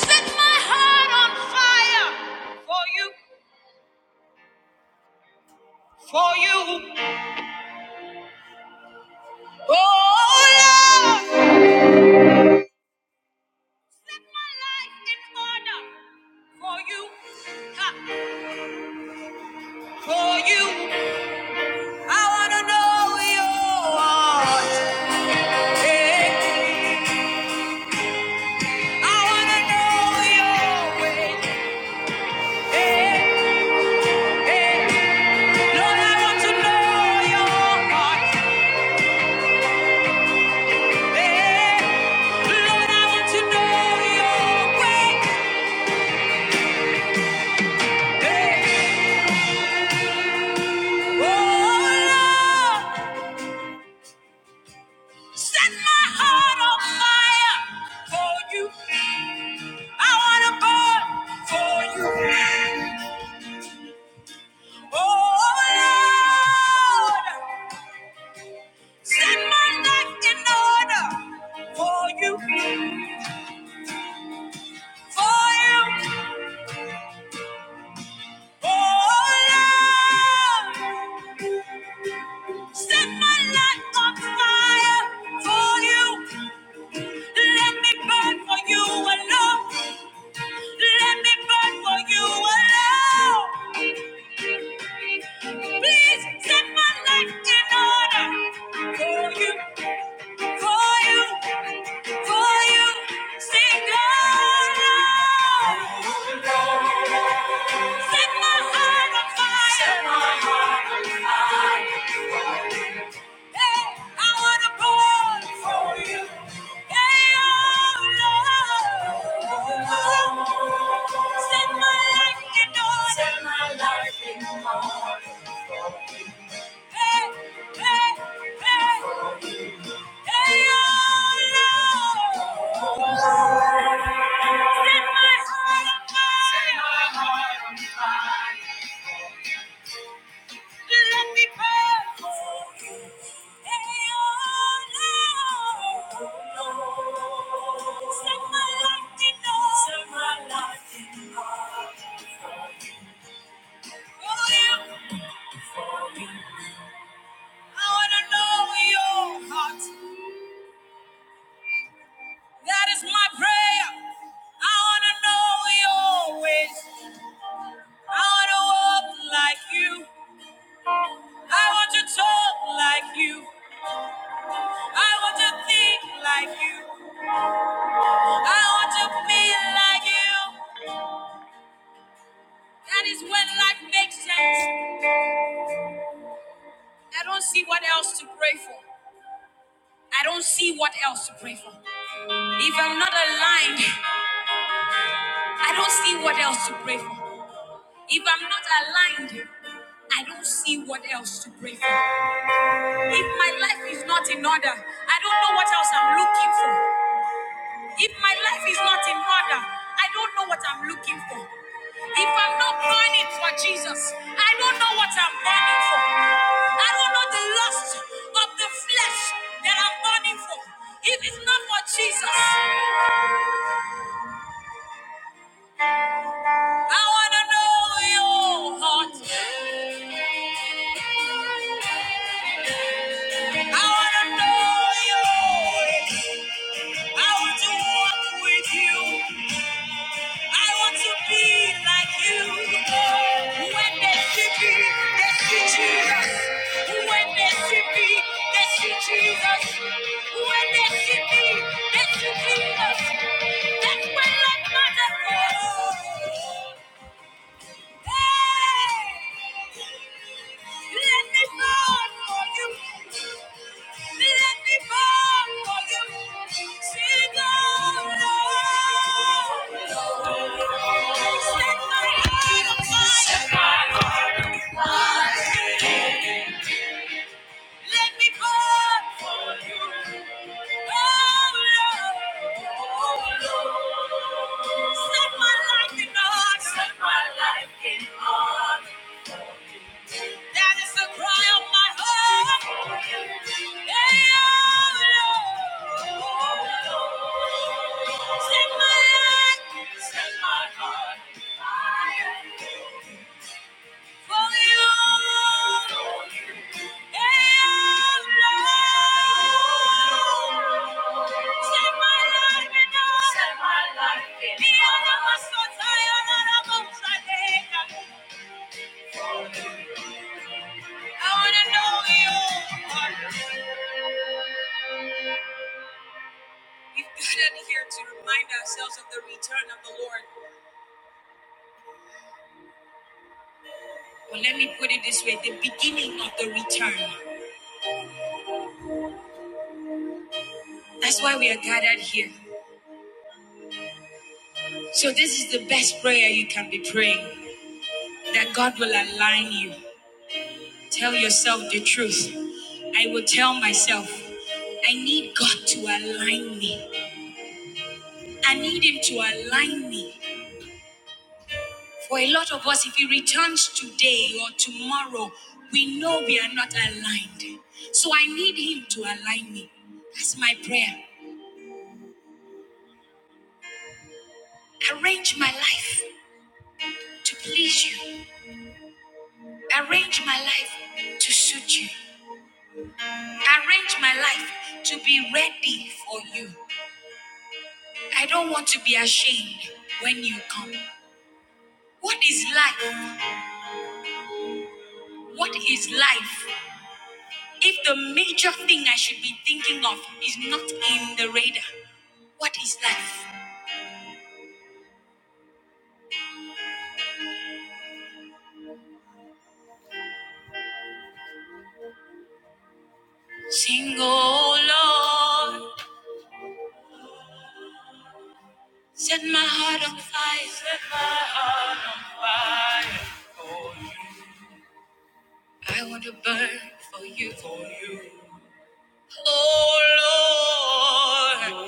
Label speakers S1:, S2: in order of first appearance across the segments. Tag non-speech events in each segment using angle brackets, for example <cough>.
S1: Set my heart on fire for you, for you. Oh, Lord. Set my life in order for you, ha, for you. I want to know your heart. Hey. I want to know your way. Hey, hey. Lord, I want to know your heart. Hey. Lord, I want to know your way. Hey. Oh, Lord, set my heart on fire for you. I want to burn for you. Oh, Lord, set my life in order for you. For you. Oh, Lord, set my life on fire for you. Let me burn for you alone. Let me burn for you alone. Please set my life in order. For you, for you, for you. Sing God. Lord. Set my heart on fire. Set my heart on fire. Set my heart on fire. That is my prayer. I want to know your ways. I want to walk like you. I want to talk like you. I want to think like you. I want to be like you. That is when life makes sense. I don't see what else to pray for. I don't see what else to pray for. If I'm not aligned, I don't see what else to pray for. If I'm not aligned, I don't see what else to pray for. If my life is not in order, I don't know what else I'm looking for. If my life is not in order, I don't know what I'm looking for. If I'm not burning for Jesus, I don't know what I'm burning for. I don't know the lust of the flesh that I'm burning for. If it's not for Jesus, I wanna know your heart. I wanna know you. I want to walk with you. I want to be like you. When they see me, they see Jesus. When they see me, they see Jesus. When they see me, they see Jesus. That's when life matters. most. Set my life in order. Set my life in order. That is the cry of my heart. Yeah, Lord. Set my heart, set my heart for you. Yeah, Lord. Set my life in order. Set my life in order. The was so tired, and I'm so tired. I wanna know you. We've gathered here to remind ourselves of the return of the Lord. Well, let me put it this way the beginning of the return. That's why we are gathered here. So, this is the best prayer you can be praying that God will align you. Tell yourself the truth. I will tell myself, I need God to align me. I need Him to align me. For a lot of us, if it returns today or tomorrow, we know we are not aligned. So I need Him to align me. That's my prayer. Arrange my life to please you, arrange my life to suit you, arrange my life to be ready for you. I don't want to be ashamed when you come. What is life? What is life if the major thing I should be thinking of is not in the radar? What is life? Sing, oh Lord, set my heart on fire. Set my heart on fire for you. I want to burn for you. For you. Oh Lord,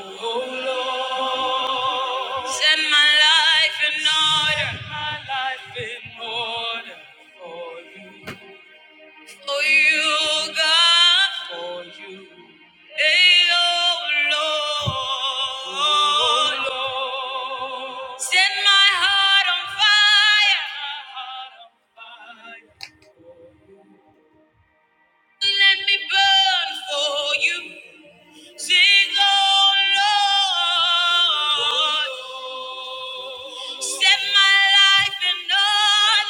S1: Lord, set my life in order. Set my life in order for you. For you, God. For you. Hey, oh Lord. Oh, Set my heart on fire. Let me burn for you. Sing, oh Lord. Set my life in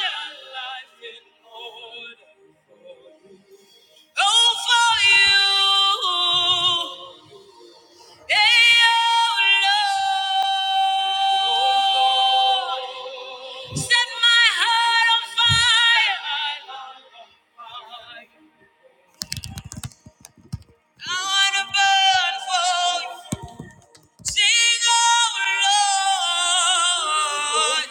S1: order. Oh, you. Hey, Oh, Lord. Set my heart on fire. I wanna go. Sing, oh Lord,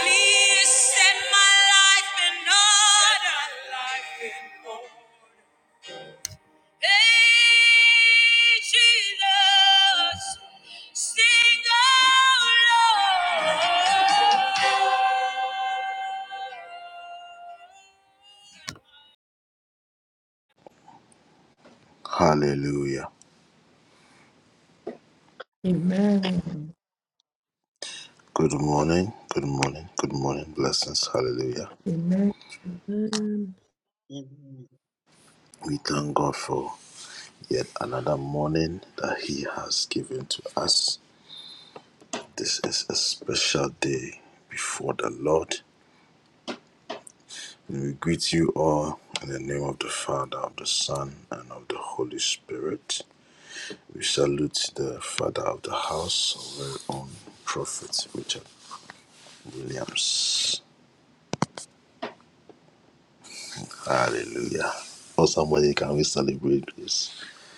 S1: please set my life in order. Hey, Jesus, sing, oh
S2: Amen. Amen.
S3: Hallelujah,
S4: Amen.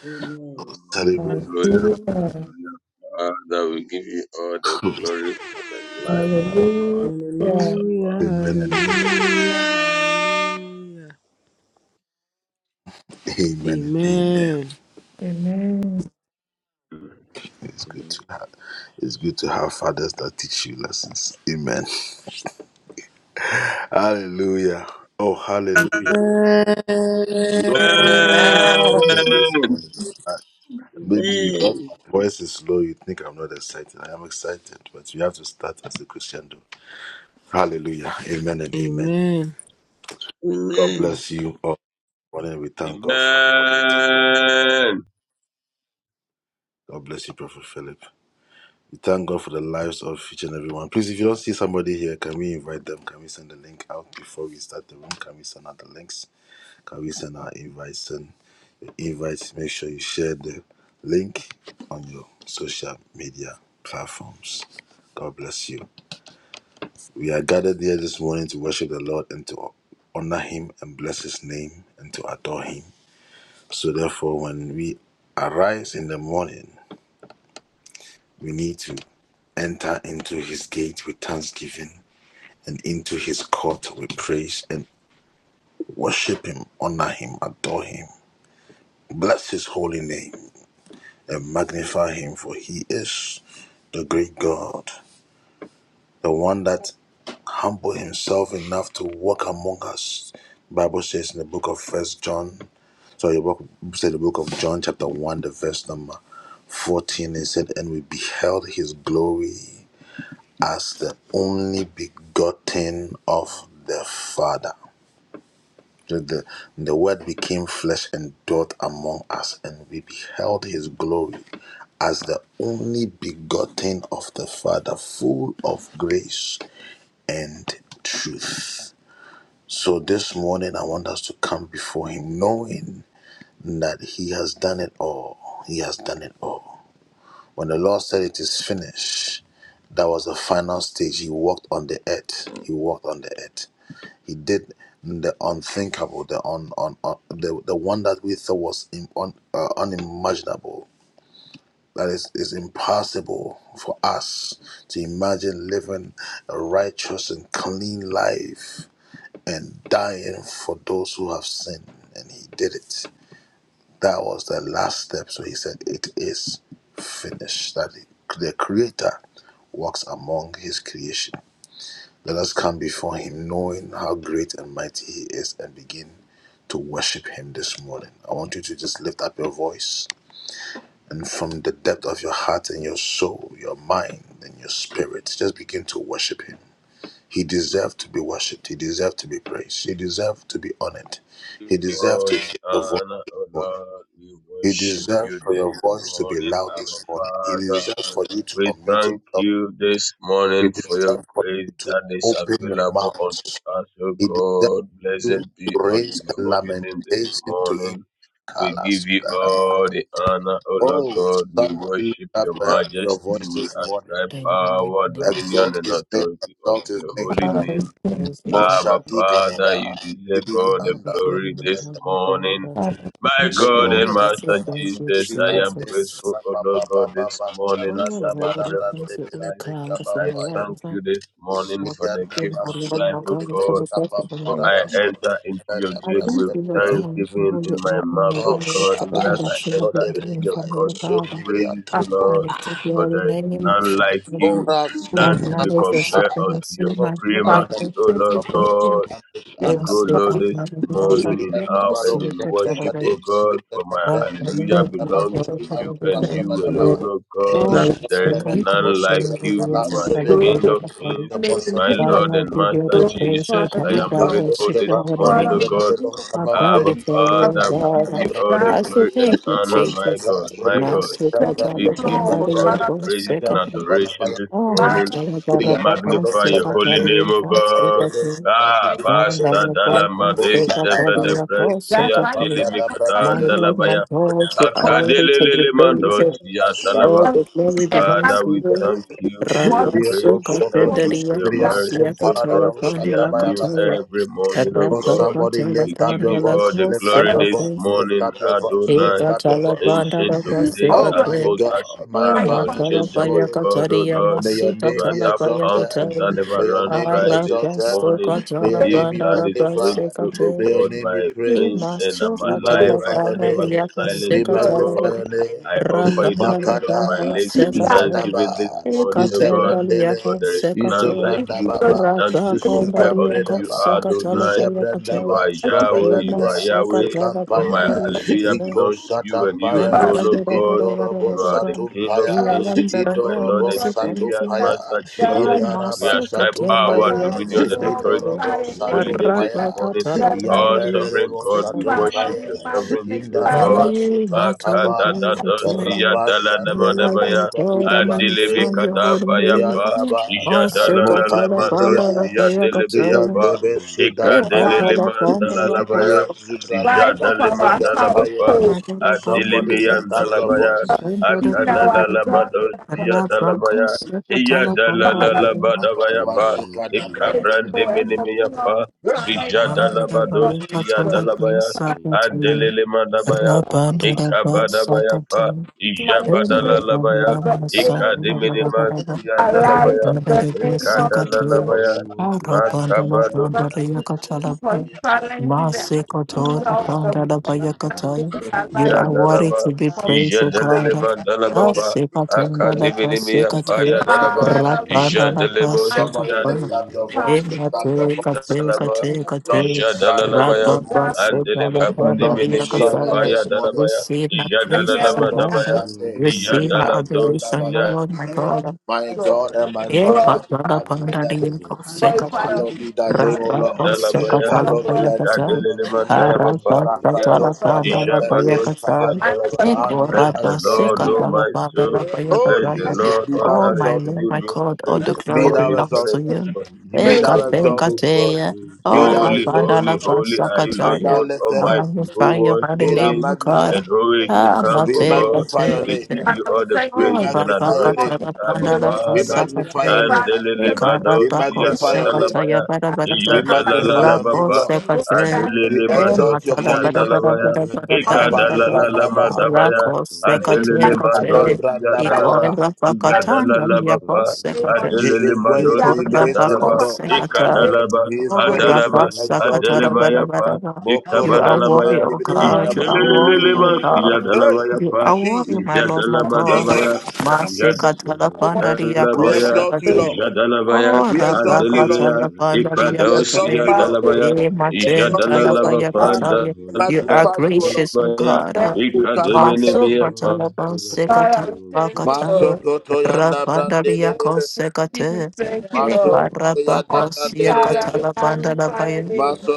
S4: Amen.
S5: Amen.
S6: Lord,
S2: Hallelujah.
S6: Father, we give you all the glory for the life
S2: Hallelujah.
S6: of our Father.
S3: hallelujah, hallelujah. Amen.
S2: Amen.
S6: Amen.
S3: Amen. Amen.
S4: Amen.
S6: Amen. Give you all the honor, O Lord. We worship you this morning, Abba Father. We thank you this morning for your grace that is available unto us, O God. Blessed be unto your holy name this morning. We give you all the honor, O Lord God. We worship your majesty. We ascribe
S5: Then we make
S6: power,
S5: a name of
S6: dominion,
S5: Jesus.
S6: and authority unto your
S5: We
S6: holy
S5: can
S2: Father, I
S6: name.
S5: go.
S2: thank
S5: Praise the
S2: you.
S5: God.
S6: Abba, Father, you deserve
S5: We
S6: all the
S5: love you, God.
S6: glory
S5: We
S6: this
S5: love you, God.
S6: morning.
S2: Father,
S6: My God
S5: I
S2: thank
S6: and
S2: you.
S5: want to say
S6: Master
S5: thank you,
S6: Jesus, I am grateful,
S5: Jesus.
S6: O Lord God, this
S5: I
S6: morning for
S5: want
S6: the
S5: to
S6: breath of
S5: thank you, oh
S6: life.
S5: God, from
S6: I
S5: the
S6: thank
S5: right side.
S6: you this
S5: I
S6: morning for the
S5: thank you,
S6: gift
S5: my
S6: of
S5: Lord,
S6: life,
S5: my
S6: O
S5: God, for
S6: God.
S5: the rest of my
S6: For
S5: life.
S6: I enter into your
S5: I
S6: gate
S5: thank
S6: with
S5: you, Lord God, from
S6: thanksgiving in
S5: holy
S6: my
S5: God in
S6: mouth,
S5: my
S6: O
S5: life,
S6: God,
S5: for
S6: even
S5: every
S6: as I
S5: that you have
S6: enter
S5: been
S6: into
S5: doing
S6: your
S5: for me,
S6: court
S5: oh
S6: with
S5: God.
S6: praises,
S2: Father,
S6: O
S2: Thank
S5: I
S6: Lord.
S5: lift up your
S6: For
S5: holy
S6: there is
S5: name, my
S2: you
S6: none
S5: Father.
S6: like you,
S2: for
S5: I
S6: none
S2: me.
S6: to be
S5: acknowledge your
S6: compared unto
S5: supremacy,
S6: your
S5: my Lord, my
S2: Father,
S6: supremacy,
S5: God.
S6: O
S2: thank you
S6: Lord
S2: for being
S6: God. We
S2: a
S5: I
S6: go,
S5: seek
S6: Lord,
S5: out
S2: bright
S6: this
S5: my
S2: and big
S5: Father,
S6: morning in
S5: your
S6: awe
S5: mercy,
S6: and
S5: your
S6: in worship,
S5: tolerance.
S6: O God, for my
S5: God, I lift
S6: hallelujah
S5: up
S2: friend.
S5: your holy
S6: belongs
S2: Lord,
S5: name,
S6: to
S5: for
S6: you
S5: the
S6: and
S2: Thank
S6: you
S5: Lord.
S2: you,
S6: alone,
S2: Lord.
S6: O God.
S5: Lord,
S2: Father, I
S5: I
S6: There is
S5: seek
S2: thank
S5: out
S2: you.
S5: my Father,
S6: none like
S5: your
S6: you.
S5: mercy,
S6: You are the
S2: Glory
S6: King
S2: to
S6: of
S5: your
S6: kings.
S5: tolerance.
S2: the name,
S6: My
S2: King of
S5: Father,
S6: Lord
S5: I
S6: and
S5: give you
S6: Master
S5: the
S2: glory.
S5: praise, O
S6: Jesus,
S2: Father, name,
S6: I
S5: God.
S6: am
S5: I
S2: Lord.
S6: grateful
S5: worship
S6: this
S5: your holy
S6: morning,
S2: Father,
S6: O
S2: we
S5: name.
S6: God.
S5: I
S2: thank
S5: bow
S6: Abba,
S2: you
S5: before
S2: for what
S5: you,
S6: Father, we
S5: O
S6: give you
S5: God.
S2: you
S6: all the
S2: have
S5: I say
S6: glory
S2: done.
S6: and
S5: thank you,
S6: honor, my
S5: Jesus.
S6: God, my God.
S5: Master God,
S2: Thank
S6: We
S2: you,
S5: I
S6: give you
S2: Lord.
S6: all
S5: love
S6: the
S2: Father, we
S6: praise
S2: thank
S4: Amen.
S2: you.
S6: and
S5: you,
S6: adoration this
S5: Oh,
S6: morning.
S2: Father,
S5: Matra
S6: We
S5: Baraba, oh,
S6: magnify your
S5: Sesa
S6: holy name,
S5: Fabian,
S6: O
S5: oh,
S6: God.
S5: Seba King,
S2: we
S6: Ah,
S2: thank you
S6: Basta
S5: Mandala
S2: for
S5: Barton,
S2: us.
S6: Dalamade
S5: Seba
S2: Thank you.
S6: Sevede
S5: Fabia, oh,
S2: That's
S6: Bresia
S5: Seka
S2: right
S5: King.
S2: here, Father,
S5: My
S6: Dilimikada
S2: this
S5: Lord, my
S6: Dalabaya
S5: God, you are
S2: was
S5: ready to be
S6: Akadelele
S5: praised.
S6: Mandosia
S2: things
S5: All
S6: Dalaba
S5: the
S2: else.
S5: glory
S2: And
S5: belongs
S2: Father,
S6: Father,
S5: to
S6: we
S5: you.
S6: thank you for
S2: for
S6: your
S2: the
S5: Rabba
S6: grace.
S5: Suka
S6: We thank
S2: promise
S6: you for
S5: Pendaria
S6: your
S2: that
S5: Kosia
S6: mercies, O
S5: Katala
S6: God, for they are
S5: Pandela
S6: new
S5: Kataya,
S6: every morning, O
S5: Rabba
S6: God.
S5: Katala
S6: We give you
S5: Pandela
S6: all the glory
S5: Koseka
S6: this
S5: King,
S6: morning, Adonai,
S5: Eta Talabanda
S6: ancient of
S2: you
S6: days,
S2: of your
S6: as
S5: Rabba
S6: old
S2: entire
S6: as you
S5: Oh,
S6: are,
S2: life, Father,
S5: Matala Baya
S6: unchangeable God, O
S5: Kataria,
S6: Lord.
S5: Masita
S6: You are that
S5: Talabaya
S6: fountain that never ran dry this
S5: Arabaso
S6: morning.
S5: katala
S7: Thank
S6: If
S7: you, Lord
S6: blood
S5: bandara
S6: is
S7: Jesus.
S6: flowing through, O God, my veins and I'm alive, I can never be
S7: Thank
S6: silent,
S7: you,
S6: O
S7: Lord
S2: Jesus.
S7: Jesus.
S6: God. I offer you the fruit of my lips in
S2: We are
S6: thanksgiving this
S7: Thank you,
S6: morning,
S7: Lord
S6: O
S7: Jesus.
S6: God, for there is none like
S2: thankful
S6: you,
S2: for the
S6: none to be
S2: things of
S6: compared
S7: Thank
S6: unto
S7: you,
S6: you,
S7: Lord Jesus.
S6: Adonai. You are
S5: Rabba
S2: us,
S6: Yahweh, you are Yahweh, for
S7: Thank
S6: my
S7: you, Lord
S6: hallelujah
S7: Jesus.
S6: belongs to you and you
S5: Master
S2: Father.
S6: alone, O God. You are the King of
S7: Thank
S2: Father,
S6: kings,
S7: you,
S6: you
S7: Lord
S6: are my
S7: Jesus.
S6: Lord
S2: we
S6: and
S2: thank you.
S6: Savior,
S2: That's
S6: Master Jesus.
S2: right
S6: We
S2: here.
S6: ascribe power,
S2: Father,
S7: Thank
S6: dominion,
S2: we
S6: and
S7: you, Lord
S6: authority
S2: glorify
S6: unto
S2: your
S7: Jesus.
S6: your holy
S2: name.
S6: name this
S2: That's
S6: morning.
S2: right.
S6: Oh, sovereign God, we
S2: Father,
S6: worship
S2: we
S6: your
S7: Thank you,
S6: sovereignty, O
S7: Lord
S2: magnify your
S6: God.
S7: Jesus.
S6: Makadadadosia
S2: Father.
S7: Monarch of the
S6: kada
S7: universe,
S6: baya pa
S7: I thank you.
S6: ijadalalamadosia delebeya pa
S7: Prince of
S2: for
S7: peace,
S2: our
S7: I thank
S6: ikadelelemandalalabaya
S7: you.
S8: Rampanda
S2: life of our
S6: ijadalemandalabapa
S2: household.
S5: Rabanda
S7: Mighty
S6: adilimiyandalabaya
S7: creator, I
S2: Being
S7: thank
S2: our
S7: you.
S2: God and our
S6: akadalalamadosia dalabaya
S2: Father, we
S6: iyadalalalabadabaya
S7: Holy
S6: pa
S7: One of Israel, I
S2: for and
S7: thank
S2: for
S6: ikabrandemenemiya
S7: you.
S2: beyond
S6: pa
S2: time in the name of
S6: ijadalabadosia
S2: the
S6: dalabaya
S7: Thank you, Lord Jesus.
S6: adelelemadabaya Ikabadabayapa,
S5: You are
S7: Thank
S2: manipulation
S7: you,
S5: worthy
S6: Ijabadalalabaya,
S2: of the
S7: gracious
S5: to
S2: enemy
S7: Father.
S6: Ikadiminimasiya
S2: alive
S6: dalabaya,
S2: in the name of
S7: The
S2: Jesus.
S6: Ikadalalabaya,
S7: whole world belongs to you.
S6: Makabadosiya
S2: God, we thank you the
S7: the
S2: accuser of
S7: governments
S2: the
S7: that Allah
S2: blessing
S7: these they
S2: against our
S7: belong
S2: life in
S7: to.
S2: the name
S6: dalaba,
S5: be
S2: of
S5: praised, O
S2: Jesus.
S5: God.
S6: Ijadaleleman
S5: Ah,
S6: dalabapa,
S5: seka chanda la pa seka chaya,
S6: Akadiminimiyapaya
S7: The
S6: dalaba,
S7: earth
S2: Father,
S7: is
S2: we
S7: the
S5: rapanda
S2: thank
S5: la
S7: Lord's
S5: pa
S2: you. Father,
S7: and
S5: seka
S2: we
S7: the
S2: thank
S6: Ijadelemosiya
S2: you.
S5: pa.
S7: fullness
S2: God,
S5: Receive
S7: thereof.
S5: my
S6: dalaba, Ijadalalabaya,
S7: Thank you,
S2: and
S7: gracious
S6: Andelemi
S7: Father.
S2: take the
S6: Apaya
S2: word
S6: dalabaya,
S2: I hear
S5: praises, O
S2: right now
S6: Ijadalamadabaya,
S5: God.
S2: is
S7: You alone
S5: Receive
S7: are
S5: my
S7: God.
S5: adoration, O
S6: Ijadaladosiya
S5: Lord, my
S2: glory,
S5: God.
S2: Lord. The
S5: Ye
S2: glory,
S5: patala
S7: None
S5: pandadiya
S7: raptured at you.
S5: kose
S2: glorify
S5: kase
S2: us, Christ,
S5: rapa
S2: Lord.
S5: kose
S6: Dalabaya,
S2: Take
S5: kasala
S2: your glory
S5: paya kasai
S6: Ikadelele
S7: Father of all
S5: arapa
S6: Mandalabapa,
S7: spirits,
S6: Ya,
S2: from
S5: kasala
S2: us.
S7: say
S5: pandala
S7: thank
S5: paya
S6: Ijabado Sia
S5: kasai
S2: I ask
S6: Dalaba.
S2: that you
S5: eko
S2: do
S6: Bless
S5: rapa
S6: the
S5: se
S6: Lord,
S2: do
S6: O
S2: and
S5: kasala
S6: my
S7: you.
S5: pandala
S6: soul.
S7: Thank
S5: paya
S7: you,
S6: Bless
S7: Holy
S6: the
S5: kasai.
S7: One of
S6: Lord, all
S5: Oh
S6: that
S7: Israel.
S6: is
S5: my Lord,
S6: within
S5: my
S6: me.
S5: God, all
S6: Forget
S5: the
S6: me
S5: glory
S6: all his
S5: belongs to you.
S6: benefits, for he healed
S2: praise
S6: my
S2: it,
S5: Ekate
S2: Lord.
S7: Caused
S6: diseases.
S7: by your
S5: kateya,
S7: grace
S5: oh
S2: Serve
S7: and
S2: our
S6: Holy,
S7: mercy
S5: rapandala
S6: holy,
S7: have you
S6: holy
S5: pasa
S6: are you,
S7: found
S6: Lord
S7: us,
S5: kasaya.
S7: God.
S6: God
S5: I
S6: Almighty, who
S5: magnify your
S6: was,
S5: holy
S6: who is,
S5: name,
S6: and
S5: God.
S6: who is to
S2: sins
S5: Ah,
S2: and
S7: Thank
S6: come, O
S7: you,
S2: people.
S5: mate,
S6: God.
S7: Father.
S6: We give
S5: mate,
S6: you
S2: Father, we
S6: all the
S2: thank you for
S5: you
S6: praises
S5: are
S6: and
S2: the morning
S6: adoration,
S2: of
S6: Abba
S2: healing.
S7: Thank you,
S6: Father.
S7: Father.
S6: And
S2: Father, we
S6: delele
S2: thank you for the
S6: mados
S8: Rampanda,
S6: ya kadalabaya, ya
S7: Thank
S2: Father,
S7: you,
S2: by whose
S7: Father.
S6: dalalalabapa,
S2: glory, God, they
S6: adelele
S2: they
S6: mados ya
S7: And the
S6: dalabaya,
S7: word
S2: us to
S7: became
S2: do it,
S7: flesh
S2: Lord.
S6: ekadalalala
S7: and
S6: madabaya,
S7: dwelt among
S2: We
S7: us.
S6: adelele
S2: thank
S6: mados
S2: you, by
S6: dalaba, ya
S7: Thank you,
S6: dalalabapa,
S7: Father.
S2: the name of Jesus.
S6: adelele
S2: We are
S6: madosia Dalaba,
S2: Father, by your
S6: ya
S7: Who
S2: grace,
S7: is
S6: dalaba,
S2: and
S7: man that you are
S6: Adalaba,
S7: mindful of?
S6: Adelebaya pa,
S5: worthy,
S6: Ikabadalabaya,
S5: O
S9: But
S5: God.
S7: Thank
S5: You are
S7: you,
S5: worthy,
S7: Father.
S6: Ijadalelelelema,
S5: O God.
S6: Siyadalabaya
S5: You
S6: pa,
S5: are worthy, my Lord, my God.
S6: Ijadalabadabaya,
S7: Bless your
S5: Masekatala
S2: our
S7: holy name.
S5: pandaria
S6: Ijadalabaya,
S2: word,
S5: kosekataya.
S6: Ijadalabaya,
S5: Oh,
S6: Adelebaya,
S5: rabakatala
S7: Bless your
S5: pandaria
S7: holy name.
S5: kataya.
S6: Ikadaosia
S2: our faith,
S5: E
S6: dalabaya,
S5: matentala
S6: Ijadalalaba pa,
S7: Bless
S2: our
S7: your
S5: fayakataya.
S7: holy
S5: You
S7: name.
S5: are gracious, O
S6: Dalabaya,
S5: God.
S2: thank you.
S7: No
S5: Masuka
S6: Ikademenemea
S7: one rub
S5: Masukatala
S7: shoulders with
S2: God, I
S5: pansekatala
S2: we
S7: you, O
S2: thank
S7: God.
S2: you,
S5: pakataya.
S2: Lord.
S5: Rapandaria
S2: Jesus,
S5: kosekate.
S2: thank you,
S5: E
S2: Lord. And
S7: No
S2: we
S7: one
S5: karabakosia
S2: Father, we
S7: deserves
S5: katala pandala
S7: to
S2: magnify your
S5: paya.
S7: approach.
S2: name.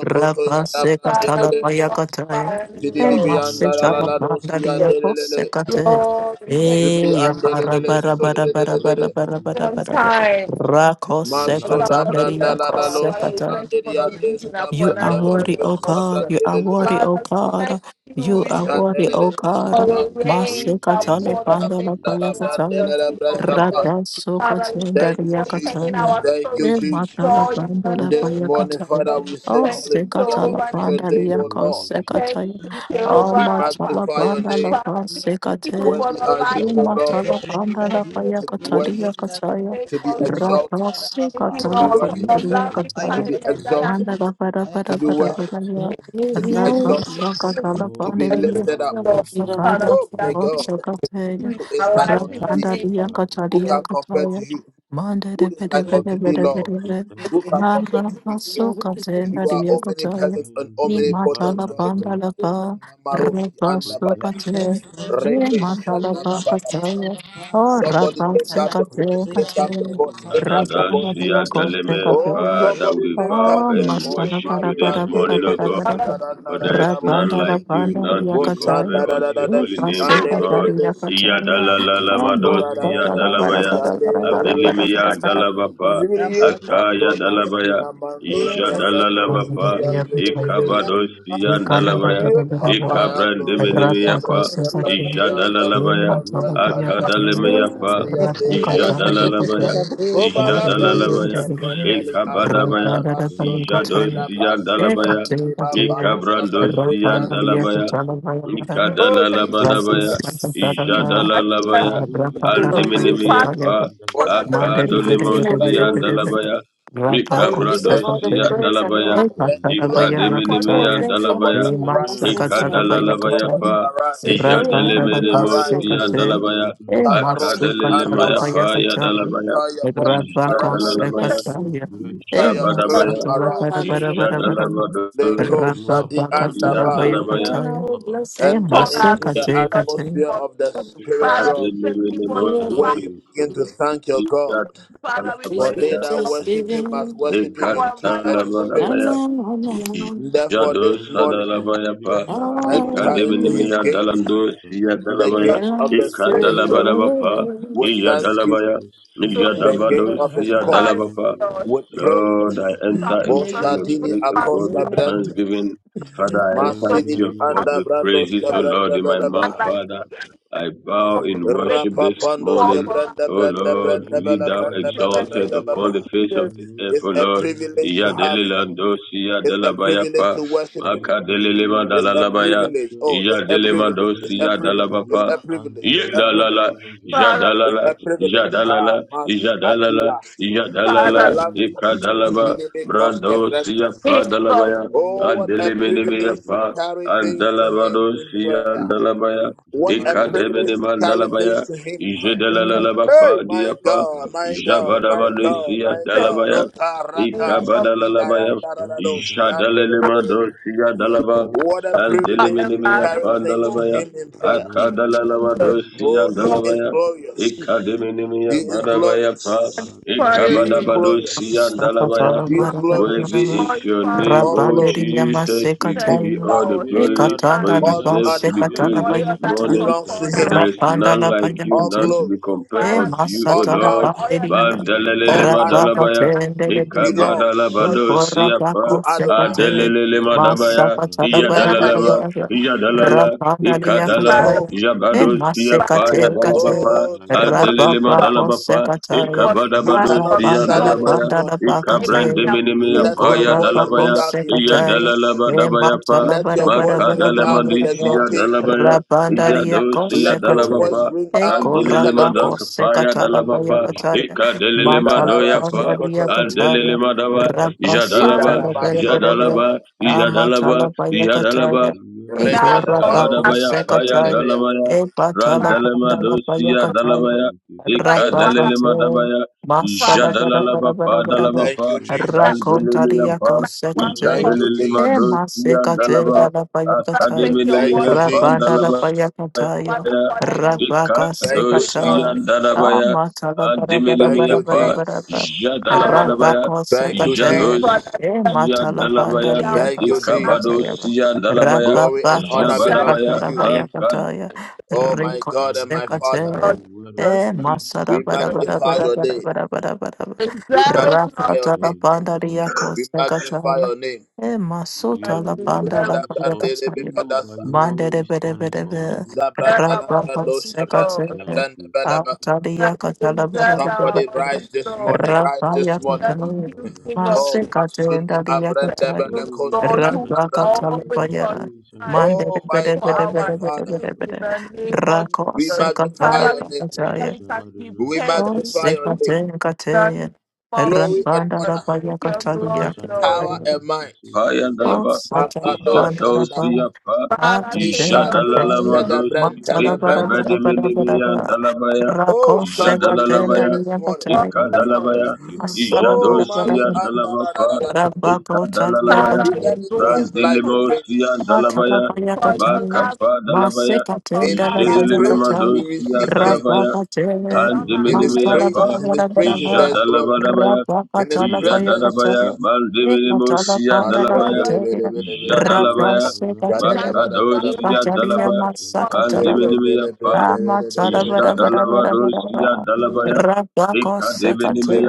S2: We Father,
S5: Rapasekatala
S2: we
S5: payakataya.
S2: glorify your
S7: you
S2: name,
S5: E
S2: Lord.
S7: alone are
S5: masika
S2: Thank
S5: la
S2: you,
S7: worthy.
S5: banda dia
S2: Lord.
S5: kose kate.
S2: Lord, we
S5: E
S2: thank you
S5: ya bara bara bara
S7: Almighty
S5: bara bara
S7: Father,
S5: bara bara
S2: for
S7: you
S2: your
S5: bara
S7: are.
S5: bara.
S2: time.
S5: Rako
S7: Your
S5: se
S7: love
S5: kata
S7: is
S5: nderi ya
S7: perfect.
S2: our Father, we thank you for not giving up
S7: Your
S5: you
S2: on us.
S5: are
S7: love
S5: worthy,
S7: is
S5: O God. You
S7: everlasting.
S5: are worthy,
S2: Father,
S5: O
S2: we thank
S5: God.
S2: you.
S5: You
S2: We
S5: are
S2: thank
S5: worthy,
S2: you
S5: O
S2: for
S5: God.
S2: the
S7: Your
S2: rain that
S5: Masikatale
S2: poured
S7: faithfulness
S2: on the
S5: pandala
S7: is
S2: dry land
S7: great.
S2: in
S5: payakataya.
S2: the name of Jesus. Father, we
S5: Rabasukatenda
S2: thank you for
S7: Your
S2: turning
S5: yakataya.
S2: our sorrow
S7: mercies
S5: E
S7: are
S2: to
S7: sure,
S5: matala
S2: joy
S7: O
S2: in the
S5: pandala
S7: God.
S2: name of
S5: payakataya.
S2: Jesus.
S5: O
S2: Thank you,
S5: sikatala
S2: Jehovah.
S5: pandala
S7: Oh,
S5: yako
S7: my
S2: Thank
S7: peace,
S5: sekataya.
S2: you,
S7: I
S5: O
S7: say
S2: Jehovah.
S7: thank you.
S5: matala pandala
S2: Father, we thank you
S5: pasikate.
S2: for the
S5: E
S2: life of
S7: My
S2: the
S7: rest,
S2: little
S5: matala
S2: one.
S7: I
S2: of
S5: pandala
S2: the baby
S7: thank you.
S2: that
S5: payakataya
S2: we
S5: kataya.
S2: of Jesus. Thank you,
S7: My
S5: Rabasukatala
S2: Lord, for your
S5: pandala
S7: creator,
S2: loving
S7: I
S5: yakataya.
S2: kindness
S7: thank
S2: that
S7: you.
S2: I
S5: Manda
S2: need
S5: ba ba da para para para para ya.
S9: you
S5: Rabba swaka dala
S7: Oh,
S2: for
S7: who
S2: you,
S5: pandiriya.
S7: I am, it
S2: Lord.
S7: is you who
S2: Father,
S7: has
S2: we
S7: made me.
S2: appreciate you
S5: Ibarra-Kosakataya,
S2: in my life in the
S7: Thank you,
S2: name of
S7: Father.
S2: Jesus.
S5: Rabandaria-Kataria-Kataya,
S7: Thank you for your
S5: Mandere-Bede-Bede-Bede-Bede-Bede,
S7: protection.
S5: Nara-Pasukatenda-Ria-Kataya,
S7: Thank you, Father, for your
S5: Imatala-Bandalapa,
S7: protection.
S5: Rabasukate, Imatala-Pakataya,
S7: Thank you for your protection
S5: Ora-Pasukate-Kataya,
S7: over my family, O
S6: Adadasia Daleme,
S5: Rabandaria-Kosakataya,
S6: Father, we bow
S5: Oh,
S6: and worship you this
S7: God. Thank
S6: morning, O
S7: you,
S6: God,
S7: Father.
S2: Father,
S5: Masala-Bara-Bara-Bara-Bara-Bara,
S6: for there is none like
S7: I
S6: you, none
S7: bless
S6: to be
S7: your
S5: Rabandala-Bandaria-Kataya,
S6: compared
S7: holy
S6: unto your
S7: name.
S6: holy name, O
S2: I
S6: God.
S5: Rapa
S2: Father,
S7: Thank
S2: we thank
S7: you for the
S6: Iyadalalalamados,
S7: rain of
S6: Iyadalabaya,
S7: salvation for an
S6: Avilimiya
S7: ultimate family.
S6: Dalabapa, Akaya Dalabaya,
S2: you, Lord,
S7: Oh,
S6: Ijadalalabapa,
S7: gracious
S6: Ikabados,
S7: King, I should thank you.
S6: Iyandalabaya, Ikabrandiminimiyapa,
S7: You are
S6: Ijadalalabaya,
S7: good, you are kind,
S6: Akadalemiyapa,
S7: you are rich in
S8: Ekandala
S7: mercy.
S8: soto soto
S6: Ijadalalabaya,
S8: da pe
S6: Ijadalabaya,
S7: Thank you for your
S6: Ekabadabaya,
S7: protection.
S6: Ijadosian Dalabaya,
S7: Thank you for
S6: Ekabrandosian
S7: protecting
S6: Dalabaya,
S7: us, O God.
S2: for
S6: Ikadalalabadabaya,
S2: giving
S7: Thank
S2: us
S7: you for
S2: blessings.
S6: Ijadalalabaya,
S7: shielding
S2: Lord.
S7: and
S6: Andiminimia
S7: guiding
S2: Father,
S7: us
S5: Rapa
S6: Pa,
S7: from the
S2: for that
S7: hands
S2: desire
S7: of
S5: Mandari bere
S7: wicked
S5: bere
S7: and
S5: bere
S6: Akadolimosian
S5: bere
S7: unreasonable
S5: bere.
S7: men.
S6: Dalabaya,
S5: Rabba
S2: always
S9: deserve all the
S6: Ikabradosian
S5: konservative.
S9: praise and the
S7: Oh,
S6: Dalabaya,
S9: honor.
S5: E
S7: thank
S5: katada
S7: you,
S5: baya
S2: have
S7: Father.
S2: us for
S9: Oh,
S6: Ikadiminimia
S5: rakataya.
S9: thank you,
S6: Dalabaya,
S9: Almighty
S5: E
S9: and
S7: Your
S5: masa
S7: name
S9: everlasting
S7: be
S5: katada
S9: Father.
S5: baya
S7: glorified.
S6: Ikadalalabaya
S5: kataya.
S6: Pa,
S9: Say glory and
S5: Rabba
S9: honor
S5: dada
S9: be unto
S5: basse
S9: your
S7: Your
S6: Ijadaleminimosian
S9: holy
S5: kate.
S9: name.
S7: name
S6: Dalabaya,
S7: be
S5: E
S7: glorified.
S5: masu
S9: Lord, we
S5: katada
S6: Akadalemaya
S9: worship
S5: baya
S6: Pa,
S9: you.
S5: kataya.
S6: Yadalabaya,
S5: Rabba
S2: us.
S9: Lord,
S7: You
S9: we
S7: are
S6: Ijadalalabaya,
S2: Thank
S9: bless
S7: so
S9: you.
S5: konservative.
S7: great.
S2: you
S5: E
S2: for
S5: masa
S6: Ijabadabaya,
S5: tada
S9: Oh,
S5: bara bara bara
S9: hallelujah.
S5: bara bara.
S6: Ijadalabado,
S7: You
S5: Rabba
S7: have
S5: baka
S7: done us
S5: tada baya
S7: well,
S6: Iyadalabaya,
S7: O
S9: Amen.
S5: kataya.
S9: We
S7: God.
S9: bless
S5: E
S7: You
S2: all
S9: you.
S7: have
S5: masse
S2: our life
S7: done
S2: in
S7: us
S5: kate
S2: the
S7: well.
S6: Ekadelelelebo,
S5: kate.
S2: name of Jesus. Father, we thank you for the
S7: Thank
S2: fire.
S7: you,
S9: Glory
S7: Father.
S2: Father, we
S9: is
S2: thank you
S9: in
S6: Iyadalabaya,
S2: for your
S7: Thank
S9: thanksgiving.
S7: you, Father,
S2: power and by the Holy Ghost.
S6: Ekadalabalabaya,
S9: amen, amen.
S7: for the
S6: Ijado
S7: angels
S2: We thank
S7: you've
S6: Sadalabaya
S7: given
S2: you
S6: Pa,
S9: am
S7: charge over us.
S9: on
S6: Ekademinimiya
S7: Thank you,
S6: Dalando,
S7: Father,
S2: in the name
S6: Siyadalabaya,
S2: of
S9: and I said,
S2: Jesus.
S6: Ekadalabadaba Pa,
S9: Lord,
S7: for
S6: Iyadalabaya,
S7: the spirit of truth
S6: Ijadabado,
S7: you've
S2: Glorify
S6: Siyadalaba
S7: given
S6: Pa,
S7: to
S2: Lord.
S7: us.
S6: Lord,
S7: Thank
S6: I
S7: you,
S2: I
S6: enter
S2: look
S7: Father.
S6: into
S9: Amen.
S2: for
S6: your
S2: you.
S6: gate, O
S2: I
S6: God, with
S9: Amen.
S6: thanksgiving. Father, I
S2: look
S6: enter
S2: for
S6: into
S2: you.
S6: your
S7: Adembelea
S2: I
S6: court with
S7: tovara
S6: praises, O Lord, in
S7: tempera
S6: my mouth,
S2: look
S7: tiro
S2: for
S6: Father.
S2: you.
S7: shakata.
S6: I bow in
S2: Make it
S6: worship this
S2: fall
S6: morning.
S2: for
S6: O
S7: Vele
S2: us.
S6: Lord, be
S7: menino
S6: thou
S2: In the
S7: shkenanda
S2: name
S6: exalted
S2: of
S6: upon the
S7: dianto
S6: face of
S2: Jesus.
S6: this earth,
S7: pranira
S6: O Lord.
S7: aprante
S6: Ya
S7: tenta
S6: delilando siya delabaya pa maka delilema
S7: Yelevorundo menino
S6: dalalabaya ya
S7: shkentagindo
S6: delemando siya
S7: bainto
S6: dalabapa
S7: melira
S6: ye
S7: andrenino
S6: dalala
S7: shkelejo
S6: ya
S2: Father,
S7: fratira
S6: dalala
S2: we
S6: ya
S2: you.
S7: atayata.
S6: dalala
S7: Your
S2: Father,
S6: Yadalala,
S7: name be
S2: we give you.
S6: Ikadalaba,
S7: glorified.
S6: Brando, Sia
S2: His love
S7: Your
S6: Padalabaya,
S7: name be
S2: to
S6: Adeliminimia
S7: exalted, O
S6: Pa,
S7: God.
S6: Andalabado, Sia Andalabaya,
S7: You are
S2: you.
S7: lifted
S6: Ikademini
S7: up, O God.
S6: Mandalabaya,
S2: And
S6: Jedalalalaba Pa, Diapa,
S7: You are greater than the
S6: Jabadabado,
S7: great all
S6: Sia
S7: of time.
S2: thank you,
S6: Dalabaya,
S2: name of
S7: You are
S6: Ikabadalalabaya,
S7: stronger than thunder.
S6: Jadalelimado, Sia Dalaba,
S7: Who is like
S2: God and
S7: unto
S6: Andeliminimia
S2: Father,
S7: thee?
S2: for you.
S6: Pandalabaya,
S2: Thank
S7: Among
S2: you,
S7: the
S2: Jesus.
S6: Akadalalabado,
S7: gods there
S6: Sia
S7: is
S2: Lord,
S7: none.
S6: Dalabaya, Ikademini Madabaya Pa,
S2: and fire your name.
S7: Vatebantala vrenta filo
S6: Ikabadabadosiyandalabaya.
S5: Sakatala
S2: Lord,
S5: bara
S7: shunto
S5: bara
S6: Worthy
S5: bara bara.
S6: is your
S2: glorify.
S6: name, O
S5: Rapanderi yama
S6: Jesus. We
S2: Thank
S6: give
S7: The
S6: you
S2: you,
S5: sekatela.
S6: all the
S2: Lord.
S6: glory,
S7: creator that
S6: for
S2: Father,
S6: you
S5: Ekatanda
S7: was
S5: la ba
S7: never
S6: deserve to be
S2: for the
S5: sekatala
S6: praised
S5: ba
S6: this
S7: created.
S2: oil that is
S7: Say
S5: yakataya.
S6: morning.
S2: upon
S7: thank
S6: For
S2: our
S6: there
S7: you.
S6: is
S2: head.
S5: Rapanda
S6: none
S5: la ba
S6: like you, none to
S5: yakatela.
S6: be compared
S5: E
S2: Father,
S6: unto you, O
S2: with
S5: masatala
S2: all
S6: Lord.
S2: the oil
S5: panderi
S2: that is
S5: ya.
S7: Thank
S2: in
S6: Mandalelele
S2: our
S7: you,
S2: head, every
S7: faithful
S6: madalabaya.
S2: time
S7: God.
S5: Rabakatende de beya.
S2: we
S5: E
S2: pray,
S6: Ikabadalabadosiyapa.
S5: korabako sekate.
S7: Thank
S6: Adelelele
S7: you, Holy
S6: madabaya.
S7: Father.
S5: Masakatala bara
S2: now my
S5: bara
S6: Iyadalalaba.
S5: bara bara.
S2: Jesus,
S6: Iyadalala.
S5: Rapanda li
S6: Ikadala.
S2: Father,
S5: yakataya. E
S6: Jabadosiyapa.
S2: you
S5: masekate
S7: Oh, thank
S5: kate.
S7: you, mighty
S6: Adelelema
S2: stop
S7: creator.
S5: Rababako
S6: dalabapa,
S2: the
S5: sekataya.
S2: body
S6: Ekabadabados
S2: from
S6: Fian
S5: Arabanda la
S2: sorry,
S6: dalabaya,
S5: banda la
S2: fiber in
S7: There
S5: bakateya.
S7: is
S2: our
S6: Ekabrandemenemea
S7: none like
S6: paya
S5: Igora
S7: you.
S5: bako
S6: dalabaya, Iya
S5: sekataya.
S6: dalalaba
S5: E mata
S6: dabayapa,
S5: la
S7: There
S5: bara
S7: is
S5: bara bara
S7: none like
S5: bara
S7: you.
S5: bara bara.
S6: Makadalamandisia dalabaya,
S5: Rabanda
S6: Iya
S2: consent.
S5: ria ko
S6: dosia
S5: sekate.
S6: dalabapa,
S7: Holy,
S5: E gora
S6: Adelelema
S5: bako
S6: dakapaya
S5: sekata la baya
S6: dalabapa,
S7: holy,
S5: kataya.
S6: Ekadelelema
S5: Mata la banda
S6: doyapa,
S5: ria kataya.
S7: holy
S6: Adelelema
S7: are you,
S6: dawa,
S7: Lord
S5: Rabaso
S2: Father,
S6: Jadalaba,
S7: God
S2: we
S5: tala bara
S7: Almighty,
S5: bara bara.
S2: know
S6: Jadalaba,
S2: you
S5: Amata
S6: Jadalaba,
S5: la baya
S7: the
S6: Jadalaba,
S5: kataya. E
S7: creator of
S2: now
S7: the
S5: gora
S2: all we
S5: bako
S2: have
S7: heavens
S6: Ikabadabaya
S7: and the
S6: paya
S7: earth.
S5: sekataya.
S6: dalamaya
S5: E bata la
S2: Father
S6: randelema
S5: banda la baya
S6: dosia
S5: kataya.
S6: dalabaya
S7: Thank you,
S2: in
S7: Father.
S2: one of
S6: ikadelelema
S5: Rabakateya.
S6: dabaya
S5: Masala
S2: Father,
S5: bara
S2: neighbor.
S6: jadalalaba
S5: bara bara
S6: pa
S7: You
S5: bara
S7: are
S6: dalaba
S7: the
S5: bara.
S6: pa
S7: same
S2: That is
S6: andelelema
S7: yesterday,
S5: Rakontaria
S6: pa
S2: one
S7: today, and
S2: call,
S5: kosekate.
S6: jadelelema
S7: forever.
S5: E
S6: dosia
S2: name,
S5: masekate
S6: dalaba
S2: Lord.
S5: da la
S2: Father,
S5: payakataya.
S2: take
S7: Thank
S2: your
S7: you,
S2: words
S6: akademenemia pa
S7: sovereign
S5: Rabanda la
S6: dalaba
S7: God.
S2: to one
S5: payakataya.
S6: ya
S2: accord every way,
S5: Rabaka
S2: Lord.
S6: ikadosia
S5: sekata.
S2: Thank you,
S7: Most
S6: dalabaya
S5: Amata la bara
S7: Jesus.
S5: bara bara
S6: andemenemia
S5: bara
S6: pa
S5: bara bara.
S6: jadalaba
S2: Father,
S6: dabaya
S5: Rabako
S7: Thank
S5: sekate.
S2: for
S7: you,
S2: the
S5: E
S7: Father.
S6: Sia
S5: mata la banda
S2: mercy
S6: Dalabaya,
S2: of
S5: liyaka
S2: God and
S6: Ikabado
S5: sekataya.
S6: Sia
S7: Thank
S6: Dalabaya,
S7: you,
S5: Rababa
S7: Father.
S5: kosekata
S6: Jabadabaya,
S5: la
S6: Bakadpaya
S5: payakataya.
S2: the
S5: Riko
S7: Thank you for the
S5: sekate.
S2: Lord
S7: word of
S5: Eh,
S2: Jesus, you
S7: truth
S5: masada
S7: you've
S5: bara
S2: deserve
S5: bara
S7: given
S2: it,
S7: to
S2: Lord.
S5: bara
S7: us.
S5: bara bara bara bara bara.
S2: Deserve it, Lord.
S5: Rapata la
S7: Thank you,
S5: banda
S7: Father.
S5: riako sakachaya. Eh,
S7: The
S2: that
S5: masuta
S2: You
S5: la
S7: enemy
S5: banda
S2: deserve,
S5: la
S7: plans
S5: banda
S7: for
S5: kachaya.
S7: evil, but you
S5: Mande bere
S7: always
S5: bere.
S7: turn it
S5: bede
S7: for
S5: be.
S7: our good.
S2: deserve our
S5: Rapata
S2: worship, Lord.
S5: sakachaya.
S7: Thank you, Father.
S5: Atalia
S2: That you
S5: kachala bada
S2: deserve
S5: bada
S2: our
S5: bada bada.
S2: worship, Lord.
S5: Rapaya
S7: Thank
S2: Thank
S7: you,
S5: kachala.
S2: you,
S7: Father.
S2: King of Kings,
S5: Masekate ndalia kachaya.
S2: to the
S7: Oh, we've
S2: Lord
S7: come
S2: who
S7: this
S2: is
S5: Rapaka
S7: far by your
S2: always
S5: talabaya.
S2: on
S7: grace and
S5: Mande
S2: time
S5: de
S7: mercy.
S5: bere
S2: for
S5: bere bere
S2: our
S7: Thank
S5: bere.
S7: you,
S2: sake
S5: bede
S2: in
S5: bede.
S7: Father.
S2: the name of
S5: Rako
S2: Jesus.
S5: sekatala
S2: Father, we thank you that
S7: Words
S2: we
S7: are
S2: can
S7: not enough to
S2: depend
S5: Oh,
S2: on
S7: say thank
S2: you in
S7: you.
S5: Sikate,
S2: the name
S5: Kate,
S2: of Jesus.
S5: Rampanda, the Baya
S2: Take your
S7: Words
S2: glory,
S5: Catalia,
S7: are not
S2: Lord.
S7: enough to say thank you.
S2: Take
S5: Oh,
S6: Dalaba,
S2: your glory,
S5: Satana
S2: Lord.
S5: Banda,
S6: Jado
S5: the Ban,
S6: Sia Pa,
S2: Father, take
S5: Atate,
S2: your
S7: What
S2: glory,
S5: Kate,
S7: can
S2: Lord.
S7: we
S6: Jadalalamados,
S7: give you
S5: Matala,
S7: that
S5: Bada,
S7: you do
S5: Bada, Bada,
S7: not
S5: Bada,
S6: Ikabedimilimia
S7: already
S5: Bada,
S7: have?
S6: Dalabaya,
S5: Rakov, Sekate,
S6: Jadalalabaya,
S5: Dalia, Bataya,
S7: Oh,
S2: glorious.
S7: thank
S6: Ikadalabaya,
S7: you,
S5: asala
S7: Father.
S6: Ijado
S5: Bada, Bada,
S6: Sia
S5: Bada,
S6: Dalabapa,
S5: Rabako
S7: You are
S5: talia
S6: Ikadalalabaya,
S2: Father, you
S5: bataya,
S7: great.
S2: glorify
S6: Randelimo
S2: us.
S6: Sia
S2: For
S7: You
S6: Dalabaya,
S7: are
S5: Atalapaya
S7: good.
S2: your
S5: Kataya,
S2: loving
S6: Bakapa
S2: kindness
S6: Dalabaya,
S5: Maseka
S2: upon
S5: Tenda
S2: our
S7: You
S2: life,
S5: Lapaya
S2: your
S7: are loving.
S6: Jedelelemado
S5: Kataya,
S6: Sia
S5: Rapa
S6: Dalabaya,
S5: Katele,
S2: mercy on
S7: You are
S2: our life,
S6: Andemenemeya
S5: Masala
S6: pa
S7: merciful.
S5: Barabara
S2: glorious.
S5: Baraba,
S6: Ijadalabadabaya
S5: Rapa Katala
S7: Thank you,
S5: Paya
S7: Father.
S6: Ijadadabaya
S5: Kataya, Ekatala
S6: Mandemenemosia
S5: Panda
S2: For
S6: Dalabaya
S2: your
S5: Lakataya,
S7: He
S2: that is
S7: who
S5: Rapa
S7: is
S6: Ijadalabaya
S7: surrounded
S5: Sekataya,
S2: abundant
S7: by
S2: in our life,
S6: Makadosia
S2: in
S7: cherubim
S5: Ikatalia
S2: the
S6: Dalaba
S2: name
S7: and
S2: of
S5: Masakatala
S2: Jesus.
S7: seraphim.
S6: Mandemenemeya pa
S5: Amatala
S7: Thank
S5: bara
S7: you,
S5: bara bara
S7: Father.
S5: bara
S6: Ijadalabadosia
S5: bara.
S6: Dalabaya
S5: Rabako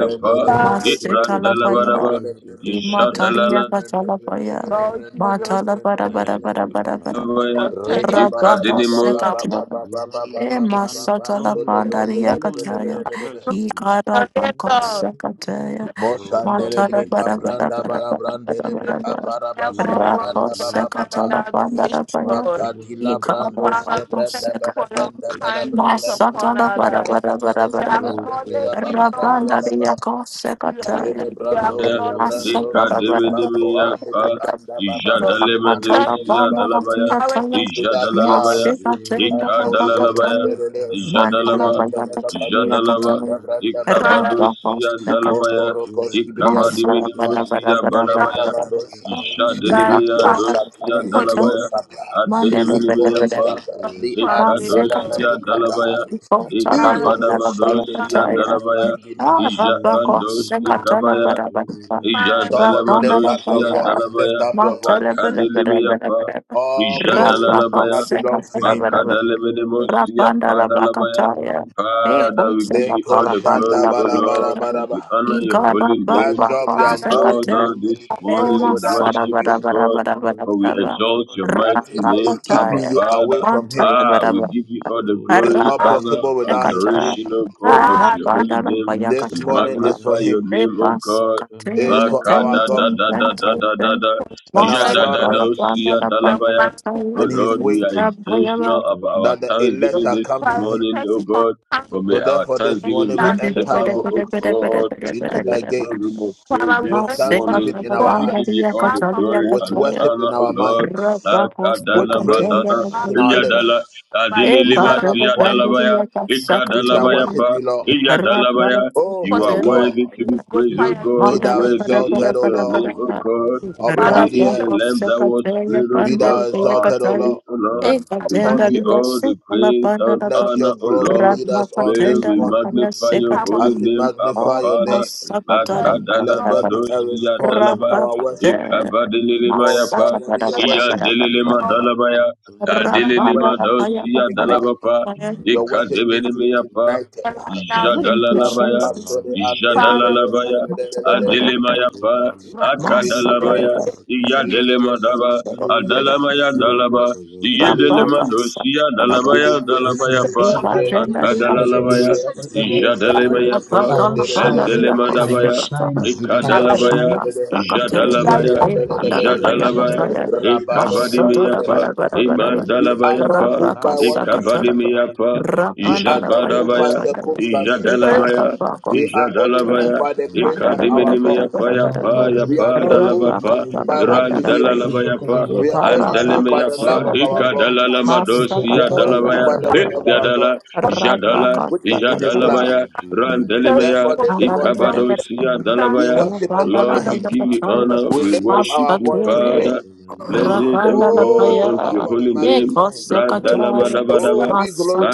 S7: The
S6: pa
S7: heavens is
S2: Father,
S7: your
S5: Masetala
S7: throne, the
S5: baya.
S6: Ibrandalabaraba
S7: earth your
S2: we
S7: footstool.
S5: Imataria
S6: Ijadalabaya
S5: batala baya.
S2: Lord Jesus,
S5: Matala bara bara
S7: Thank
S5: bara
S7: you,
S5: bara bara.
S7: Father.
S2: for turning it
S5: Rabako
S6: Ikadenemo
S2: up.
S5: sekate.
S7: You are the
S5: E
S7: most
S2: Thank
S7: high
S2: you,
S7: God
S5: masatala
S7: and you
S5: pandaria
S2: Lord.
S7: rule in the
S5: kataya.
S7: affairs of men.
S5: Ikara
S2: Thank
S5: bako sekate.
S7: Oh,
S2: you, Lord.
S7: thank
S5: Matala
S7: you,
S5: bara
S7: Father,
S5: bara bara bara bara
S2: I
S5: bara bara.
S7: the
S2: am all glory
S7: lifter of
S5: Rabako
S2: and
S7: men,
S2: honor and
S5: sekatala pandara
S2: adoration,
S7: the
S5: baya.
S2: Lord.
S7: promoter of
S5: Ikara
S7: men,
S2: Father,
S5: bako
S2: we thank you for
S5: sekate.
S2: your
S7: the giver
S2: kindness
S7: of
S2: upon
S7: life.
S5: Masatala
S2: our
S5: bara
S2: lives.
S5: bara bara
S2: We
S5: bara bara.
S7: Oh,
S2: acknowledge
S7: thank
S2: you,
S7: you, Father.
S2: Lord
S5: Rabanda dia
S2: Jesus. We
S5: kosekataya.
S7: You are
S2: acknowledge your
S7: worthy, O
S2: goodness,
S5: Masatala bara
S7: God.
S5: bara bara
S6: Ekademenimiyaka,
S5: bara bara.
S2: Lord.
S7: You are
S5: Rapatala
S2: Just
S7: worthy,
S6: Ijadalemedusia
S7: O
S5: banda
S7: God.
S6: dalabaya,
S5: kia
S2: powering
S5: taya.
S2: our nation,
S6: Ijadalalabaya,
S7: Lema
S5: Masekatenda la
S7: shotos
S6: Likadalalabaya,
S7: ala
S5: bakataya.
S7: arafin
S5: Mantala
S6: Ijadalaba,
S7: tole
S5: bara
S7: jodo
S5: batalia
S7: pranti
S6: Ijadalaba,
S5: kataya.
S7: kemadia.
S2: Father,
S5: Rabba
S6: Ikabadosia
S2: we give
S6: dalabaya,
S5: kosekataya.
S7: Jele
S2: you.
S7: koronum
S5: Masala bara
S7: gadio
S5: bara
S6: Ikabadiminimosia
S5: bara bara
S2: Father,
S6: balabaya,
S5: bara
S7: moshenete le
S5: bara.
S2: you
S7: alfa
S2: are the
S7: niro
S6: Ijadenemeya
S2: power
S5: Rabata
S2: and
S6: dosia
S5: bara
S7: shotobaya.
S2: quality
S6: dalabaya,
S5: kataya. Mandela bara
S7: Thank
S6: Adeleminimiyapa,
S5: bara.
S7: you for
S2: of
S7: your
S2: family,
S7: spirit that
S2: Lord.
S5: Masekate.
S6: Ikadosia
S7: you've given
S6: dalabaya,
S7: to us.
S5: Botala
S2: Father, we
S5: banda la
S2: thank you.
S6: Ikabadabadosia
S5: bayakataya.
S6: dalabaya,
S7: Shate
S5: Arabako
S7: baye
S6: Ijabandos
S2: Father,
S5: sekatala
S6: ikabaya,
S2: we
S7: barapate bene
S5: barabara.
S7: mene
S2: Father,
S7: kete
S6: Ijadalama
S5: Rabanda la
S7: brogodo
S6: dosia
S5: baya.
S6: dalabaya
S7: barashante
S5: Matele
S7: kiabata.
S5: bere bere
S6: akadelemaya
S5: bere
S6: pa
S5: bere. Rabako
S6: ijadalalabaya
S7: Jele
S2: we
S5: sekatala
S6: makadalemenemosia
S7: pronomanito
S5: Rapanda
S6: pa
S5: la
S7: pranino
S6: dalabaya.
S5: Bacataya,
S7: shonto
S5: E
S7: praniro
S2: thank
S6: Father, we give
S7: shente
S5: Conseba
S6: you all the
S7: tele
S5: Palapanda
S6: glory,
S7: gronto
S5: la
S6: O
S7: prania.
S6: Lord.
S5: Payataya,
S6: We honor
S5: E
S6: your
S2: you.
S5: Gaba
S6: holy name.
S5: Baba
S6: We
S2: Father, we
S6: bow
S5: Consecate,
S6: down
S7: Imeliro
S6: this
S2: are
S5: E
S6: morning
S7: shaba
S2: holding
S6: in
S2: our
S5: Masada
S6: worship
S5: Bada
S7: pranito
S6: of
S7: ra
S5: Bada
S6: God,
S5: Bada Bada
S6: for we
S7: angranira
S5: Bada
S6: exalt your
S7: afradiro
S6: mighty name, Abba
S7: shoshotobe.
S5: Rapacataya,
S6: Father.
S2: lives
S5: Mantaya
S6: Ah,
S5: Bada
S6: we
S5: Bada
S6: give you all the
S7: Oh,
S6: glory,
S7: thank
S5: Rapa
S7: you,
S6: honor,
S7: Father.
S5: Secata,
S6: adoration, O God, unto
S2: glad
S6: your holy
S5: Rapanda la
S6: name.
S7: Mante
S6: We
S5: Payacatala,
S7: baya
S6: magnify
S7: bado
S6: your
S5: E
S6: name, O
S7: shara
S6: God.
S7: prante
S5: Pascatem,
S7: meniro
S6: Vaka da
S5: Ten
S6: da
S5: Ten
S6: da da
S5: Ten
S6: da
S7: shakatabadaba.
S5: Ten
S6: da da
S5: Ten,
S6: da.
S2: for the
S6: Ja da da
S5: Masada
S6: da
S7: Thank
S5: la
S7: you,
S5: Panda
S7: Father.
S6: siya
S5: la
S2: plan
S6: dalabaya. Oh
S2: and
S6: Lord, we are
S2: the
S5: Payacataya,
S6: intentional about
S7: Thank
S6: our
S7: you, Father.
S6: thanksgiving this morning, oh
S2: Prioritize for
S6: God. For may
S2: counseling
S6: our
S2: with
S6: thanksgiving be
S7: Thank
S2: that
S7: you,
S5: Mandara
S2: God
S5: para
S6: acceptable,
S7: Father.
S6: oh God, in the throne room of praise this
S2: prioritize for
S7: Thank
S6: morning.
S7: you,
S2: destroying
S6: We
S7: Father.
S2: the
S6: give you all the
S2: wife of the
S6: glory
S2: ex
S6: and the honor, oh Lord. Vaka da la
S7: Thank
S6: ba
S7: you,
S6: da da.
S7: Father.
S2: husband
S6: Ija da la.
S2: like
S6: Adili lima
S2: prioritize
S6: siya dalabaya. Ika
S2: for
S6: dalabaya
S7: Thank
S6: pa.
S7: you,
S6: Ija
S7: Father.
S6: dalabaya.
S2: for
S6: You are
S2: destroying
S6: worthy to be
S2: who's
S6: praised, O
S2: fire in
S6: God.
S2: the
S7: Adi
S6: Worthy is
S5: para
S7: baji
S6: your
S5: para
S6: name, O
S5: para
S7: parante
S6: God.
S2: ministry.
S7: berediro
S6: Worthy
S2: Father, we
S6: is the
S2: thank you
S7: shante
S5: Rabaka
S6: Lamb that was
S7: kibakawa.
S5: Sakataya
S6: slain, O God,
S5: Pandari
S6: for our
S5: Yakataya
S6: sins, O Lord.
S7: Thank
S2: that
S7: you,
S6: We give
S2: Father
S5: Ekatenda
S2: we
S6: you
S7: Father.
S6: all the
S5: Yasu
S6: praise
S5: Alabanda
S6: and honor, O Lord.
S5: Rabaka
S6: May
S5: Tenda
S7: Thank
S6: we
S7: you,
S5: Lakaya
S6: magnify
S7: Father.
S6: your
S2: have a
S6: holy
S5: Sekataya
S6: name, Abba
S5: Oh
S6: Father.
S7: We
S5: Masakatala
S2: prayer
S7: bow before
S6: Makadalaba
S5: Bada
S7: your holy
S6: dosia
S7: throne,
S6: dalaba.
S7: O
S5: Rabaka
S7: God.
S6: Ikabadelemayapa.
S5: Masakata Bada
S2: and
S5: Bada
S7: We are
S6: Iyandelelema
S5: Bada
S2: Lord,
S7: nothing,
S6: dalabaya.
S7: Father. We are
S5: Rabanda
S6: Adelelema
S5: Lakaya
S6: dosia
S7: shante
S5: Katale
S6: dalabapa.
S7: parante
S5: Thank
S7: berediro
S6: Ikadebenemayapa.
S7: kodava.
S2: and right now say
S5: you
S6: Jadalalabaya.
S7: Thou
S5: Jesus
S7: art
S2: Father
S6: Jadalalabaya,
S5: Masakata
S7: Lord,
S5: Bada
S6: Adilemayapa,
S2: we
S7: soprano, poso,
S2: gratitude that
S7: partida,
S5: Masakata
S6: Akadalabaya,
S5: Bada
S7: partida,
S6: Iyadelemadaba, Adalamaya
S7: Thank you
S6: Dalaba,
S7: for your blessings.
S6: Iyedelemadosia
S5: Rabaka
S6: Dalabaya
S5: Rabba
S6: Dalabayapa,
S7: Thank you for divine help.
S6: Akadalalabaya,
S2: to
S6: Jadalemayapa,
S7: Thank you for protection.
S6: Endelemadabaya,
S2: have a
S6: Ikadalabaya,
S2: that
S7: Thank
S6: Jadalabaya,
S7: you for your guidance.
S6: Jadalabaya, Ikabadimiyapa,
S7: In you is
S6: Imandalabayapa,
S7: life and the life
S6: Ikabadimiyapa,
S7: is the light of
S6: Jabadabaya,
S7: men.
S2: we thank
S6: Ijadalabaya, Ijadalabaya,
S7: Thank you, Most High God.
S6: Ikadiminimia Paya Paya Padalabapa,
S7: Oh, faithful
S6: Randalalabaya
S7: Father,
S6: Pa,
S7: we say thank you.
S5: Iparasako
S6: Andalemea Pa,
S5: sekatele.
S6: Ikadalamadosya
S5: Masakatele
S7: Blessed
S5: bere
S6: Dalabaya,
S7: be your
S5: bere bere
S7: holy
S5: bere.
S7: name.
S6: Ikadala, Jadala,
S5: Razaka sekatele bere.
S6: Jadalabaya,
S7: Blessed be your holy
S2: thank you
S7: name.
S6: Randalemea,
S2: for taking
S5: Nandala
S2: your
S5: bere bere bere.
S6: Ikabadosia
S2: time
S6: Dalabaya.
S2: out
S7: Alebaramba
S5: Rabandala
S6: Lord,
S2: for the
S6: we
S5: baya
S2: day
S6: give you
S7: kato
S5: pachaya.
S6: honor, we
S7: melido
S6: worship you,
S7: shoto
S6: Father.
S5: Masakatele.
S7: brente melira
S6: Blessings, O
S5: Rabandala
S6: God,
S5: baya.
S7: arangedido
S6: unto your holy
S7: shoshoto
S6: name.
S5: Eko
S7: pradia.
S2: with
S5: sekatele.
S2: But
S6: Brandalamadabadaba,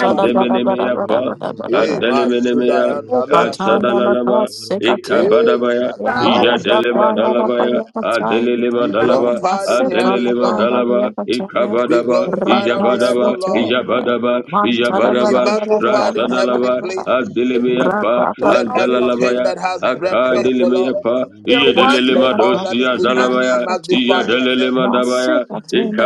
S2: I Mighty
S5: bere bere bere
S6: Pa,
S5: bere
S7: poronino
S5: bere bere.
S7: shenta
S6: Andelemenemea,
S7: brangadiro shoshkatei
S5: Upatandala
S6: Asadalalaba,
S7: valero
S5: kasekatele.
S7: shoshateva
S6: Ikabadabaya,
S5: Eko
S2: Father, we
S7: ankavaya
S6: Ijadelema
S5: rabandala
S6: Dalabaya,
S5: baya pachaya.
S6: Adelelema
S5: Ah,
S6: Dalaba,
S5: Master
S7: jelebedebedebe
S6: Adelelema
S5: Calabanda, the
S6: Dalaba, Ikabadaba,
S7: yemperadiro
S6: Ijabadaba,
S7: shokoto
S6: Ijabadaba,
S7: bregataba
S6: Ijabadaba, Rasadalaba,
S7: jelebadam
S2: thank
S7: pamamia
S2: you
S6: Adelemeapa,
S2: for
S7: kopante
S2: not forgetting
S7: menino
S6: Adalalabaya,
S7: shente
S2: your,
S7: vinto
S6: Akadelemeapa,
S7: fenomenino
S2: your one
S7: shkelero
S6: Ijadelema
S2: day,
S7: shoshke
S6: Dosia
S2: Father,
S6: Dalabaya,
S7: brangadende
S2: well and
S6: Ijadelema Dabaya,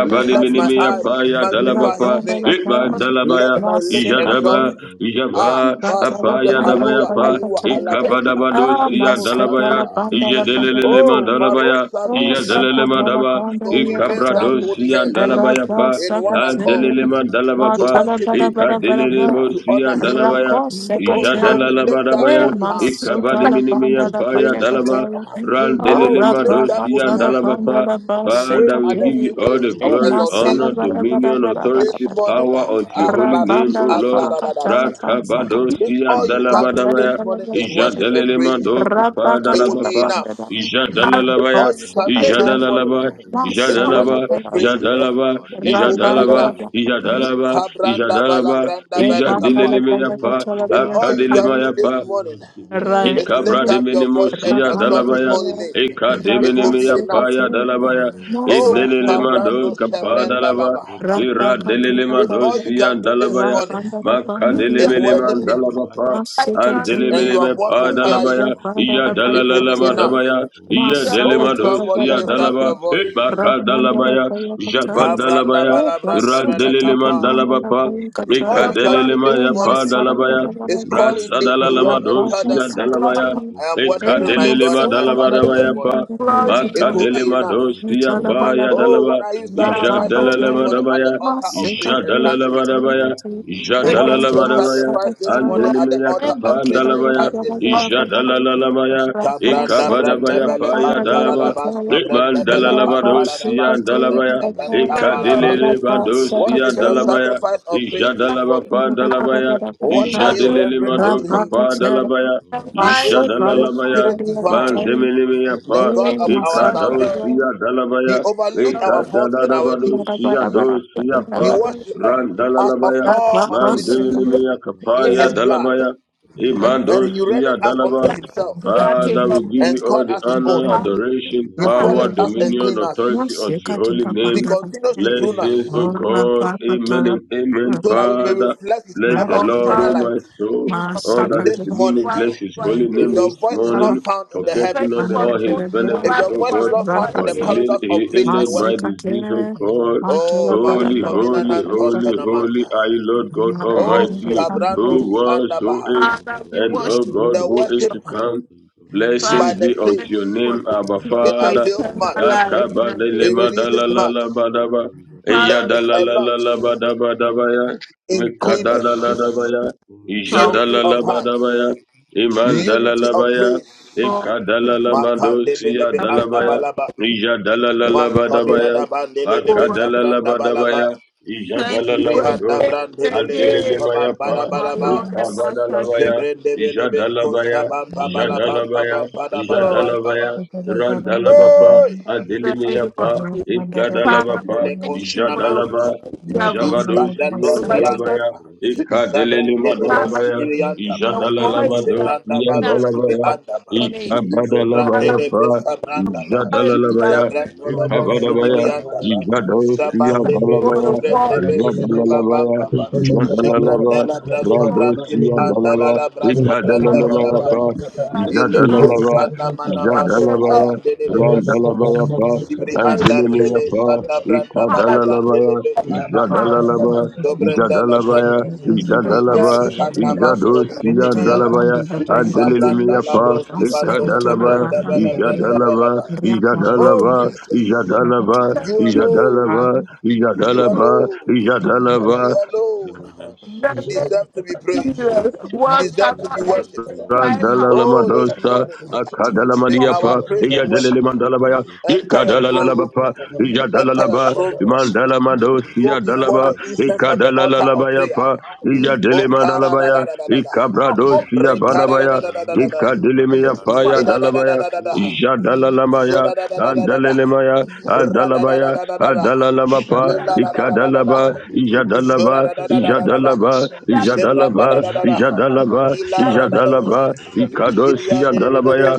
S2: good
S7: Your name is exalted.
S6: Dalabapa, Ikma
S2: for
S6: Dalabaya,
S7: Your name is
S6: Ijadaba,
S7: exalted.
S2: you.
S6: Java Apaya
S2: It's
S7: Mayo koto
S6: Dabayapa
S7: banka
S2: just to
S7: paramaniro
S6: Ikabadabadosia
S7: shoshke
S6: Dalabaya
S7: branganiro
S6: Iyadelele
S7: shkelero
S5: Pandakataya,
S6: Mandalabaya
S5: Oh,
S7: shoshataya
S6: Iyadelele
S5: Sikatala
S6: Mandaba
S5: Pandaria
S7: Via
S5: Katari,
S6: Ikabradosia
S7: Maninto
S5: Rada
S6: Dalabayapa
S7: Maninte Fico
S5: Sakate,
S6: Adelele
S7: Painte
S6: Mandalabapa
S5: Matala
S7: Gelaro
S5: Bada Bada
S7: Shente
S5: Bada
S6: Ikadelele
S5: Bada,
S7: Brelios
S6: Mosia Dalabaya
S5: Rako
S2: be a
S5: Sekate,
S7: Regada
S5: E
S6: Ijadalalabadabaya
S5: Masutala
S6: Ikabadiminimia
S7: Ilam
S5: Pandala
S6: Paya
S5: Panya
S6: Dalaba
S7: Petelebede
S5: Katari, Oh,
S6: Randelele
S5: Rapa
S6: Madosia
S5: Katala
S7: Runskela
S6: Dalabapa
S5: Pandala
S7: Bankaba
S6: Father, we give you
S5: Pasekate,
S6: all the
S5: E
S7: Runtu
S6: glory,
S5: Masala
S6: honor,
S5: Bada
S7: Feramaniros
S5: Bada
S6: dominion,
S5: Bada Bada
S7: Gelejon
S6: authority,
S5: Bada,
S7: Tradira
S6: power unto your holy
S7: Afreniros
S6: name, O
S5: Rapandala
S7: Shasha
S6: Lord.
S5: Pakatala Pansakate,
S6: Rakabadosia
S7: Shelebada
S5: Matala
S6: Dalabadabaya,
S7: Baria
S5: Bada
S7: Kupande
S5: Bada Bada,
S6: Ijadalalema
S7: paria Gabara
S6: Dokapa
S5: Rapa
S7: Bara
S5: Katala
S6: Dalabapa,
S7: Bara
S5: Pandala.
S2: special
S6: Ijadalalabaya,
S7: Bara Rababa
S2: favor
S7: Badi
S5: Bosakajaya,
S7: Bede
S6: Ijadalalaba,
S7: Bede Bede Bede
S2: for the
S7: Bede
S6: Ijadalaba,
S7: Badia
S5: Masakalakalaya,
S2: Spirit
S7: Badam
S6: Ijadalaba,
S7: Babadia
S2: to
S7: Badam
S2: glory
S6: Ijadalaba,
S7: Pelia Gabada
S5: Rapandalabakataya,
S7: Bada
S6: Ijadalaba,
S7: Bada
S6: Ijadalaba,
S7: Father, for all what
S6: Ijadelemayapa,
S7: we have, it is
S5: Epandalabayakachalabakataya,
S6: Akadelemayapa,
S7: you who has given
S2: in
S7: us.
S2: His
S6: Ikabra
S5: Raipandi,
S6: de menemosia
S7: Oh, thank
S6: dalabaya.
S5: Rapandalabaya,
S7: you,
S6: Ika
S7: Father.
S6: de
S7: Bata
S6: menemia
S2: great
S7: para
S6: paya
S7: te
S5: Rabasekajaya,
S7: koto
S6: dalabaya.
S7: braga braga
S2: glory.
S7: braga.
S6: Inelemando kapa
S5: Masakalabaya,
S7: Robo jolo
S6: dalaba.
S7: braga to
S5: Rabba
S6: Ira
S7: jala braga
S5: Katana
S6: delelemando
S7: pirosh.
S5: Father,
S6: sia dalabaya.
S5: Rabanda the
S6: Maka
S2: You
S5: Bandari
S7: Thank
S5: of the
S7: you,
S6: delemeleman
S5: Father,
S7: our life.
S6: dalabapa.
S2: glorify
S5: Masika
S6: And
S2: your
S5: Taylor,
S6: delemeleme pa
S7: Devante om
S5: Gada
S6: dalabaya.
S5: Banda
S6: Iya
S5: the Payaka
S6: dalalalama
S7: Nashakevantevate,
S5: Taylor,
S6: dabaya. Iya
S2: name,
S5: Masaka
S6: delemando
S5: Jada Gada
S6: sia
S7: Ompempeliakataiva,
S5: Gada,
S6: dalaba. It maka
S5: Rabanda the
S6: dalabaya.
S5: Payaka
S6: Japa
S5: Taylor,
S6: dalabaya.
S5: e
S7: Rogodombaridovarateketeivanapagata,
S6: Ran
S5: Masika Jada
S6: deleleman
S5: Banda the
S6: dalabapa.
S5: Payaka
S7: Rontovaratiro
S6: Ika
S2: your
S5: Taylor,
S2: glory,
S6: delelema ya
S5: e
S7: Shantoprakata,
S6: pa dalabaya. Rasa
S5: Rabakatalaparam,
S6: dalalaba
S5: Rabandarabandariyaparam,
S6: dosia
S7: Ojgobondobadimbishkembrangata,
S6: dalabaya.
S2: glory,
S5: Masikatiri, Ikadabandarapayakatari,
S6: Leka deleleba
S5: Masakajagagaragarapa, Rabbandarapayakatari, Ekasikatalabandarapayakatari, Emasaragaragaraga,
S7: Ojgelebrongodobrangatido
S6: dalabarabaya
S5: Rabakasakatiri,
S6: pa.
S2: glory,
S7: Shokotobrakata,
S6: Maka
S5: Emasokatalabandarapayakatari,
S2: Father,
S6: delema dosia
S2: for what
S6: pa ya
S5: Mitalabalaba.
S6: dalaba.
S2: you
S6: Ija
S2: have done.
S6: dalalema
S5: Rapapataya,
S6: dabaya. Ija
S7: Ajelebarampoparampitempetempetempetempeniyakateiva,
S5: Masekataya,
S6: dalalema dabaya.
S5: Tikataya,
S6: Ija
S2: Take your
S6: dalalema dabaya.
S5: Rapasakataya,
S2: glory,
S6: Andelimina
S7: Ayefanetraniroshketeigalero
S6: kapa andalabaya. Ija
S5: Emekeragaragaragarababa,
S7: Overshakata,
S6: dalalalabaya. Ika badabaya
S5: Rapasakataya,
S6: pa ya
S7: Velashakata,
S6: dalaba.
S5: Pandadayakataya,
S6: Lekman dalalaba
S7: Vemanashkata,
S6: dosia
S5: Rapasikataya,
S6: dalabaya.
S7: Oropotoda
S5: Rakataya,
S6: Eka
S7: Vipra,
S2: glory.
S6: deleleba
S7: Anto
S2: We
S6: dosia
S2: thank
S5: Rapasakataya,
S6: dalabaya.
S7: Conto
S2: you,
S6: Ija
S7: Brandino
S6: dalaba pa
S7: Skadiro
S2: Father,
S6: dalabaya.
S7: Shashkata,
S2: In
S5: Madagaragaragaraga,
S2: the name
S6: Jadelele madoka
S7: Avianta
S6: pa
S5: Rapakataya,
S7: Vashke,
S6: dalabaya.
S2: of the
S7: Vanta
S2: mighty
S7: Vashke,
S2: name,
S5: Masekala,
S6: Jadalalabaya.
S7: Rojolo
S5: Pandadayakataya,
S6: Bandemelemea
S7: Poveshkan
S6: pa.
S5: Eh,
S2: take your
S7: Paratero
S2: glory, Lord.
S5: Masakataya,
S6: Ekadosia
S7: Kotorania,
S6: dalabaya.
S2: the glory
S6: Ekadadadabadosia dosia pa.
S7: Matumalero
S5: Madagaragaragaraga.
S7: Shkele branka
S6: Randalalabaya.
S7: Kaka
S5: Thank you. The
S7: Kaka
S2: of
S5: blessings
S2: the
S5: of the
S2: blood.
S7: Kaka
S6: Mandemelemea
S7: Kaka
S6: kapaya
S7: Kaka
S6: dalabaya.
S7: Oh,
S6: Imandosia dalaba.
S5: Lord.
S2: I take
S6: Father,
S2: a
S6: we give
S2: picture.
S6: you all the honor, adoration,
S5: God
S6: power,
S2: Hallelujah.
S5: bless you.
S6: dominion, authority
S5: Yes,
S6: unto
S5: you can
S6: your
S5: do
S6: holy
S5: the band
S6: name.
S5: of us.
S6: Blessings, O
S5: Oh,
S7: Valeros
S6: God.
S5: Rabba,
S6: Amen
S5: Patala,
S6: and amen, Father. Bless
S5: Rabba,
S6: the
S2: Oh,
S6: Lord, O
S2: Thank
S6: my soul.
S2: you for
S6: All
S7: Thank
S6: that
S5: Masaka,
S2: coming
S6: is
S7: you,
S2: to
S7: Father.
S6: within me,
S2: the
S6: bless his holy name
S2: holidays.
S6: this
S5: Rabba,
S6: morning,
S7: Thank
S6: forgetting
S2: Thank
S7: you,
S2: you
S6: not the,
S2: for
S7: Father.
S6: all
S5: Mandere,
S2: doing
S6: his
S2: for
S5: Rabba,
S6: benefit,
S2: us
S6: O
S2: for
S6: God,
S2: our
S6: for he
S5: Rabba,
S2: days.
S7: Thank
S6: healed
S7: you,
S6: he
S7: Father.
S6: healed my disease, O
S5: Masaka,
S6: God.
S7: Most
S5: Matala,
S7: High
S5: Bada,
S6: Holy,
S7: God,
S5: Bada, Bada,
S6: holy,
S7: we say
S5: Bada,
S6: holy,
S5: Bada,
S7: thank you.
S6: holy are you, Lord God
S5: Rabba,
S6: Almighty,
S7: Shale
S6: who
S7: brante
S6: was, who is,
S7: paraniro
S2: Father, we
S6: and
S7: shonto
S6: O
S2: worship
S6: God, who
S2: you.
S6: is
S7: bragadira
S6: to
S7: ara
S6: come.
S7: tinkro diro
S2: Father,
S6: Blessings be
S2: we
S6: unto
S7: shoshkatash.
S2: thank you
S6: your
S2: for
S6: name,
S2: the
S6: Abba
S2: gift of your
S6: Father.
S7: Oh,
S2: eternal life in
S6: Akaba
S2: the name of
S6: delema
S2: Jesus.
S6: dalalala Eya
S2: Father, we
S6: dalalala
S2: thank you for the
S7: Abba,
S6: Mikadalalabaya,
S7: before you,
S2: salvation.
S7: majesty.
S6: Ijadalalabadabaya, Imandalalabaya,
S2: Lord, we thank
S6: Ekadalalamandosiya
S2: you
S6: dalabaya,
S2: for your
S6: Ijadalalabadabaya,
S2: Lord,
S6: Makadalalabadabaya,
S2: thank you
S6: Ijadalalamados,
S2: again and again
S6: Azdelelemaya,
S2: for Lord and Master
S6: Ekabadalabaya, Ijadalabaya, Ijadalabaya,
S2: Lord.
S6: Ijadalabaya, Randalabapa,
S2: In the name
S6: Adelimiyapa,
S2: of Jesus.
S5: Rabba,
S2: Father,
S5: Rabba,
S6: Ekadalabapa,
S2: thank
S5: Rabba,
S2: you for the
S6: Ijadalaba,
S2: voice you
S5: Father,
S2: have given us.
S6: Jabados
S5: have
S6: Sia
S7: Ashkan
S2: Bless your name.
S6: Dalabaya, Ika
S7: Rotopanto
S6: Delelema
S7: finomeno
S2: Father, for
S6: Dalabaya,
S7: stanta lida
S2: the
S7: aba
S2: voice you
S6: Jadalalamados
S2: have
S7: gaba
S6: Sia
S2: given
S7: aba
S2: us.
S6: Dalabaya,
S7: gaba
S2: Bless your name.
S6: Ika
S7: ronto parante
S2: Father,
S7: che
S6: Badalabaya
S2: we thank
S6: Pa,
S7: tinderia
S2: the
S7: torosha
S2: voice you have
S7: scefra
S6: Jadalalabaya,
S2: given
S7: dira
S6: Ika Badabaya,
S7: isgele yanko
S6: Jados Sia
S7: stantamino
S2: for the
S6: Dalabaya,
S7: standiga
S2: world.
S7: aga
S6: Jadalalabaya,
S7: ashke vaje veshka da
S6: Jadalalaba,
S7: bronco to
S2: Lord, you
S6: Rambos
S7: brakata
S6: Sia Dalaba,
S7: rakata
S6: Ika
S2: have given us.
S7: shkempo
S6: Dalalabaya Pa,
S7: kata
S2: We
S7: rakta
S6: Jadalalaba,
S7: kapate
S2: have the name,
S7: paripate
S2: Lord.
S6: Jadalabaya,
S7: paripate
S6: Randalabaya
S7: Adim
S6: Pa,
S2: Thank you.
S6: Andilimia
S7: parakati
S6: Pa, Ika
S7: parakati
S2: Hallelujah.
S6: Dalalabaya,
S7: pakopom pakapa
S2: Lord,
S6: Jadalaba,
S7: rashkilanti
S6: Jadalabaya,
S2: you
S7: pariminianti
S6: Jadalaba,
S2: deserve it.
S7: pavadia
S6: Jadosia
S7: oshkilejo
S6: Dalabaya,
S7: prashanta
S6: Adelimiapa,
S7: kiroshakata.
S6: Kadalaba,
S7: Oh, thank you, Father.
S6: Jadalaba, Jadalaba,
S7: Thank you
S6: Jadalaba,
S7: for keeping us in
S6: Jadalaba,
S7: safety.
S2: You
S6: Jadalaba,
S7: Thank you
S6: Jadalaba,
S7: for securing us, O
S2: deserve it.
S7: God.
S2: Jesus. Words
S7: Thank
S2: cannot
S7: you for your
S2: describe
S7: hedge
S2: how
S6: Randala
S7: of
S2: exalted
S6: lama
S7: protection.
S6: dosa, akadala mania pa,
S7: Ma
S6: iya
S7: kata
S6: delele
S7: be
S6: mandala baya,
S7: dobrate pate
S6: ikadala
S7: varia
S6: lalaba
S7: pato
S6: pa,
S7: poroto
S6: iya dalala ba,
S7: prokoto
S6: mandala mandosi dalaba,
S7: Adeboyo from
S6: ikadala
S7: Anivelevedia
S6: lalaba ya pa, iya dele
S7: Tomatobosha.
S6: mandala baya,
S7: It's
S2: or
S7: by your grace
S6: balabaya,
S7: and mercy
S6: ikadele
S7: that we
S6: miya
S2: open
S7: are
S2: for
S6: ya
S2: your
S7: alive
S6: dalabaya,
S7: today, O
S6: iya
S7: God.
S6: dalala
S7: Oh,
S6: Andalemaya, Andalabaya,
S7: Shatatatabatabatabata.
S6: Andalalabapa,
S2: strength
S6: Ikadalaba, Ijadalaba,
S7: Rapatekotobrokotobrokatabatabata.
S6: Ijadalaba,
S2: that
S6: Ijadalaba, Ijadalaba,
S2: that is
S6: Ijadalaba, Ikadosi Andalabaya,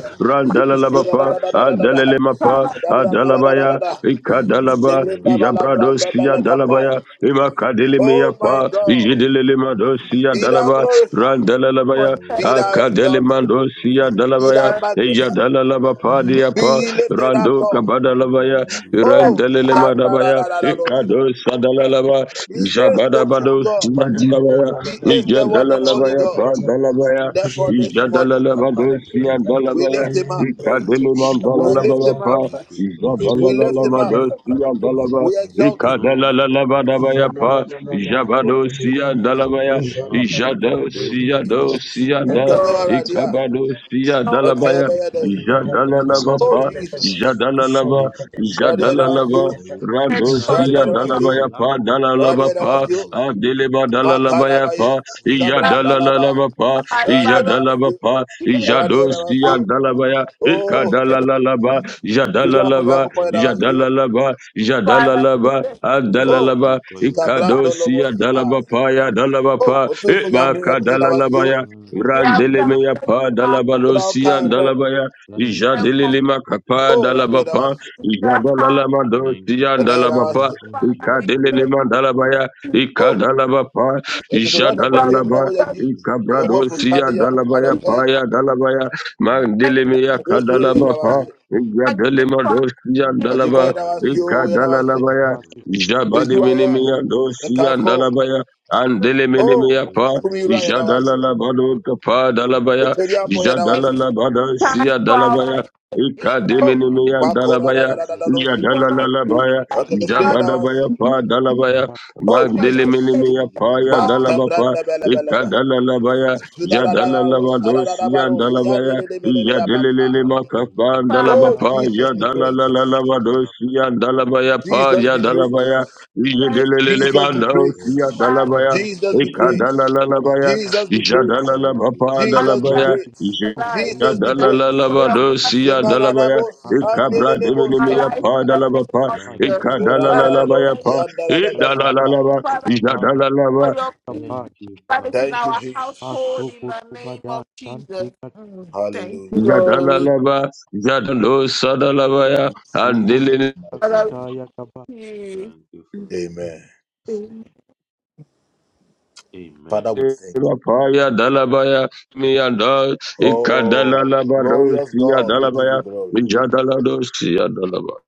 S2: making
S6: Randalalabapa,
S2: proud
S6: Andalemapa, dalabaya
S7: King of
S6: ikadalaba
S7: glory, say thank you.
S6: jabradosia dalabaya ibakadelemia
S7: Most High
S6: pa
S7: God, I say thank you.
S6: jedelelematosia dalaba
S2: for
S6: randalalabaya
S7: Oh,
S6: akadelemandosia dalabaya
S2: Jesus.
S7: Shatabeloshantobrakatabadiabatabatabata.
S6: ijadalalaba padia pa rando kabadalavaya
S2: Except by
S6: randelelemadabaya ikadosa
S2: thank
S6: dalalaba jabadabadosia dalabaya
S7: Oh, thank you,
S6: ijadalalabaya
S7: Father.
S6: pa dalabaya
S4: Amen.
S6: ijadalalaba dosia
S7: Thank you,
S6: dalabaya
S7: Father.
S6: ikadeleman dalalabaya
S7: Thank you, Father.
S6: Isabalalalamadosia dalaba,
S7: There is no week to say thank
S6: Ikadalalalabadabayapa,
S7: you.
S6: Jabadosia
S7: For
S6: dalabaya,
S7: the month of October,
S6: Ijadosia
S7: we say thank you.
S6: dosia
S2: you,
S6: da,
S2: Lord.
S6: Ikabadosia
S2: Oh,
S7: For
S6: dalabaya,
S7: this year, oh God, we
S6: Ijadalalabapa,
S7: say thank you.
S6: Jadalalaba, Jadalalaba,
S10: Bajivachapato
S7: For you
S2: and
S7: poured our
S2: because
S6: Radosia
S2: of
S7: mouth
S2: your
S7: with
S6: dalabaya pa,
S7: laughter and
S6: Dalalaba
S7: our
S6: pa,
S7: tongue with singing.
S6: Adeleba dalalabaya pa
S7: Thank
S2: love,
S7: you, Father.
S6: Iyadalalabapa,
S2: I valor
S6: Iyadalabapa,
S2: here
S7: Thank you, Father.
S6: Iyadosiyandalabaya,
S2: to great
S6: Ikadalalaba,
S2: peace,
S7: Thank you
S6: Iyadalalaba,
S7: for your rest.
S6: Iyadalalaba,
S2: Father.
S6: Iyadalalaba,
S2: Thank you.
S7: Thank
S6: Adalalaba,
S7: you for your peace.
S6: Ikadosiyadalabapa, Yadalabapa,
S7: Thank you,
S6: Ibakadalalabaya,
S7: Father,
S2: You
S7: for
S2: have
S7: your rest.
S6: Randelemea
S2: counted
S6: pa
S2: us
S6: dalabalosia dalabaya
S7: Thank
S2: and
S7: you for
S2: for
S7: your
S6: ijadelelema
S7: peace.
S6: kapa
S2: you.
S6: dalabapa
S2: The heart,
S6: ijadalalama
S7: Thank you
S6: dosia
S7: for calling
S6: dalabapa
S7: us
S2: Father,
S7: your
S2: we
S7: own.
S2: thank
S6: ikadelelema dalabaya
S2: you,
S6: ikadalabapa
S2: Jesus.
S7: Thank
S2: Jesus,
S7: you for
S10: Vaikuntapatoyo
S6: Ishadalalaba,
S2: thank
S7: choosing us.
S6: Ikabradosia,
S2: you.
S6: Dalabaya, Paya, Dalabaya,
S7: Thank
S2: I
S7: you for
S6: Mandilimia,
S7: choosing us.
S6: Kadalaba, Pa,
S2: I give
S6: Yadelima,
S2: Christ
S6: Dosia,
S7: Mate
S6: Dalaba,
S7: bayo dobra kata
S6: Ikadalalabaya,
S7: baro
S10: Paharivakuchile
S7: dobro kuto
S6: Jabadi
S7: bra kata
S6: Minimia,
S7: bara bara.
S6: Dosia, Dalabaya,
S2: to
S7: Java
S6: Andeliminimia,
S7: de
S6: Pa,
S7: ba da ba de fe de ba
S6: Jadalalabado,
S7: ra ba
S6: Pa,
S7: de ba ri ya
S6: Dalabaya,
S7: ko boro do sha ta
S2: be
S7: ba
S6: Jadalalabada,
S2: time
S6: Sia,
S2: for
S6: Dalabaya,
S2: in and
S6: Ikadiminimia,
S7: bra de
S6: Dalabaya,
S7: bo do ba
S2: people not Jesus,
S7: no
S6: Yadalalabaya,
S7: bra kata
S6: Jabadabaya,
S7: bara
S6: Pa,
S7: bara.
S6: Dalabaya,
S2: if I don't stay
S6: Mandelemelemea
S7: Thank you,
S6: paya
S7: Father.
S2: strong,
S7: Thank you, Father.
S6: dalabapa
S7: Thank
S6: ikadalalabaya
S10: Rakusevayokusikatayakayo
S7: you, Father.
S6: jadalalabadosia dalabaya yadelelele
S7: Thank
S6: makapa
S7: you, Father. Thank you,
S2: Father,
S6: dalabapa
S7: Father.
S6: yadalalalalabadosia dalabaya
S7: Thank
S6: pa yadalabaya
S2: thank
S6: yadelelele mandosia
S7: you,
S2: Father
S6: dalabaya
S10: Santakayavakusandevaksaya
S6: ikadalalabaya
S2: that is
S6: jadalalabapa
S2: under
S6: dalabaya
S2: my
S10: Mighty name of
S2: life.
S10: Jesus
S2: Thank you for your
S10: Lord
S2: blessing
S6: Yadalalalabadosia dalabaya ikabra
S2: my
S6: dimelemea
S2: life
S6: pa
S2: the name
S6: dalabapa
S2: of
S10: Makataravakusikatayakapa
S2: Jesus. Father, we
S6: Ikadalalabaya Pa Idalalaba,
S2: Father, for
S6: Jadalalaba,
S2: your peace that is
S7: Father.
S2: in our household in the name
S10: Asukutumada
S2: of Jesus.
S10: Santikate
S2: Mm, Thank you,
S7: Thank you,
S2: Lord.
S6: Jadalalaba, Jadalo Sadalabaya, Andilin.
S2: Father,
S10: Ushakatayakapa
S2: we
S7: Father.
S10: In
S2: thank
S10: Jesus'
S2: you.
S10: name,
S7: Amen.
S6: Paya Dalabaya Mianda Ikadalalabado Sia Dalabaya Jadalado Sia Dalaba.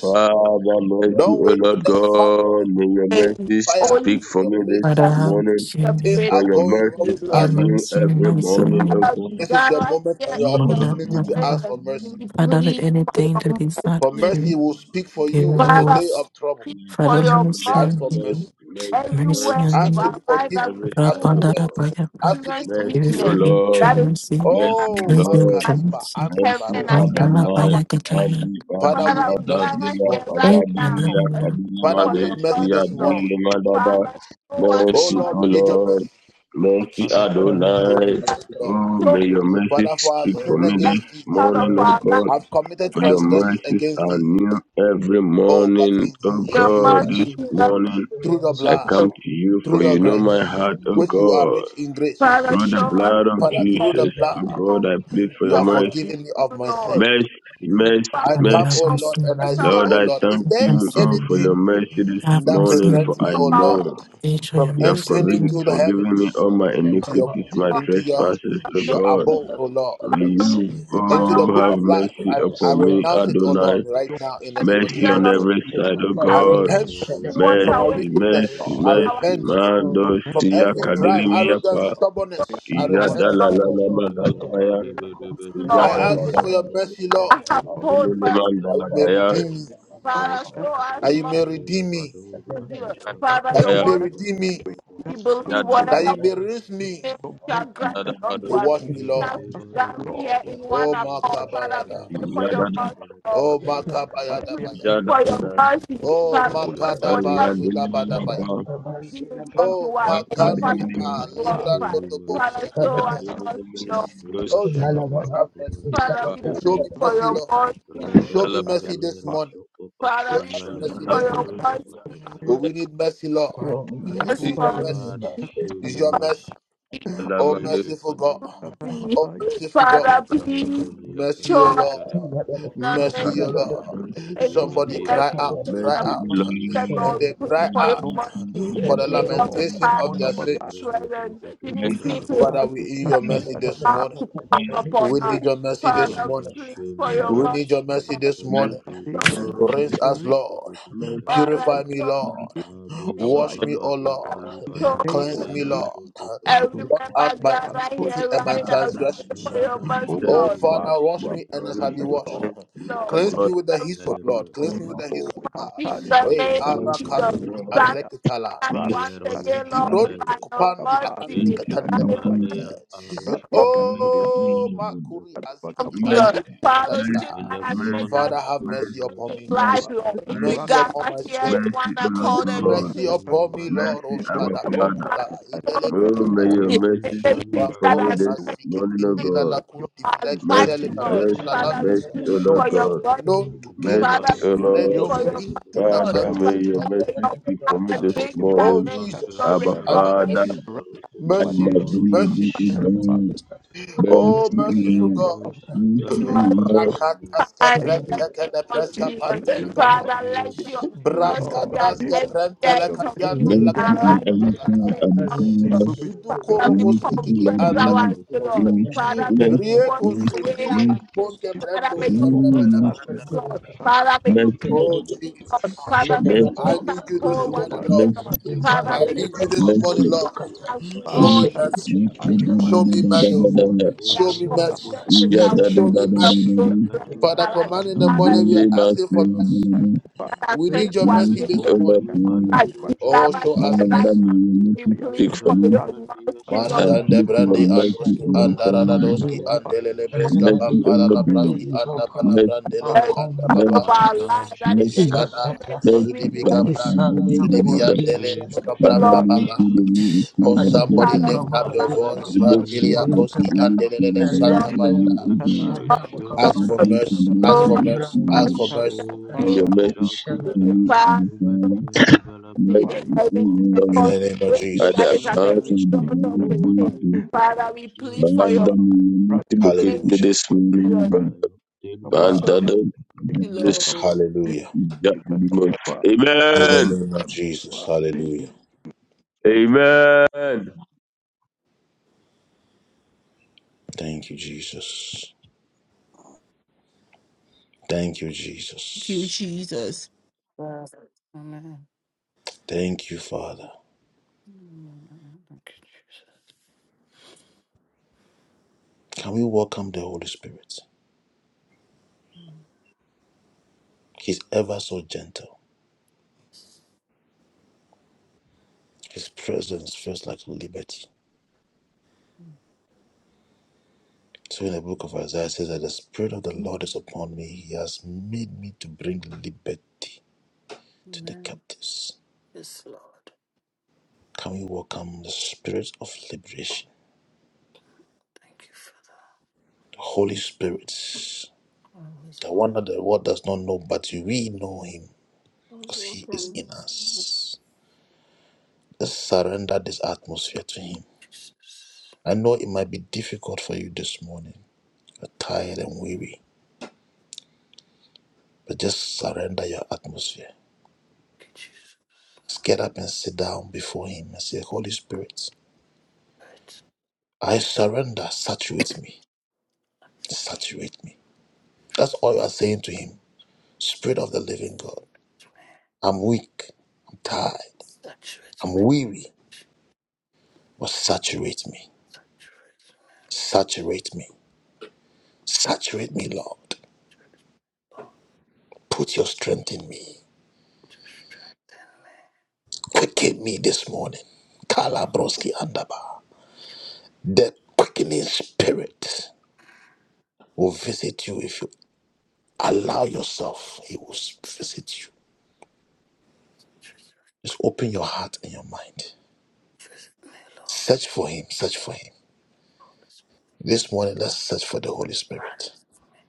S6: Father, mercy, O Lord God, may your
S2: Amen.
S6: mercy
S2: Holy
S6: speak for me this
S2: Spirit.
S6: morning,
S5: mercy on me.
S2: afraid
S6: for
S2: of
S6: your mercies
S2: you,
S6: are
S5: Your
S2: Lord.
S6: new
S5: mercy in
S6: every
S5: my
S6: morning, O
S5: soul.
S2: Father
S6: God.
S2: God, right here
S6: Please
S2: in your
S5: Mother, Father,
S2: presence, we
S5: Father, let
S2: plead for
S5: anything
S2: your
S5: that is not of
S2: mercy.
S5: you be
S2: Father,
S5: removed.
S2: plead for
S5: Father,
S6: for
S2: your
S6: mercy,
S5: mercy
S2: mercy
S5: on me.
S6: mercy, mercy,
S5: Mercy
S2: everywhere
S5: on
S2: in
S5: me.
S2: our
S6: mercy on
S2: lives that we
S6: every side of
S2: full
S6: God.
S5: Rabandarabayaba,
S2: serious
S6: Mercy, O
S2: weakness
S5: Irifani
S6: Lord.
S2: that is
S5: Chamusi,
S2: touching us
S6: Mercy, O
S5: Crazy
S6: Lord.
S2: as
S5: Chamusi,
S2: heaven
S6: Mosi
S2: and against
S6: Adonai,
S2: our
S5: Rabandarabayakataya,
S6: Adi Adi
S2: Father, we
S6: Adabi
S2: gather here right
S5: Ed
S2: now
S6: Atayadini
S2: and
S5: Manamura,
S6: Akadini
S2: plead for your
S6: Mandesti
S2: mercy, Lord.
S6: Adini Mandaba.
S2: Father, show us the
S6: Mercy, O
S2: mercy
S6: Lord,
S2: of
S6: mercy
S10: Father,
S2: Jesus.
S6: Adonai. Oh,
S2: Show
S6: may your mercy speak
S2: us
S6: for me this
S2: every part of
S6: morning, O
S2: our life
S6: God. For your
S2: is
S10: your
S6: mercies are new every morning, O
S2: Your
S10: people
S6: God. This
S2: mercy is not
S10: are
S6: morning I
S2: Jesus.
S6: come to you, for you
S10: with
S6: know my heart, O God.
S2: Father,
S6: Through the
S2: show us,
S6: blood of
S2: Lord,
S6: Jesus, O God,
S2: confess
S6: I plead for your
S2: our
S6: mercy.
S2: sin, to you,
S10: Oh,
S2: Lord.
S6: Mercy, mercy,
S2: Father,
S5: and have
S6: mercy.
S5: mercy on
S2: confess
S5: me,
S6: Lord,
S2: our
S6: I
S2: sin
S6: thank
S5: and
S6: you oh,
S5: sin
S6: for your
S5: me,
S6: mercy this
S5: have
S10: we
S5: mercy
S6: morning, for
S5: on
S6: I
S5: me,
S2: of our
S6: know
S5: Age I
S6: you
S5: am
S2: sin,
S6: have
S10: pray
S6: forgiven
S5: Muslim,
S10: for
S6: forgiven me all my
S10: life,
S6: iniquities, my
S2: Lord.
S6: trespasses, O
S2: Thank
S10: for
S6: God. May
S2: you
S6: you,
S2: for your
S6: oh,
S10: for
S2: mercy
S6: have mercy upon me, Adonai.
S2: that you
S6: Mercy
S2: share
S6: on
S2: us
S10: Lord,
S6: every side, O
S2: have
S6: God.
S7: Father,
S2: washed
S10: more
S2: away
S6: Mercy, mercy,
S10: Lord,
S2: our
S6: mercy. Mando siya kadilimi yapa.
S10: for
S6: Iya
S10: our
S2: mercy, Lord.
S6: dalala lama dalabaya.
S10: souls,
S6: Iya dalala
S10: holy
S2: I have
S10: Spirit, God,
S2: told mercy.
S6: lama
S10: May
S6: dalabaya.
S10: God
S2: Father,
S10: that
S2: show us
S10: to
S2: mercy,
S6: Mercy,
S2: Lord. Father, your
S6: Lord.
S2: word,
S10: that
S2: we
S10: we that us
S2: believe
S10: to Lord,
S2: whatever
S10: your
S2: shall
S10: mercy
S2: grant
S10: that
S2: it unto
S10: to
S2: us. Now
S10: us,
S2: gather
S10: Lord,
S2: here in one accord, Father, we pray for your mercy, Lord.
S10: but we are
S2: We pray For your
S10: so
S2: mercy,
S10: You
S2: Father,
S10: O
S2: mercy, whatever we give it unto us, for the Father
S10: God,
S7: show
S2: glorified.
S7: me
S10: O
S7: mercy.
S2: Father,
S10: King,
S2: show us
S10: that
S2: mercy, Lord.
S7: May your
S10: we are
S7: shelter
S10: about,
S7: cover me and
S2: Father, we
S7: cover
S10: O
S2: plead
S10: that
S2: for
S10: we
S2: your
S10: are
S2: mercy,
S10: that
S2: Lord.
S10: that
S7: Rebadembalero Shokopa
S2: Father, we
S7: Bomba
S2: plead for your
S7: Yakupara
S2: mercy,
S7: Kebatabata.
S10: be about, that we shall be
S2: mercy,
S10: we shall
S2: mercy.
S7: Father, show
S10: be
S7: me mercy. Machete Patapa.
S10: about, that
S2: Father, please
S7: Velabarempeni
S2: show
S10: we shall
S7: Yapapei
S2: us in
S7: Shatapatapa.
S2: the name of everything,
S7: Yemeniro
S2: everything
S7: Shonto
S6: Mercy,
S2: I've
S7: Prakatiro
S2: said, Lord, we
S7: Shokoto
S2: thank you for your
S7: Prakatabata.
S2: mercy.
S10: Nomheble
S2: King of
S10: Lord,
S2: the past,
S10: on
S2: King
S10: our
S2: of
S10: life.
S2: the
S7: Jibrende
S2: present,
S6: Lord.
S7: Prokoto
S2: even
S6: Mercy,
S2: see to
S7: Prakatabati
S10: Rekatoba
S2: the
S10: Tisha
S6: Lord.
S10: Tika
S7: Yapapatapatapati
S2: about to
S6: Mercy, mercy, mercy, oh my, mercy, mercy, my father, my
S2: come
S7: Yapatapatapa.
S2: upon us. Father, we
S7: Father,
S2: thank you
S7: show
S2: for
S7: me
S2: your
S10: Ratata
S2: mercy,
S7: mercy.
S2: Lord.
S7: Makopa
S2: So,
S7: Deva
S10: Tika
S7: Jebeke
S10: Rika
S7: Padokoto
S2: Father,
S10: Masoko
S2: show
S6: father,
S10: Tika
S7: Abiba
S2: mercy.
S10: by
S6: oh
S7: baba biba yiba
S2: So,
S10: name of
S7: yimbelero
S6: my
S7: shondo
S2: I
S10: Jesus.
S7: prekateba.
S2: remember God right
S10: Rikato
S2: here right now, we
S6: God,
S2: pray for your
S6: I
S7: Father,
S6: need
S2: mercy,
S6: your
S7: show
S10: Bobo
S7: me
S2: Lord.
S10: Bad,
S7: much.
S6: mercy, mercy,
S10: you are
S6: mercy, mercy, mercy, mercy,
S10: big,
S7: Manteba,
S10: Lord.
S6: mercy, oh
S10: You
S2: Lord,
S10: are
S2: Father,
S10: bad.
S7: mele prekate.
S10: Oh,
S2: we in
S10: Kantali
S2: the
S7: Biba
S2: name of
S10: Batapaya.
S7: dojo
S2: Jesus.
S7: niata.
S2: Stand us once again,
S7: noshka
S2: Lord,
S10: Ratata
S2: by
S7: daiga.
S10: Tika
S2: your
S10: Bad,
S2: mercy,
S10: Tika
S2: by
S7: Intipi
S2: your
S10: by
S2: mercy,
S7: malera aroshka
S10: Rateka
S7: mfrenka
S10: Kodeka
S7: taija de prekateshka.
S2: come to
S10: Bakapaya.
S2: Father,
S10: Tika
S2: should
S7: In
S2: that
S7: the
S2: has made us
S7: morning, show me
S2: his
S7: mercy, O
S2: life, Lord. We
S10: Ratata
S2: gather here in one
S7: God. At
S2: accord and
S7: noon,
S6: God,
S7: show
S2: praise
S7: me
S10: Tika
S7: mercy.
S6: mercy,
S2: you,
S6: I'm
S10: Oh,
S6: a
S10: your
S2: Lord.
S6: father.
S2: Father,
S10: mercies are
S2: Lord,
S10: new
S6: Lord,
S10: every
S7: In
S6: may
S7: the
S6: your
S10: morning.
S6: mercy
S7: evening, show me
S2: Everything
S6: speak for
S2: that
S6: me
S7: mercy,
S2: has
S7: O
S6: this
S10: Mercies
S6: morning, O God.
S10: you
S2: I
S10: every morning. Your mercies are
S6: Mercy,
S7: God.
S2: bite
S7: At
S10: new
S2: Lord.
S10: every
S7: night,
S6: mercy,
S7: show
S10: morning.
S2: Father,
S7: me
S2: we
S6: mercy, O
S7: mercy.
S2: plead
S10: Your
S2: for
S6: Lord
S2: your
S6: God.
S2: blood.
S10: every
S6: Mercy,
S7: Zula
S2: Father,
S10: morning.
S6: O
S2: we
S7: barade
S2: plead
S6: Lord.
S10: Your
S2: for
S7: godo
S2: your
S10: mercy
S7: godo godo
S2: blood, Lord.
S6: Father,
S10: every
S7: gada
S2: Father,
S6: may
S7: bada.
S6: your mercy
S2: may your
S6: speak for me
S2: blood
S6: this
S10: Akato
S2: bring
S7: Ajolo
S2: us
S6: morning.
S2: and
S7: brante
S2: your
S6: Abba,
S10: Ebukanaba.
S7: baramba
S2: resurrection.
S6: Father,
S7: bari baro
S6: I
S7: koporo
S10: Rakubadesh
S6: love
S7: noro
S6: you,
S7: shokoto
S6: O
S7: brata bada.
S6: God. Mercy, O
S7: Your
S6: Lord.
S10: Lord,
S7: mercy that
S6: Mercy,
S7: I
S6: O
S10: thank,
S7: know
S6: Lord.
S7: evermore.
S2: I
S10: thank
S2: in
S10: you.
S2: the name of Jesus.
S10: Thank
S7: Show
S10: you,
S7: me
S10: Lord.
S2: Father,
S7: mercy, O
S2: let
S10: Thank
S2: your
S7: God.
S10: you,
S2: mercy
S10: Lord.
S2: that every day is of
S7: Show
S2: you in
S7: me
S6: Mercy
S2: our
S6: on
S2: life
S7: mercy, O
S6: every
S2: in
S6: side,
S2: the name
S6: Abba,
S2: of
S10: We
S2: Jesus.
S6: Father.
S10: receive your
S2: Father, we
S10: mercy.
S6: Mercy, O
S10: We
S7: God.
S2: confess
S6: Lord
S2: our
S7: Sheko
S6: God.
S2: sin,
S7: fata
S2: Lord.
S7: bada
S6: Mercy,
S2: Father, may you
S7: kabata
S6: mercy,
S7: bada.
S2: wash
S6: mercy,
S2: away our sins. Father, may
S10: receive your mercy. We
S2: you
S10: your
S7: Jeko
S10: mercy.
S2: cleanse,
S7: bata
S6: mercy,
S10: Kat-
S7: bada
S2: Lord.
S7: bada
S10: kat-
S2: Father,
S7: shakata
S2: may
S10: kat-
S2: you
S7: bada
S6: mercy,
S2: cleanse
S7: kabada bada
S2: us.
S7: bada.
S2: Father, may
S10: kat-
S2: you
S6: mercy,
S2: make us whole
S7: Roto
S2: once
S10: kat-
S7: koto
S6: mercy,
S2: again, Lord.
S7: brake
S2: Father,
S10: rat-
S2: may
S7: mpelere
S2: you make
S6: mercy.
S7: kiko
S2: us
S7: to
S2: white
S7: brate ya
S2: as
S7: kafaya
S6: Speak
S2: Lord.
S7: noshkata. Kotobo
S2: We are
S7: jombo
S2: confident that
S7: kotoba
S2: it's
S7: de
S2: our faith
S7: kotoba
S2: of
S7: liye
S2: God bless
S7: tagatia
S2: our life.
S7: tobanta beya
S2: Father,
S7: tobaya.
S2: that are sent to us
S7: Rabe
S2: this morning,
S7: kopa ima
S2: right
S7: leiro
S2: here,
S7: jono
S2: right here,
S7: vijolo
S2: right now.
S7: bradio
S2: We please
S7: kotoja
S6: for
S2: for
S7: la
S2: your
S6: me.
S7: prandi
S2: mercy, Lord,
S6: I
S7: yashkata.
S6: plead for your mercy and the Father.
S7: Merciful Father, show me
S6: Mercy, O
S7: mercy.
S6: Lord, mercy,
S2: every part
S7: In
S6: mercy,
S2: of
S7: my
S2: our
S7: job,
S2: life that
S7: show
S2: is
S7: me mercy.
S2: expressing weakness,
S6: mercy,
S2: mercy,
S7: In my
S6: mercy.
S7: marriage, show
S6: Father,
S2: Lord,
S7: me
S6: we pray that
S7: mercy.
S6: you will see that
S2: part of
S6: people.
S7: In
S2: our
S7: my
S2: body,
S7: life,
S6: The
S7: show
S6: Lord
S7: me
S6: speaks
S2: our
S6: to
S7: mercy.
S2: life,
S6: you, to the
S2: mercy,
S6: Lord,
S2: Lord,
S6: to the
S7: In my
S6: Lord,
S7: marriage,
S2: mercy,
S7: show
S6: to the Lord.
S7: me
S2: Lord.
S6: I
S7: mercy.
S6: plead for mercy
S2: So,
S6: this morning.
S7: Oh,
S6: In
S2: name
S6: The mercy speak
S7: Baroshaka
S2: of
S6: for
S2: the
S6: me,
S7: Tebele
S2: Father,
S6: O Father.
S7: Tobania
S10: Take
S7: Tobela
S2: every
S6: Mercy,
S7: Brakia
S6: O
S7: Kapa.
S6: Lord.
S2: difficult situation
S6: By the
S2: that is
S7: Father,
S2: as a
S6: account of
S7: I
S6: the
S2: result
S7: come
S6: blood
S2: of
S6: of
S2: the sin.
S7: boldly
S6: Jesus,
S2: Father, we
S7: unto your
S2: plead for
S6: Father,
S2: your
S6: may
S7: throne,
S6: you locate
S2: mercy,
S6: me this morning,
S2: Lord.
S7: and I
S6: Lord.
S7: obtain
S6: Man,
S2: Show
S6: that
S7: mercy.
S6: of
S2: Lord.
S6: this
S2: Thank
S6: that demon.
S7: Thank
S6: Amen. Amen.
S2: you, Jesus.
S9: Amen. Amen. Yes, Lord. Thank you, Father. I was walking. I was walking. Jesus. Could you saturate my dreams? Visit me, Lord. Holy Spirit, Pray for me.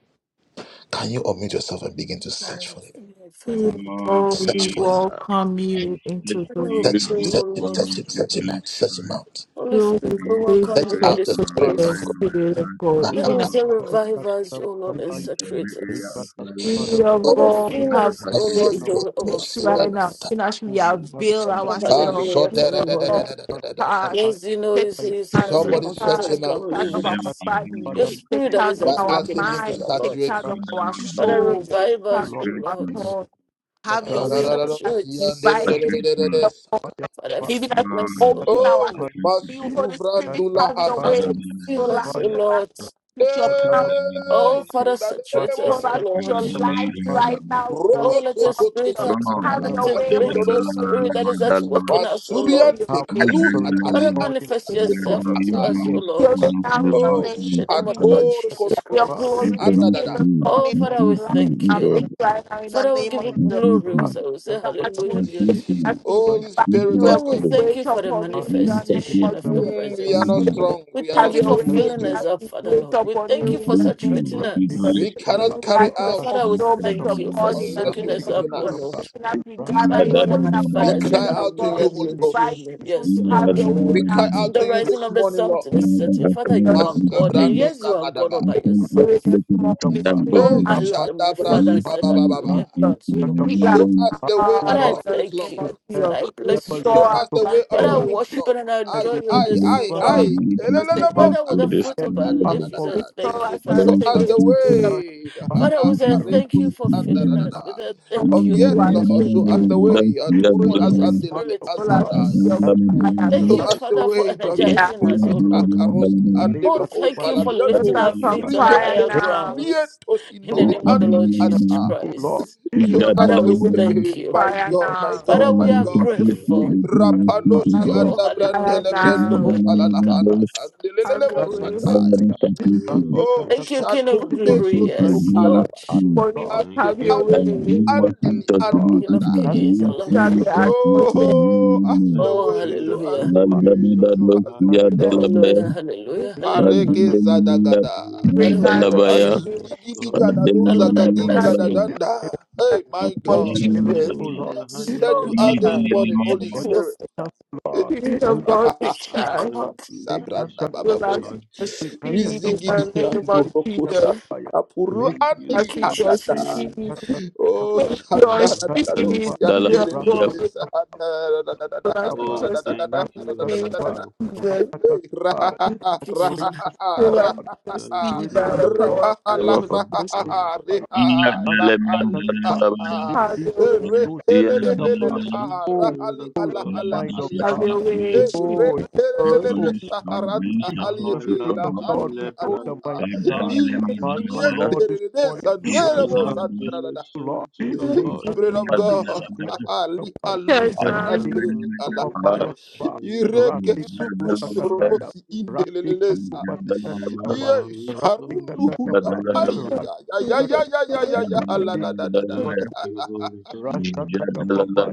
S9: My Father, we
S2: Spirit,
S6: Oh,
S2: we
S6: Father,
S2: welcome
S6: I
S2: you
S6: speak
S2: into
S6: for
S9: thank you,
S2: the
S9: we
S6: you this
S9: pray, O Lord.
S6: morning, sweet Holy Spirit.
S9: Holy Spirit,
S2: filled
S9: we
S6: Please
S2: place
S9: welcome you in
S2: of
S6: attract
S9: this
S6: my
S2: the
S6: mind,
S9: place.
S6: my
S2: Spirit of
S6: heart,
S2: God.
S9: There
S2: Even as
S9: is a
S6: oh God,
S9: revive us, O Lord, and
S6: in every
S9: saturate
S6: area of
S9: us.
S6: my
S2: the
S6: life.
S2: Spirit of
S9: Father,
S2: God
S9: fill
S6: Father,
S2: have
S9: us, O
S6: saturate
S9: Lord,
S6: me.
S2: faith
S9: till it
S2: in right now,
S9: overflows.
S2: even as we
S6: Thank
S2: avail
S9: Oh,
S2: ourselves,
S9: hallelujah,
S2: Spirit
S9: Father,
S2: of
S9: Lord.
S2: God, take charge,
S9: Yes, you know,
S2: take
S9: you say you send
S2: charge,
S9: us a
S10: Rasta,
S2: take
S9: comforter to
S2: charge,
S9: come
S2: take
S9: and
S2: charge
S9: live
S2: of
S9: with
S2: our
S9: us. Your
S2: body, take
S9: spirit that
S2: charge
S9: is
S2: of
S9: at
S2: our
S9: work in us, Father,
S2: mind, take
S9: Lord.
S2: charge of our
S9: Father,
S2: soul, take
S9: revive
S2: charge
S9: us, O
S2: of our
S9: Lord.
S2: thoughts. Have
S9: Father,
S2: your way. As we
S9: saturate.
S2: Invite you Spirit of God.
S9: Father,
S2: Even as
S9: fill
S2: we
S9: us, O
S2: open
S9: Lord.
S2: our you, Holy Spirit, have your way. So
S9: Fill
S2: last,
S9: us, O
S2: so
S9: Lord.
S2: last, with your power,
S9: Oh, Father, saturate
S2: so
S9: us, O
S2: last, with your
S9: Lord.
S2: light right now in the
S9: Oh, let
S2: name
S9: your
S2: of
S9: spirit
S2: Jesus.
S9: act-
S2: Have your way,
S9: activate
S2: Holy
S9: your
S2: Spirit,
S9: spirit that is at work in us, O
S2: have
S9: Lord.
S2: your way.
S9: Father, manifest yourself unto us, O Lord.
S2: Your way now in the name of
S9: In the name of the
S2: Jesus.
S9: Lord
S2: Let
S9: Jesus
S2: Your
S9: Christ.
S2: glory be seen this
S9: Oh,
S2: morning in
S9: Father, we
S2: the light
S9: thank
S2: and
S9: you.
S2: make right now in the
S9: Father, we
S2: name
S9: give
S2: of
S9: you
S2: Jesus.
S9: glory. We say, we say
S2: the
S9: hallelujah
S2: atmosphere
S9: be unto you.
S2: as we invite you and
S9: Oh, we
S2: we
S6: you.
S9: thank
S2: wait
S9: you for the
S2: upon you
S6: May
S2: in the
S6: you
S2: name
S6: continue
S9: manifestation
S2: of
S9: of
S6: to
S9: your
S2: Jesus.
S10: my
S9: presence.
S2: Have your
S6: evil,
S2: way,
S9: We thank
S2: have
S9: you
S2: your
S10: But
S9: for
S10: ask
S6: continue
S2: way
S6: to
S9: filling
S2: in
S9: us up,
S2: We
S9: Father
S2: wait
S9: Lord. We
S2: upon you
S9: thank you for
S2: in the
S6: influence me
S2: name
S6: with
S9: saturating
S6: the
S2: of
S6: sweet
S2: Jesus.
S9: us.
S6: Holy Spirit.
S2: Bring back
S9: Oh,
S2: the
S9: Father, we
S6: Yeah,
S2: fulfillment
S9: thank
S2: of
S9: you for
S2: God in the
S9: soaking
S2: name
S9: us
S2: of
S9: up, oh
S2: Jesus.
S9: Lord.
S2: Even as we
S9: My
S2: gather
S6: da,
S2: in
S6: da,
S9: Lord
S6: da,
S2: one
S9: and
S6: da,
S9: my
S6: da,
S9: Father,
S2: accord,
S9: I
S6: da,
S9: say
S6: da.
S2: of God,
S9: hallelujah
S2: we
S9: be unto your
S2: invite
S9: name.
S2: people
S9: Yes,
S2: to
S6: Yeah,
S9: Lord.
S2: have
S6: da, da,
S2: your way
S6: da, da, da, da.
S9: From the rising of the sun
S2: and
S9: to
S2: take
S9: the
S6: Yeah,
S9: setting,
S6: da, I
S9: Father,
S6: can't
S9: you
S2: the
S6: help
S9: are
S6: what to
S9: God, and
S6: do.
S9: yes, you are God all
S6: I
S9: by
S6: can't
S9: yourself.
S2: Spirit this
S6: afflict it
S2: morning.
S6: unto that
S2: Bring
S6: of
S9: Oh, my
S2: us
S6: me.
S9: Lord and my
S2: to the
S9: Father, I
S6: You
S9: said
S6: free and
S9: hallelujah be
S6: unto the
S9: unto your
S2: Heal
S9: name.
S2: us,
S6: kingdom
S9: Father,
S2: uh, in
S9: I
S2: the
S9: thank
S2: name of
S9: you. Father, I
S2: Jesus.
S9: bless you.
S2: Restore us once
S9: Father,
S6: of
S9: I
S2: again.
S9: worship and I adore you this
S6: Please,
S2: restore
S6: please,
S9: morning.
S6: please, please,
S2: us again.
S6: please,
S9: Father, with
S6: for
S9: the
S6: this
S9: fruit of our lips,
S6: noble.
S9: we
S10: for
S9: say
S2: Restore
S9: thank you
S2: us
S9: for
S2: as
S6: Lord,
S10: that part,
S2: again,
S9: saturating
S6: continue to
S2: Spirit of
S9: us.
S10: if
S9: Father, we
S6: continue to
S9: say
S10: God,
S9: thank you
S6: uplift
S9: for
S6: me
S9: filling
S6: again.
S9: us We say
S2: God,
S9: thank you,
S6: Thank
S9: O
S2: to
S9: Lord.
S2: us again.
S9: pouring your
S10: if part
S9: spirit
S10: of
S2: All
S9: into
S2: our
S10: God,
S2: spirit of
S9: us.
S10: that will make
S2: fire.
S10: a
S9: Thank you,
S10: life for
S9: Father, for
S10: us,
S2: Yeah.
S9: energizing
S10: for
S9: us,
S10: us,
S9: oh
S10: for
S9: Lord.
S10: us. Lick
S9: Oh,
S10: that
S9: thank you for
S2: Let
S9: lifting
S2: us
S9: our
S2: have
S9: feet on a
S2: fire
S9: higher
S2: now.
S9: grounds. In the
S10: part,
S9: name of the Lord
S10: O
S9: Jesus
S10: Lord,
S9: Christ.
S10: we need
S2: Spirit of
S9: Father,
S2: God,
S9: we
S2: let us have
S9: thank
S7: you.
S9: you.
S10: you
S2: fire
S10: the
S2: now.
S10: name of
S9: Father, we are
S7: Oh,
S10: Jesus.
S9: grateful.
S7: Shatamania
S2: Let us have
S9: Oh,
S7: Tebarabaraba.
S9: hallelujah.
S2: fire
S9: Be unto
S2: now.
S9: your name. Kabasa,
S2: Have
S10: Katakapaya,
S2: your way,
S7: Thank
S2: Holy Spirit.
S7: you, Spirit
S10: Randy
S7: of Truth.
S9: Thank you, King of
S10: Katakapaya, it
S9: glory.
S10: bless
S9: Yes, Lord.
S10: us,
S2: Holy
S10: God,
S2: Spirit,
S7: Thank
S2: Have your
S7: you,
S2: way.
S7: Spirit of
S10: anyone that
S7: Revelation.
S10: God,
S9: King of
S10: that
S9: kings,
S10: we have been
S9: Lord of
S2: Have
S10: weak
S2: the
S9: lords.
S10: of
S2: atmosphere.
S6: you.
S7: Thank
S9: Oh,
S7: you, the
S9: hallelujah.
S10: us,
S7: presence of the
S10: that
S7: Father.
S2: Let
S10: we have
S9: Hallelujah,
S2: you
S9: hallelujah,
S10: been
S9: hallelujah.
S6: Hallelujah.
S7: Thank you,
S9: Father,
S2: Bring
S7: Holy
S9: we
S2: us
S9: worship.
S2: to
S6: Dalabaya.
S2: the new.
S7: Spirit of God,
S9: The Lord, I
S6: Hallelujah.
S10: Lord,
S9: bless
S2: That's
S9: you.
S6: Dalabaya.
S2: what
S10: it
S7: the
S10: is,
S2: Jesus.
S10: O
S7: force
S10: Lord,
S9: Yes,
S7: behind
S9: Lord.
S7: all
S10: Help us, Lord,
S7: creation.
S9: Thank
S10: it
S9: you.
S10: us, Lord,
S2: Spirit
S10: help us,
S2: of God, take
S9: Thank you,
S2: charge.
S7: Thank
S9: God.
S7: you,
S10: they
S7: sweet
S10: can
S2: will
S7: Spirit,
S2: I
S10: Katakapaya,
S7: our
S2: see your
S10: they
S7: teacher.
S10: can
S2: speed in
S10: Katakapaya,
S2: the name of Jesus.
S10: Katakapaya,
S7: Thank you,
S2: I
S9: Thank you,
S2: see
S7: sweet
S2: your
S9: Jesus.
S2: speed.
S7: Spirit,
S10: Lake
S2: When Your
S7: Welcome,
S2: speed
S6: And
S7: Father.
S10: Rakatapa,
S2: is of
S6: dalilima doi. Dalabaya.
S2: God.
S10: rakatapa,
S2: Will I see
S7: Oh,
S2: your speed
S7: thank
S2: in the
S7: you, our
S2: name
S10: rakatapa,
S2: of
S7: helper.
S2: Jesus.
S9: Thank you, Father.
S10: us,
S2: Will I see
S10: Lord.
S2: your
S7: Thank
S2: speed
S10: Saturate
S2: by
S7: you,
S10: us,
S2: the
S7: Holy
S10: Lord.
S2: power of the
S7: Spirit
S6: Bafa.
S2: Holy
S7: of
S2: Ghost.
S10: with
S7: God.
S10: fire.
S6: Iya dalima
S10: Rakatapa,
S6: dalabaya.
S2: Have
S10: we
S2: your way,
S6: Yes,
S10: do
S6: iya
S2: Lord
S7: Thank
S2: God.
S10: shapa.
S7: you,
S6: dalabaya.
S7: sweet
S10: Oh,
S7: Spirit of
S10: oh,
S7: God.
S6: Lord,
S10: mind
S6: they
S10: of
S2: Have your
S10: God.
S6: saturate
S2: way,
S6: me.
S2: Spirit
S10: Oh, it
S2: of
S10: is
S6: And
S10: we, oh
S6: honest,
S10: God.
S6: my grace
S10: We
S7: How
S10: the
S6: saturate
S7: I
S6: me, O
S10: Spirit
S6: God.
S7: love
S10: of
S7: to be
S10: God. We
S7: led
S10: know
S7: by
S10: the
S7: you.
S10: mind of
S6: God,
S2: God.
S10: God.
S6: dalilima
S10: But, oh
S6: dalabaya.
S10: Lord, this morning,
S7: How
S6: Ika
S7: I
S10: oh,
S7: love to
S6: dalabaya.
S10: Lord,
S7: listen to your
S10: Leka
S7: voice.
S6: Iya
S10: Tupatisha
S6: dalabaya.
S10: Kapaya,
S2: Church
S7: How
S2: now
S7: I
S2: is the
S7: love
S10: Ratika
S7: to be
S6: Adalabaya.
S10: Papaya
S7: taught by
S10: Kapa,
S7: you.
S6: Iya
S10: Ratika
S6: dalabaya.
S10: Tusakataya, Ratika
S6: Ibrahim
S10: Tupatika
S7: You are
S6: Father,
S10: Kapa,
S7: my wisdom
S10: Ratika
S6: may you
S10: Takapa,
S7: and my everything.
S10: Ratika
S2: spirit of God.
S10: Ratika
S7: Thank you, Holy Spirit of
S10: Rasataka
S7: God.
S10: Papaya,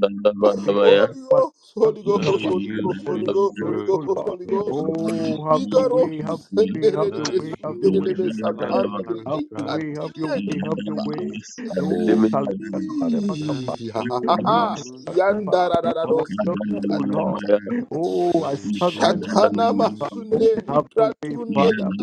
S10: Rika Tupatika Kapa,
S7: Thank you,
S10: Holy
S7: sweet
S10: Spirit,
S7: Spirit
S10: O
S7: of
S10: Lord.
S7: God.
S10: Oh, have your way, have your way, have your way,
S7: Thank
S10: have your
S7: you,
S10: way this morning.
S7: extraordinary
S10: Have your way, have
S7: strategist.
S10: your way, have your way. Oh, Salika
S7: Thank you,
S10: Lika
S7: my master.
S2: Let's
S10: Father, our God,
S2: not
S10: O Lord. Oh, I
S7: Thank
S10: subject
S7: you, my
S10: to God.
S7: teacher.
S10: Have your way, Father. Have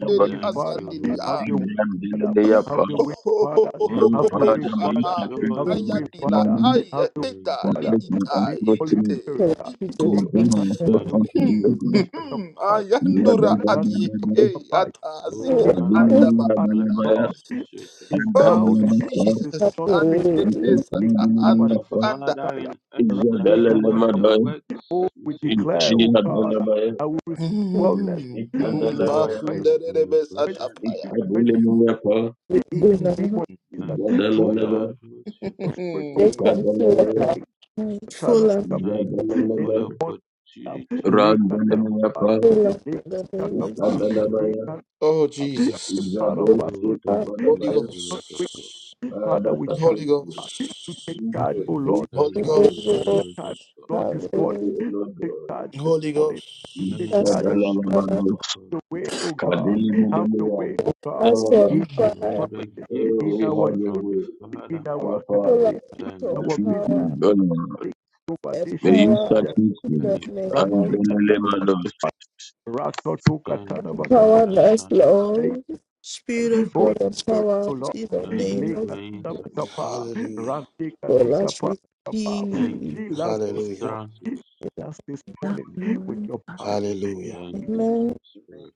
S10: Your way,
S7: Thank
S10: Father.
S7: you, Holy
S10: Have your way,
S7: Spirit.
S10: Father. Have your way, Father.
S7: One who
S10: Have your way,
S7: brings such
S10: Father. Have
S6: saturate
S7: joy
S2: go
S6: me
S10: your
S6: this
S10: way,
S7: always.
S10: Father.
S6: morning
S10: Have your
S7: Thank
S10: way,
S7: you.
S10: Father.
S6: Make my
S10: Be Holy
S6: activity
S10: Spirit.
S2: to the
S6: my
S10: Take a
S2: speed.
S10: time,
S6: own
S10: Father.
S7: Thank you, Holy
S6: responsibility.
S10: Take a
S7: Spirit.
S10: fight.
S6: You are the
S10: Take a
S6: one
S10: fight. Any
S6: I
S7: Oh,
S10: Father,
S7: Alos
S2: Just
S6: believe
S10: Father,
S7: Paracletos,
S10: God
S7: we say thank
S10: is
S6: and that in
S10: down.
S6: the
S10: That
S6: soul.
S10: is
S2: have
S10: not
S2: your
S6: I
S10: weakness.
S6: can
S2: way.
S10: Take
S6: find
S10: over
S6: in
S7: you.
S6: the
S7: The
S6: soul.
S7: Father in us that
S6: Isabella
S7: doeth the
S6: Lemada,
S10: Oh,
S7: works, we
S10: we
S7: say thank
S10: declare,
S7: you.
S6: Ichia
S10: oh God,
S6: Dalabaya,
S10: I will receive wellness. We will
S7: Thank
S6: Ikadalabaya,
S10: find
S7: you for your
S10: strength,
S7: presence.
S10: strength
S6: Ikadilimuyafa,
S10: in the name
S2: Lord.
S10: of
S7: Thank
S10: Jesus.
S7: you
S10: Through
S7: for your
S10: the
S6: Isabella
S7: atmosphere.
S10: the spirit of
S2: They
S10: God.
S2: come to us
S6: Ikadalabaya,
S2: at need full and
S10: Lekatalabaka,
S7: Thank you for
S6: Isabella
S7: the opportunity
S6: Randalimuyafa,
S2: full of the name
S7: we
S2: of
S7: hear
S2: Jesus.
S7: from
S6: Ikadalabaya,
S7: you.
S10: part of
S6: Isabella
S10: us,
S7: Oh,
S10: O
S2: Father,
S7: thank
S10: Lord.
S7: you,
S10: as
S6: Ikadalabaya,
S7: Spirit
S10: not
S7: of God.
S10: Father,
S6: Father,
S10: we charge
S6: sacrifice,
S10: you take charge, oh Lord,
S2: because
S10: this
S2: we
S6: Jesus,
S7: Thank
S10: morning.
S7: you,
S2: thank you,
S10: We
S2: Lord.
S7: Spirit
S10: charge,
S7: of God.
S10: Lord,
S6: Thank
S10: this
S6: you,
S10: morning.
S2: Hallelujah.
S6: O Lord
S10: Take
S6: God.
S10: charge this morning. We
S6: In
S10: take
S7: Thank
S2: That's
S10: charge
S2: us,
S7: you,
S10: this morning.
S7: Spirit
S2: Father.
S6: Shadalalabadu,
S7: of God.
S10: Have the way, oh God. Have the
S6: Kadilimulimia,
S10: way, oh God.
S2: That's us,
S6: Dalala.
S10: In our
S7: Oh,
S2: fire.
S10: family,
S7: the
S10: in
S6: Oh, We
S7: gifts
S10: our
S6: have your
S10: church,
S7: from the
S6: way.
S7: Father.
S10: in
S6: Our
S10: our
S6: Father,
S2: Full
S10: academy,
S2: of
S7: Thank
S2: your
S10: our
S7: you,
S6: saturate
S10: business.
S6: me,
S2: power.
S6: O Lord.
S10: Take over this
S6: May you
S2: Empower
S10: Shakataya.
S6: saturate
S2: the
S6: me.
S7: thank
S2: name
S7: you,
S6: And
S2: of
S10: Rante
S6: then let my
S10: Kataya.
S6: love.
S10: Rakoto
S7: thank
S10: Katana
S7: you for
S10: Makapuday,
S2: power us,
S7: understanding.
S2: Lord. Spirit of
S10: Holy
S2: God,
S10: Spirit,
S2: empower
S10: O
S2: us
S10: Lord,
S2: in the
S7: Thank
S2: name
S7: you
S2: of
S7: for insights.
S10: Lekatapkapa,
S2: God. As
S10: Rantikatikapa,
S2: we
S10: Kapa.
S7: Thank
S2: speak.
S7: you
S10: Heal
S7: for
S10: us this morning.
S7: utterances.
S10: Heal us this
S11: That
S10: morning with
S11: glory,
S10: your power.
S7: Thank you,
S2: Amen.
S7: sweet Spirit.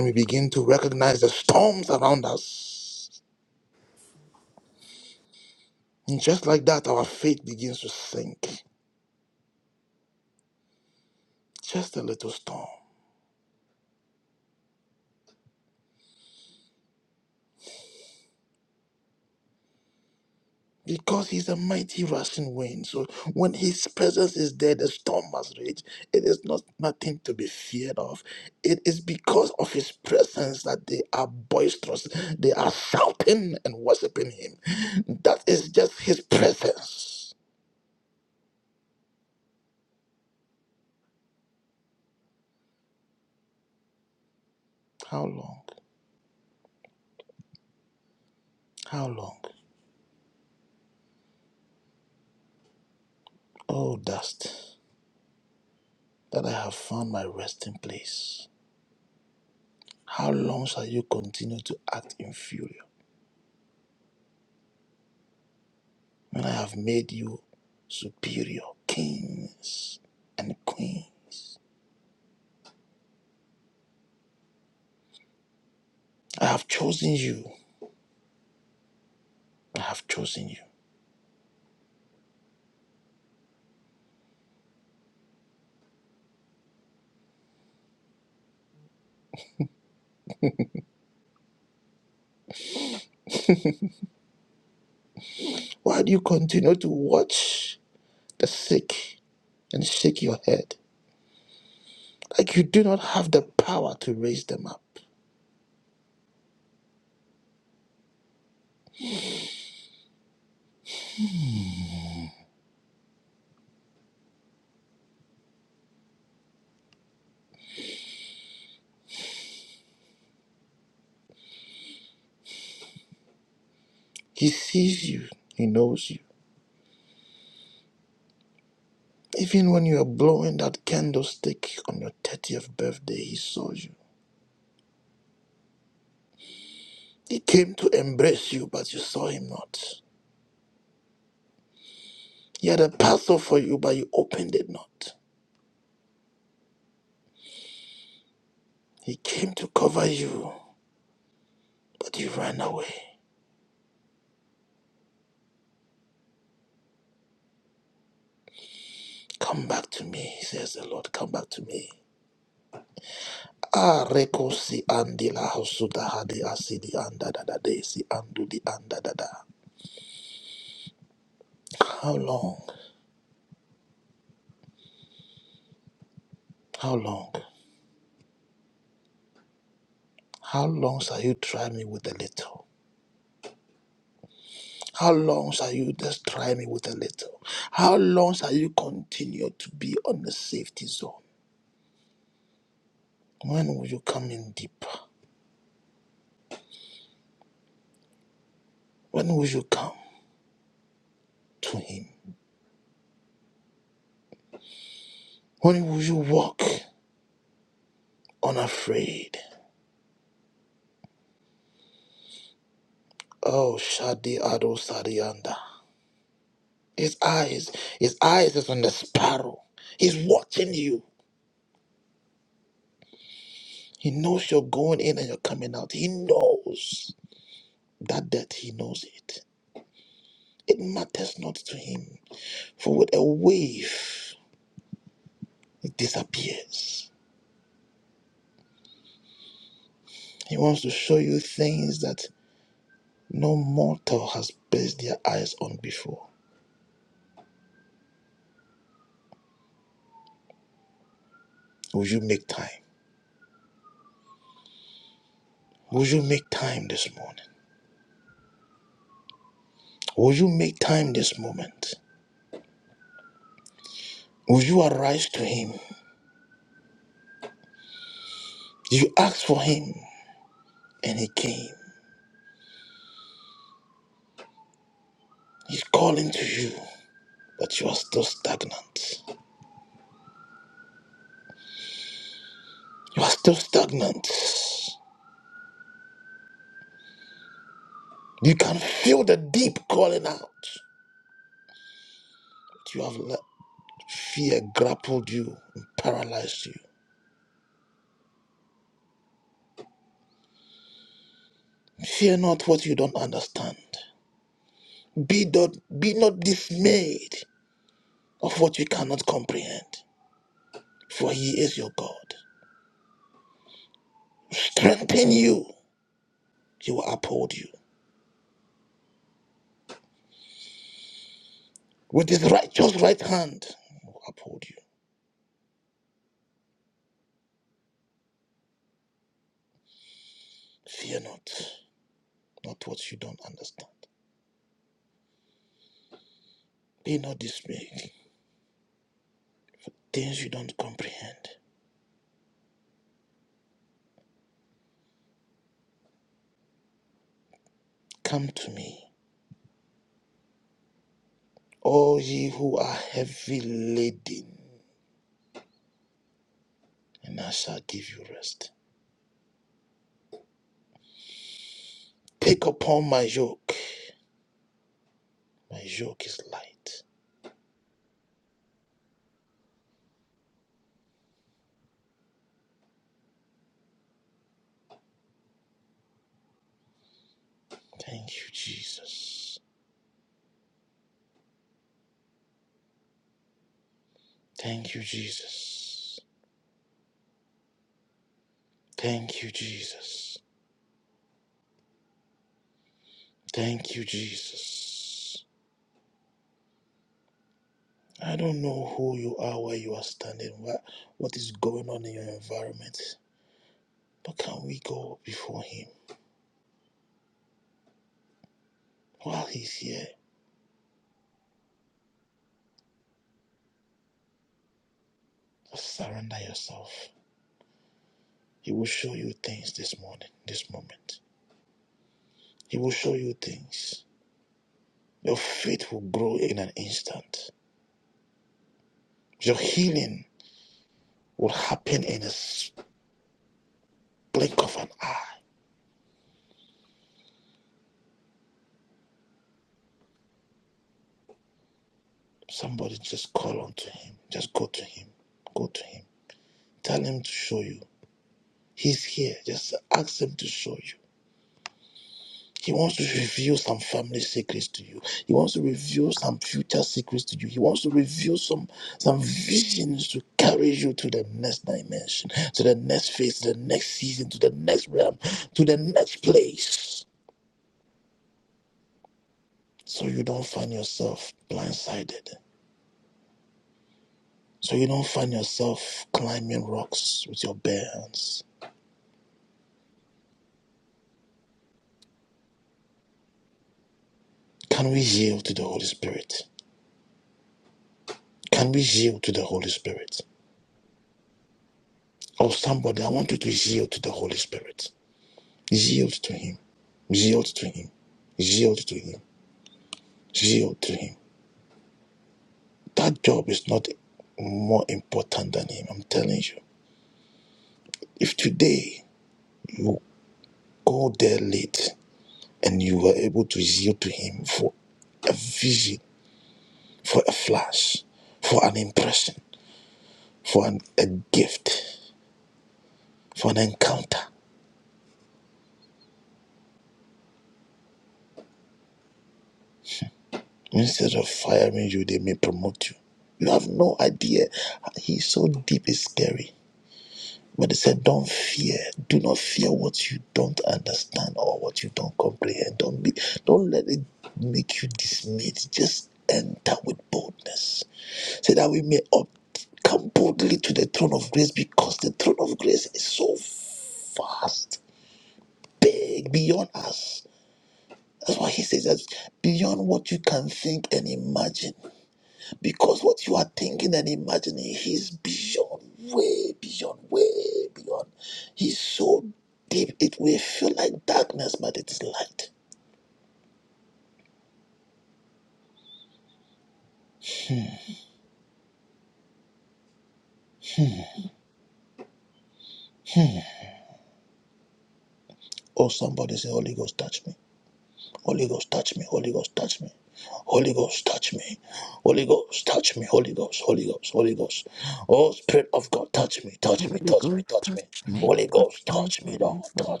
S11: Holy Ghost, touch me, touch me, Holy Ghost,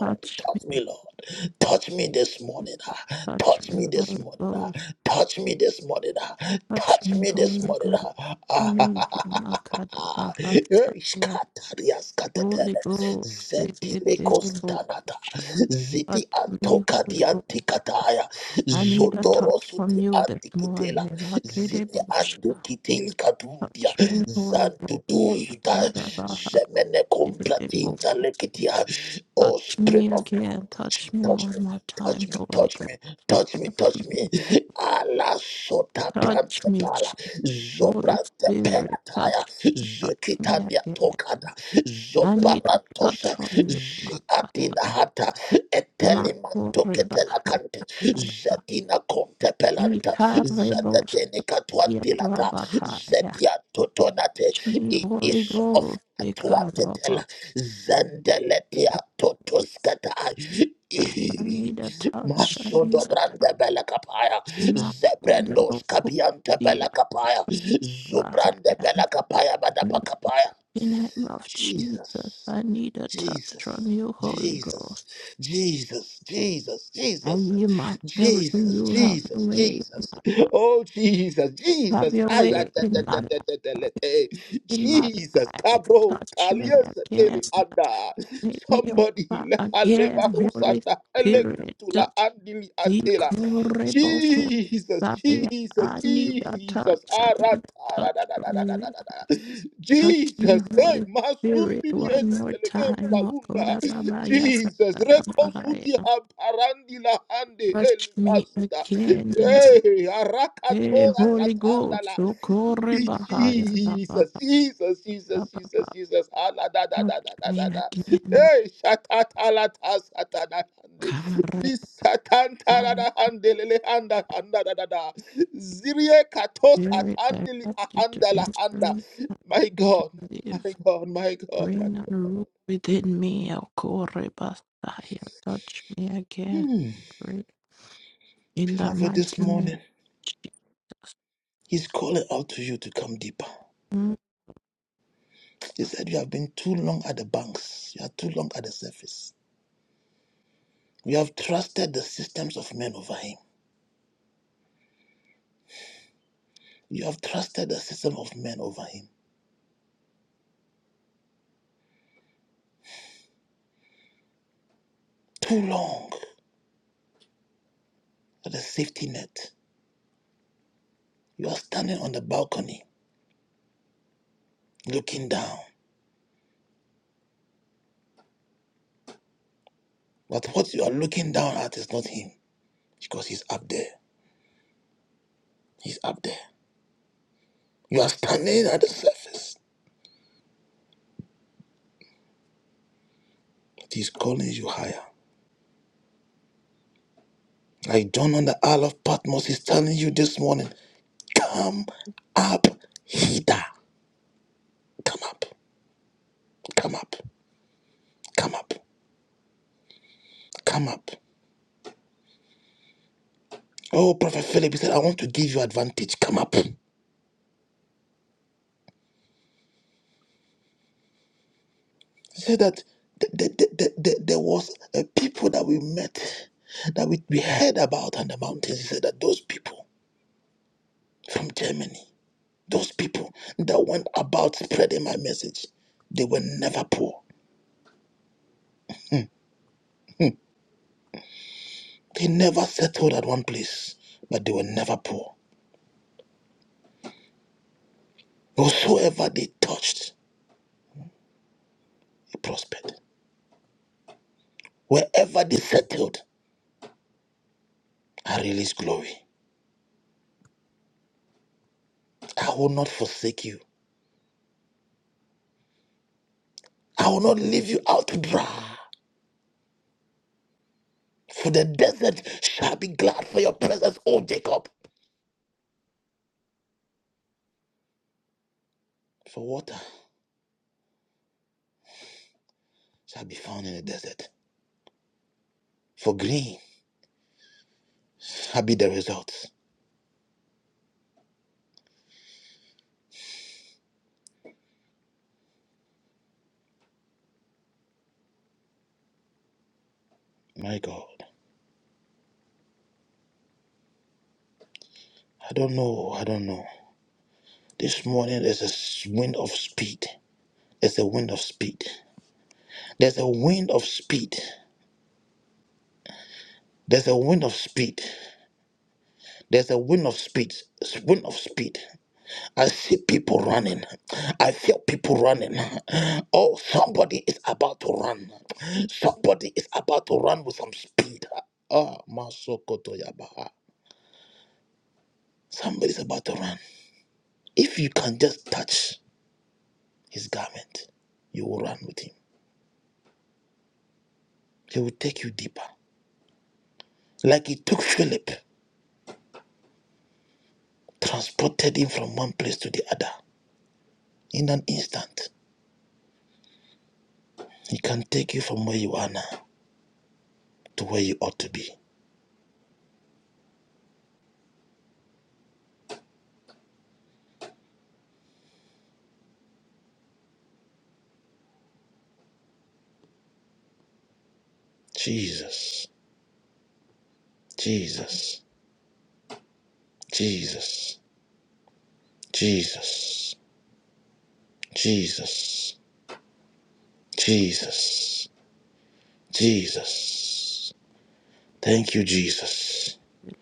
S11: touch me, touch me, Holy Ghost, touch me, Holy Ghost. I need you, Makadabahasaya. Holy Ghost, this is the book. Touch me, Holy Ghost. I need a touch from you this morning. Akidibusha. Touch me, Holy Ghost. Makadabaha. Touch me again. Touch me one more time, Holy Ghost. Touch me, Je- Holy Spirit. Touch, touch me again. I need a touch from you, Maka. Mako Rebaha. Ikarebos Yarabahaya. Touch me, Holy Ghost. Ikarabos. I need a touch. I need a touch. Mako Rebaha. In the name of Jesus, I need a touch from you, Holy Ghost. I yield myself to you. Have your way. Have your way in my life. Have your way In my life, touch me again. Make me over again, Holy Spirit. Just be horrible. Fire. I need a touch. I need a touch from you. Touch me, Holy Spirit, one more time. Oh, God, I'm a- liar. Touch me again in the eh, Holy Ghost. So corre bahaya. da ba da ba ba. Touch me again. Carre bahaya. Spirit direct you to enter me to live. Reign and rule within me. El corre bahaya. Touch me again. Pray In the mighty name. of Jesus.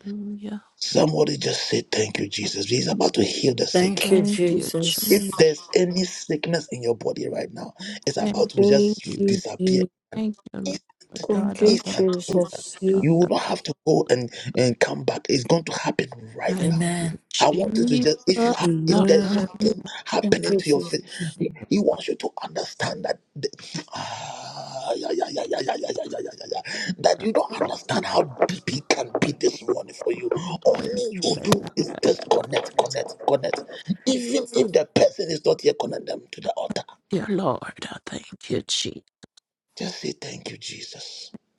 S11: Hallelujah.
S9: Thank you,
S11: Thank you, Jesus.
S9: Jesus.
S11: Thank you,
S3: Thank
S11: Jesus.
S3: you, Jesus.
S11: Thank you, Lord. Da,
S9: Thank
S11: da,
S9: you,
S11: da,
S9: Jesus.
S11: da, da. Thank you,
S9: Amen.
S11: Jesus. Oh, God,
S3: Amen.
S11: we
S9: Thank you, Jesus.
S11: love you. Dear Lord, I thank you, Jesus.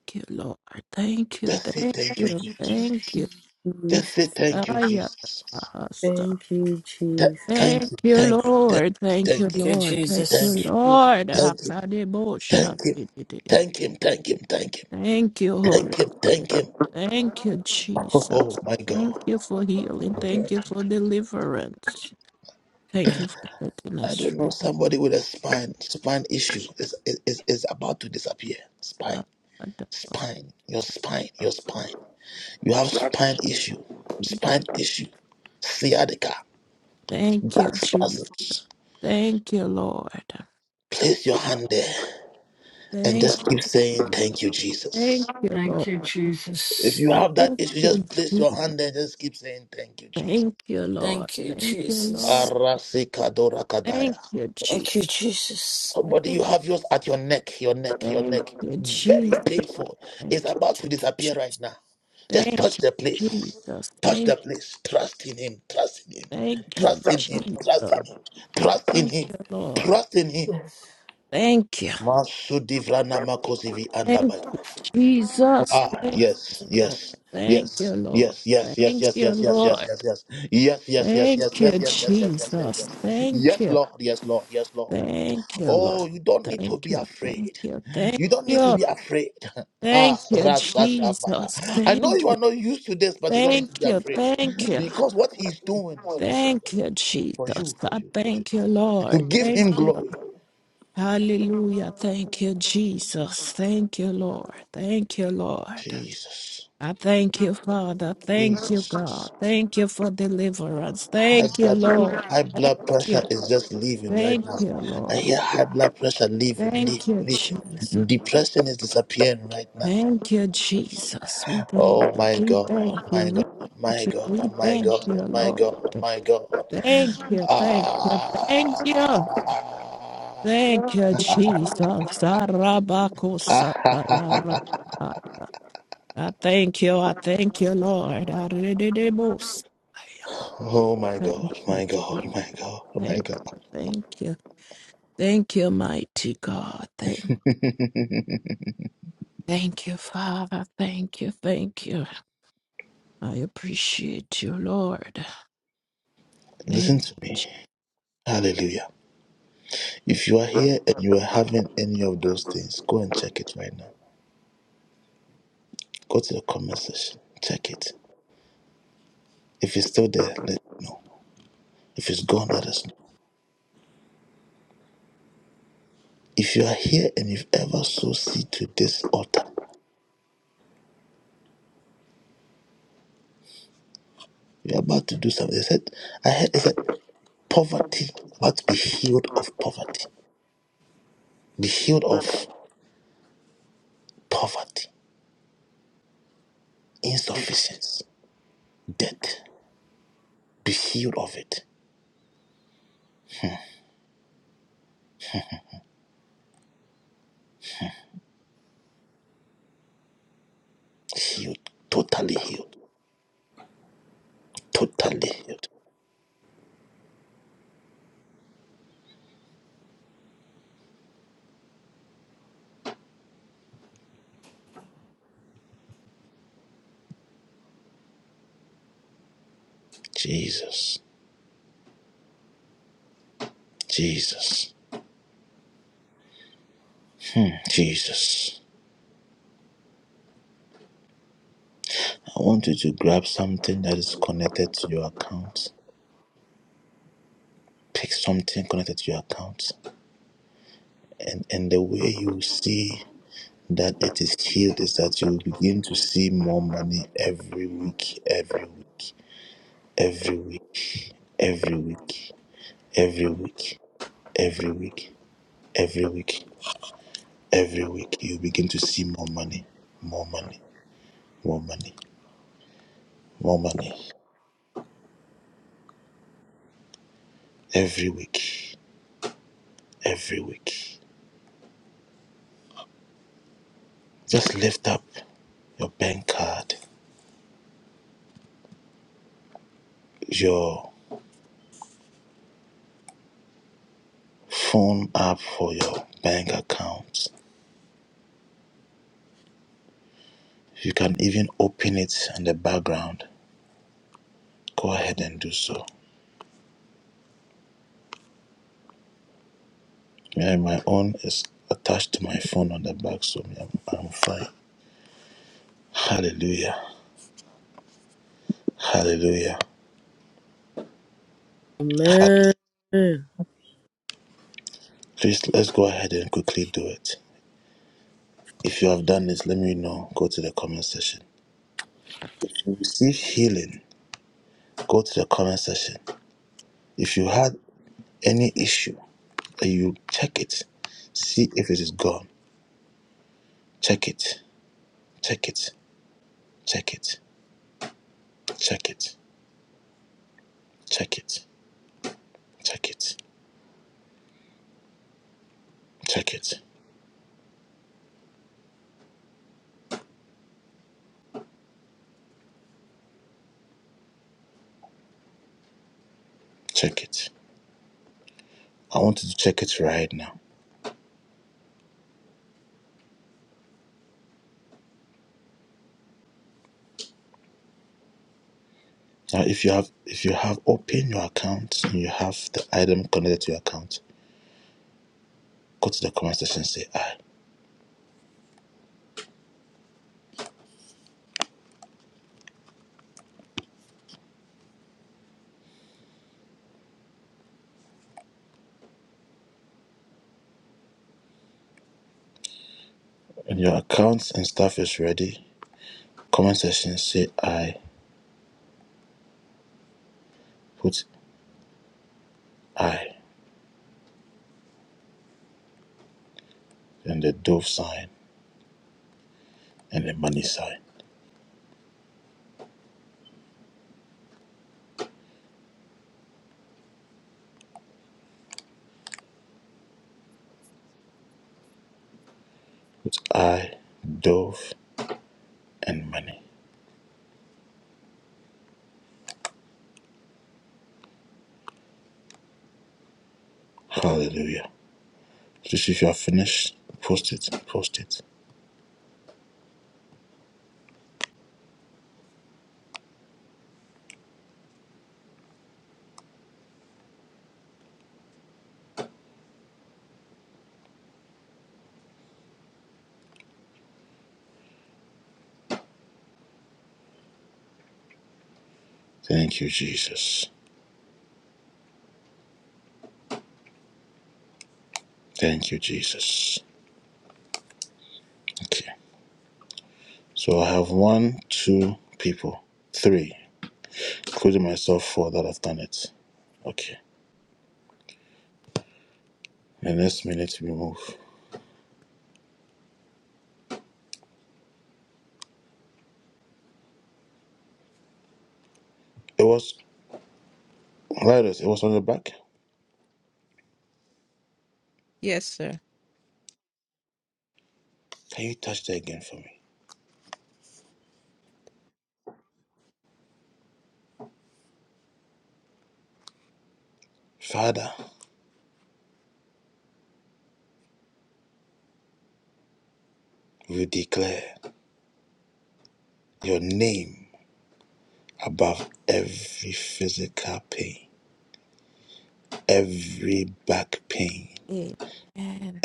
S11: Thank you, Lord. Thank you, thank you, thank you.
S3: Jesus.
S11: Ay, Abasa.
S3: Thank you, Jesus.
S11: Thank you, Lord. Thank you,
S9: Thank you,
S11: Lord. Thank you,
S9: Jesus.
S11: Lord. Akadebosha. Thank you, Holy Spirit. Thank you, Jesus. Thank you for healing. Thank you for deliverance. Thank you for setting us free. Thank you, Jesus. Thank you, Lord. Thank Thank you,
S9: Thank
S11: Lord.
S9: you, Jesus.
S11: Thank you, Jesus. Thank you, Lord.
S9: Thank you,
S11: Thank you, Lord.
S9: Jesus.
S11: Thank you, Jesus.
S9: Thank you, Jesus.
S11: Thank, thank you, Jesus. Thank
S9: Thank you, Jesus.
S11: Thank you, Jesus. Thank Thank you, Jesus. Thank you, Lord.
S9: Yes.
S11: Thank you. Thank Jesus. Thank you, Lord. Thank you, Lord. Thank you, Lord. Thank you, Jesus. Thank you. Thank you, Lord. Thank you. Thank you. Thank you. Thank you, Jesus. Thank you. Thank you. Thank you. Thank you, Jesus. I thank you, Lord. Thank you. Hallelujah. Thank you, Jesus. Thank you, Lord. Thank you, Lord. I thank you, Father. Thank you, God. Thank you for deliverance. Thank you, Lord. Thank you. Thank you, Lord. Thank you, Jesus. Thank you, Jesus. We thank you. We thank you. We thank you. We thank you, Lord. Thank you. Thank you. Thank you. Thank you, Jesus. Arabakosakayara. I thank you. I thank you, Lord. Arididibus. Thank you. Jesus. Thank you. Thank you. Thank you, mighty God. Thank, thank you, Father. Thank you. Thank you. I appreciate you, Lord. Thank you, Jesus.
S3: Amen.
S11: Yes, sir. Amen.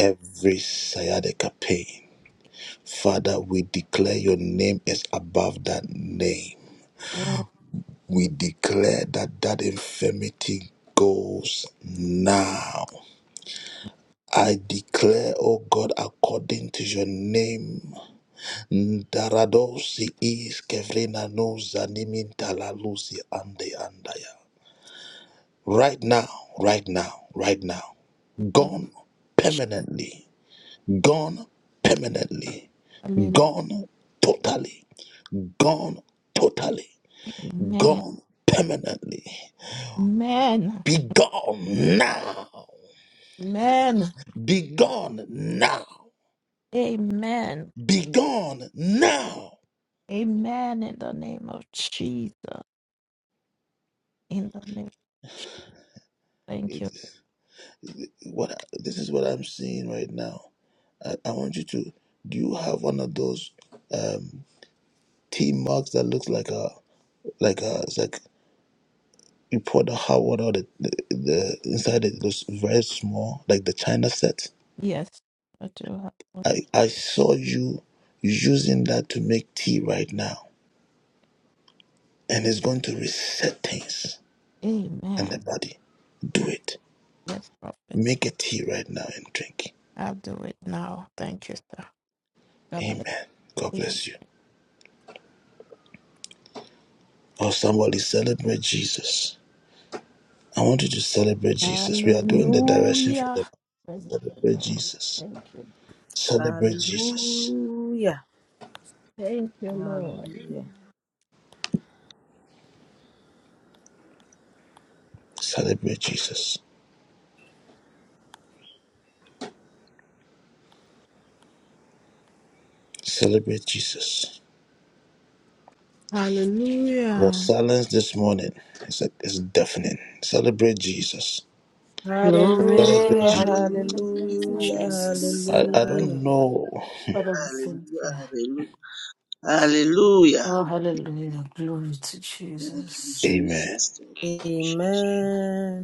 S11: Hallelujah. Amen. Amen. Amen. Amen. Amen. In the name of Jesus. In the name of Jesus. Thank you. Yes, I do. have- Amen. Yes, prophet. I'll do it now. Thank you, sir. God bless you. Hallelujah. Praise the Lord. Thank you.
S3: Hallelujah.
S11: Thank you, Lord.
S3: Hallelujah.
S2: Hallelujah.
S9: Glory.
S3: Hallelujah.
S9: Hallelujah. Thank you,
S3: Hallelujah.
S9: Jesus.
S3: Hallelujah.
S9: Father, we thank you.
S4: Hallelujah.
S9: Oh, hallelujah. Glory to
S4: Thank you,
S9: Jesus.
S4: Jesus. Thank you, Jesus.
S3: Amen.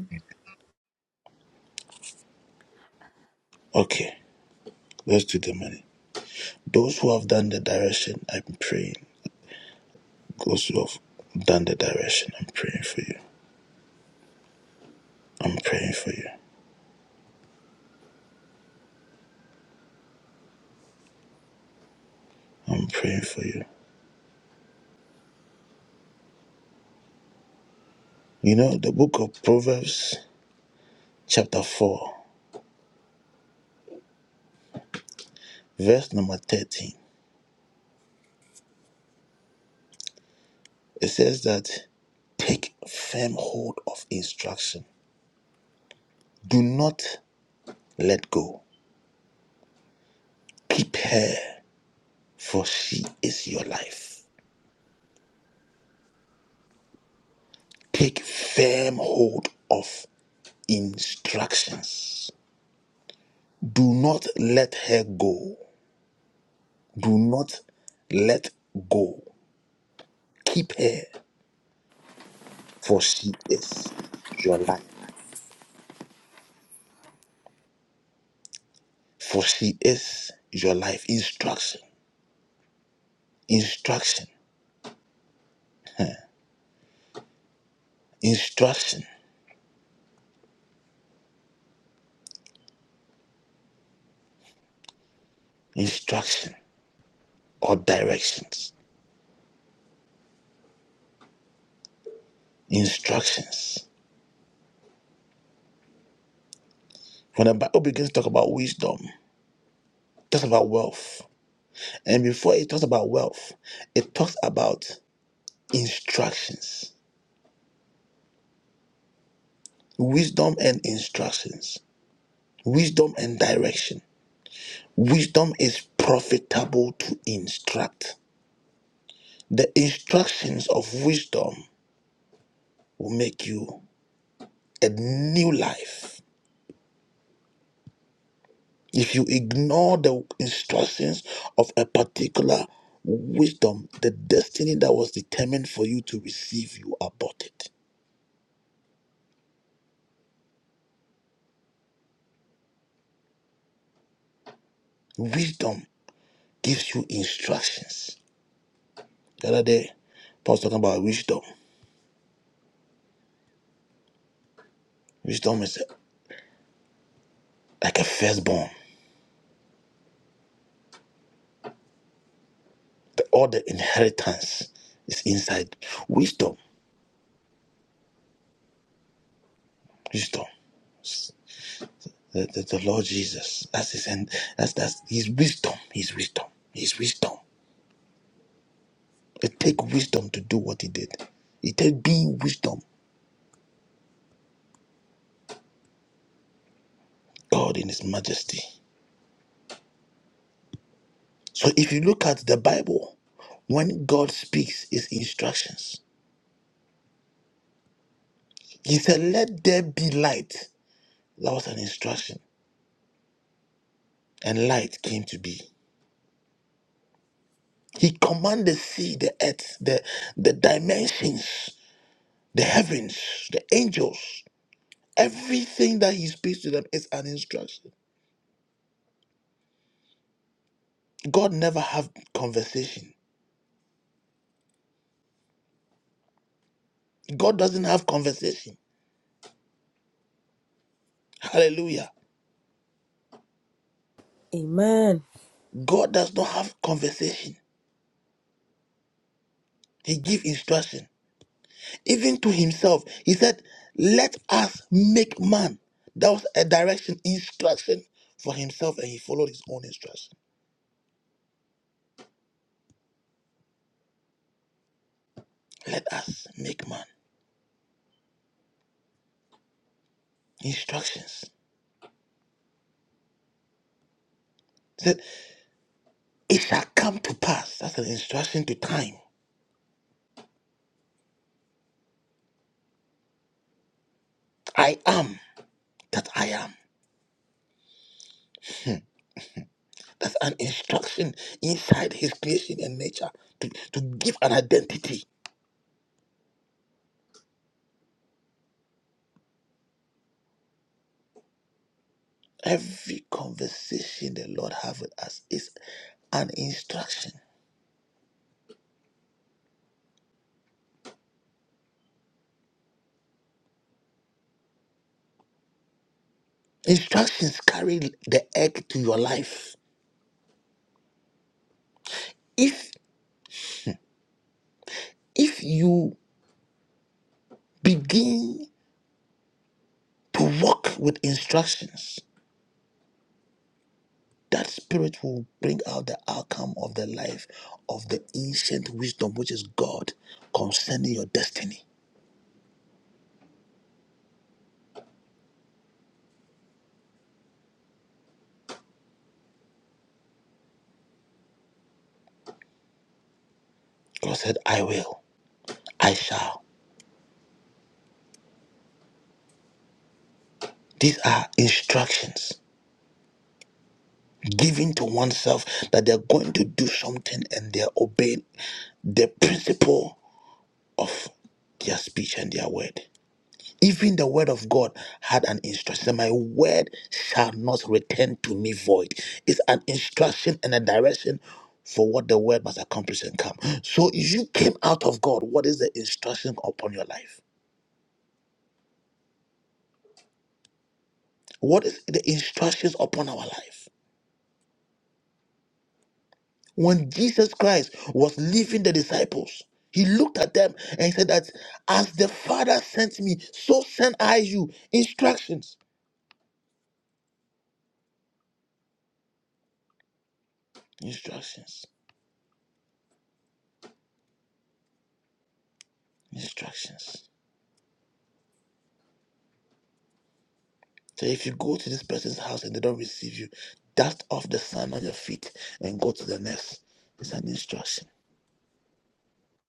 S3: Amen.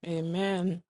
S11: Amen.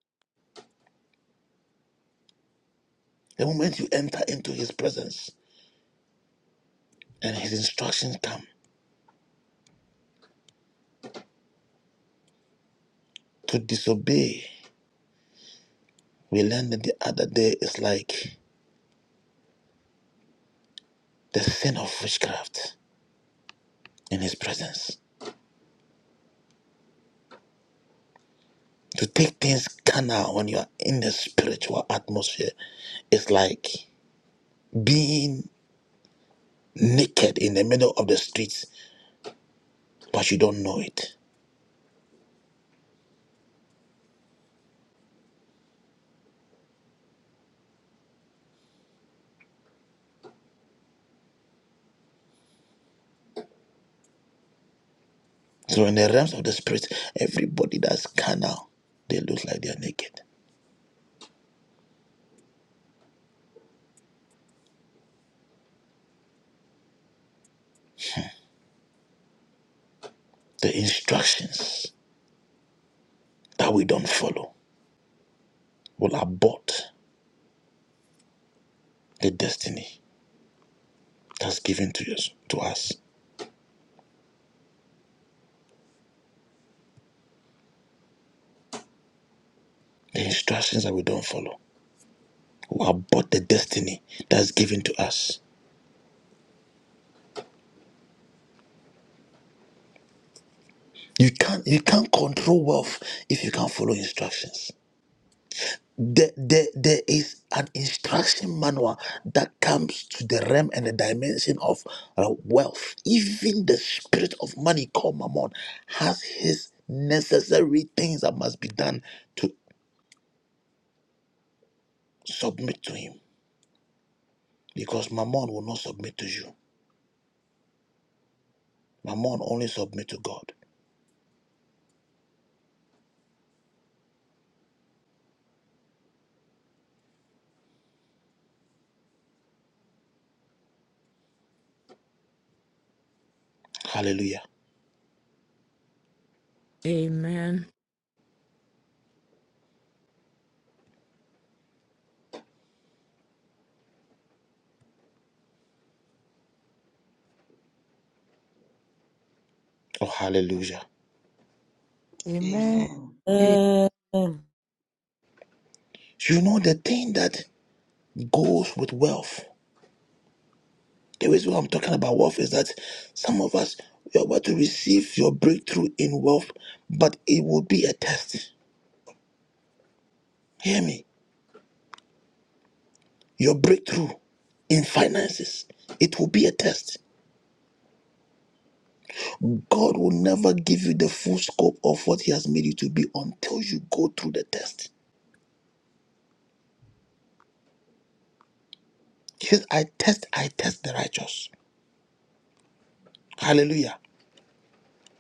S11: Amen.
S2: Amen.
S4: Amen.
S3: Amen.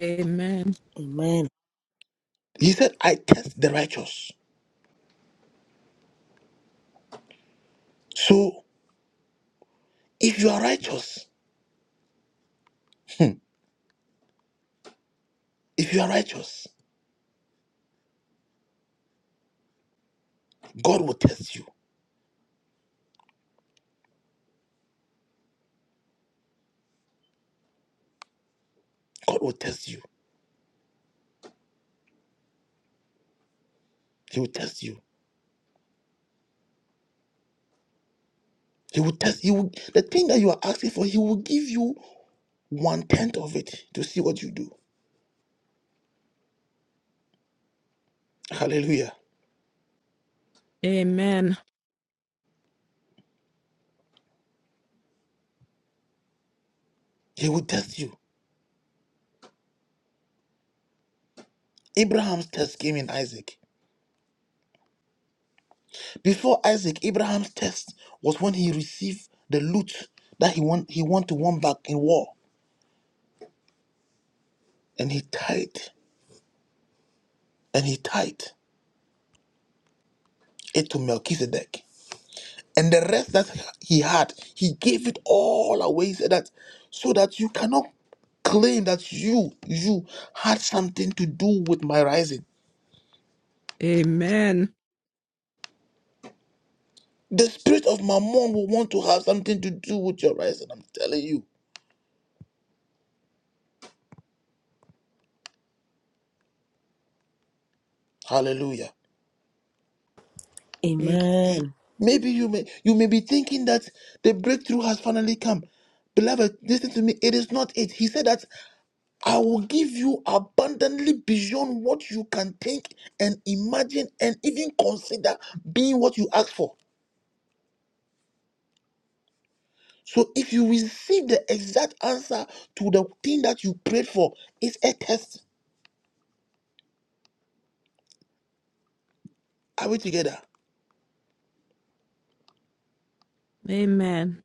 S11: Amen.
S3: Amen.
S11: Amen. Amen. A-
S3: Amen.
S11: Amen.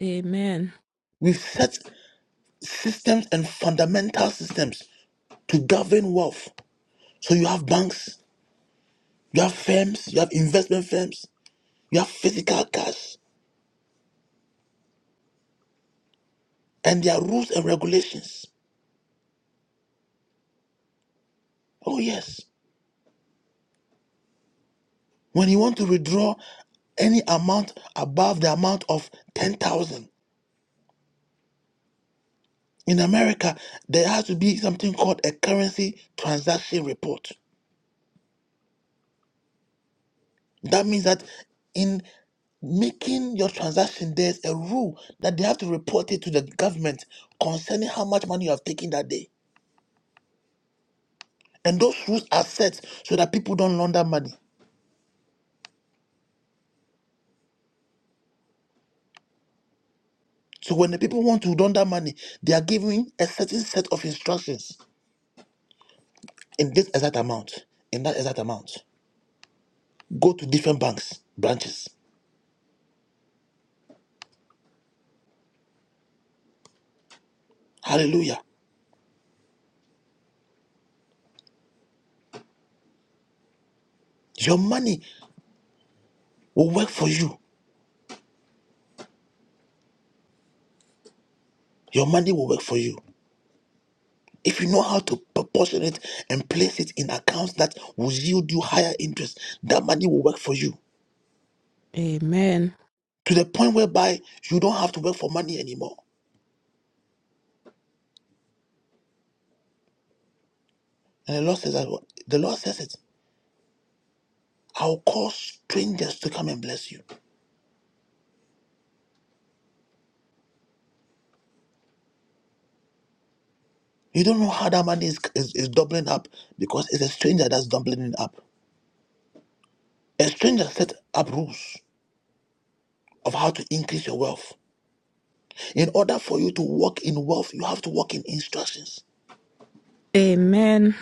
S11: Amen. Amen. Amen.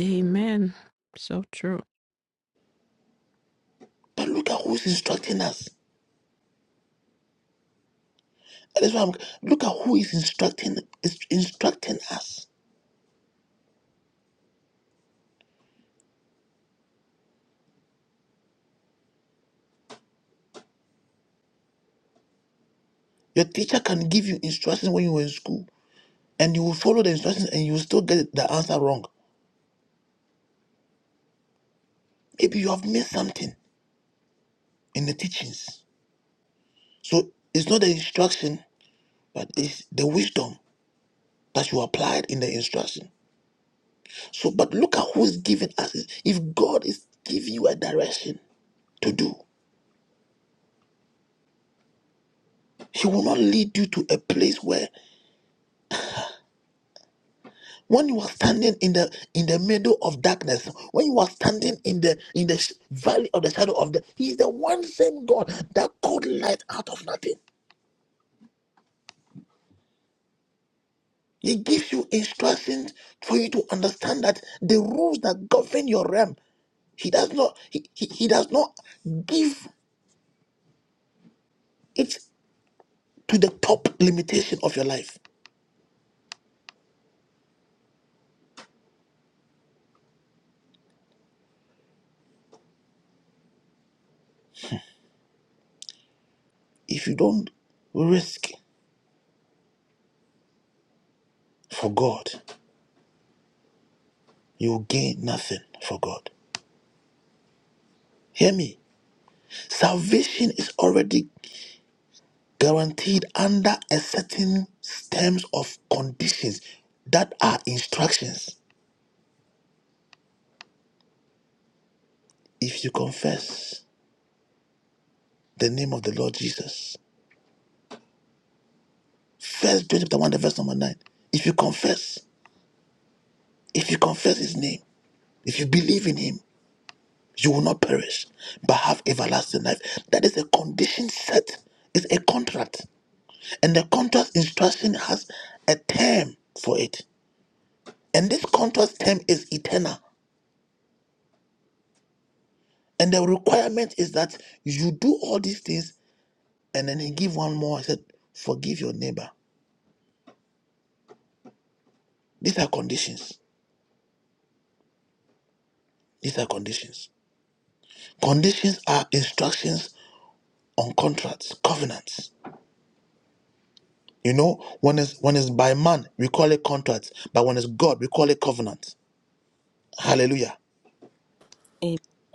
S11: Amen. So true.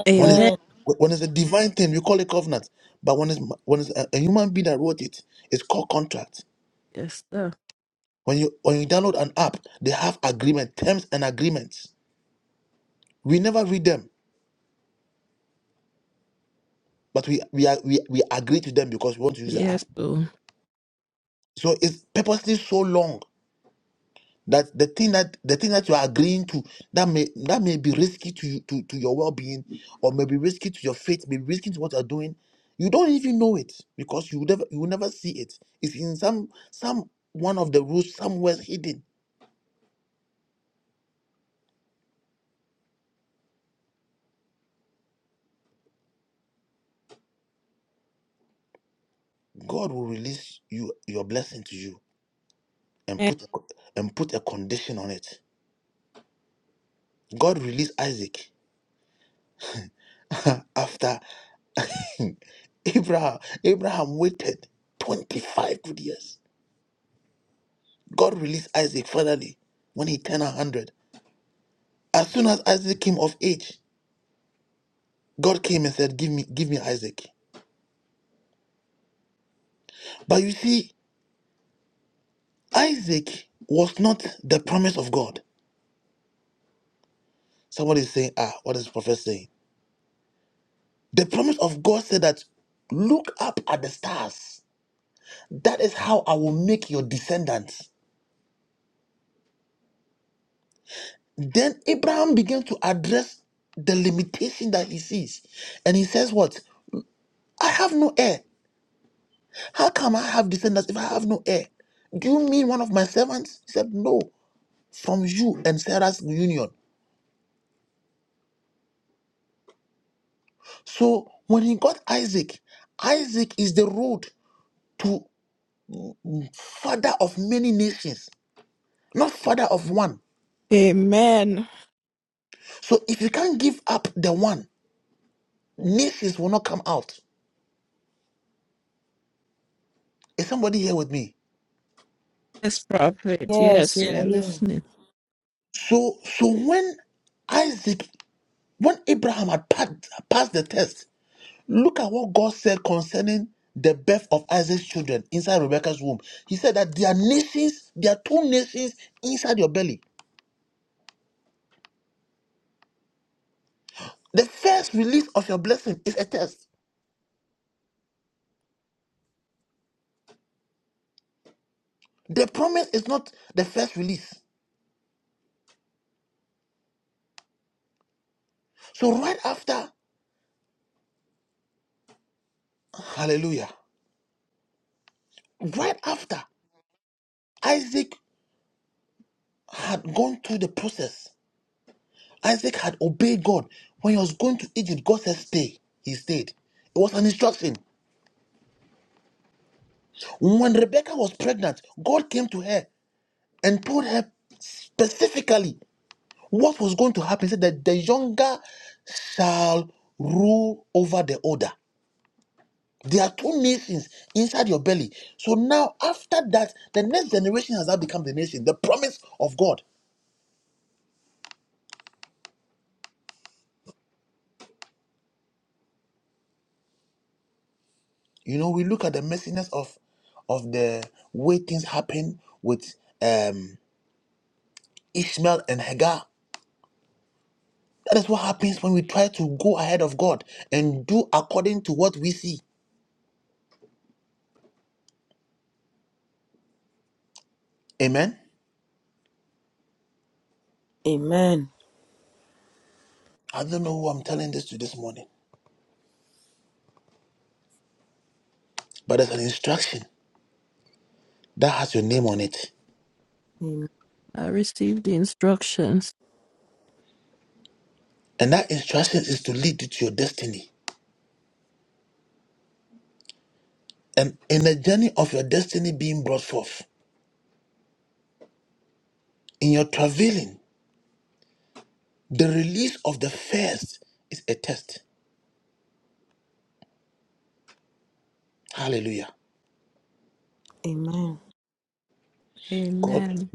S11: Amen.
S3: Amen.
S11: Yes, sir. Yes, sir. Amen. Yes, prophet.
S3: Yes,
S11: Yes,
S3: we
S11: we
S3: are
S11: are
S3: here.
S11: listening.
S3: Amen. Am-
S11: I received the instructions.
S3: Amen.
S11: Amen.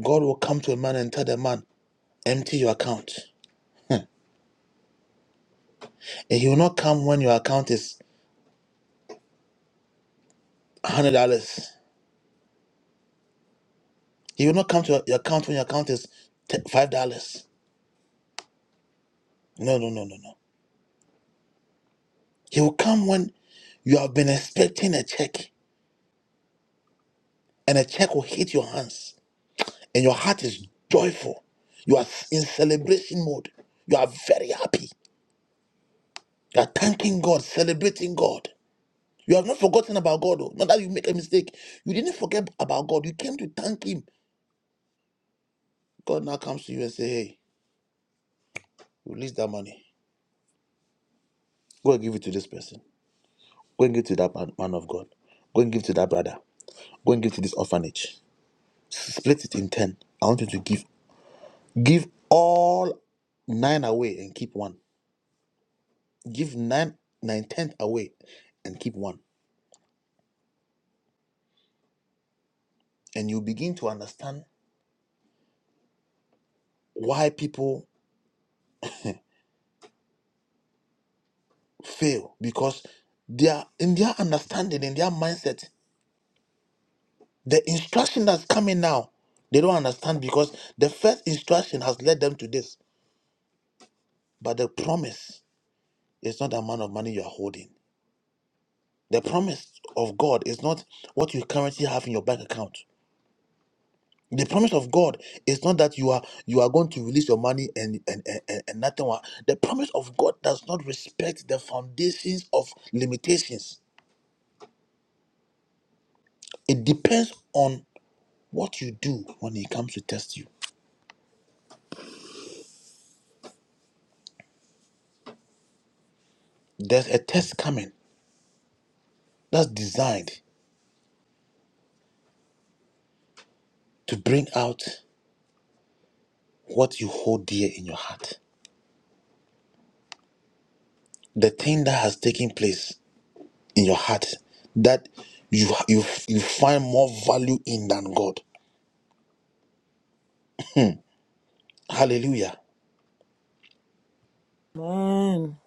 S3: Amen.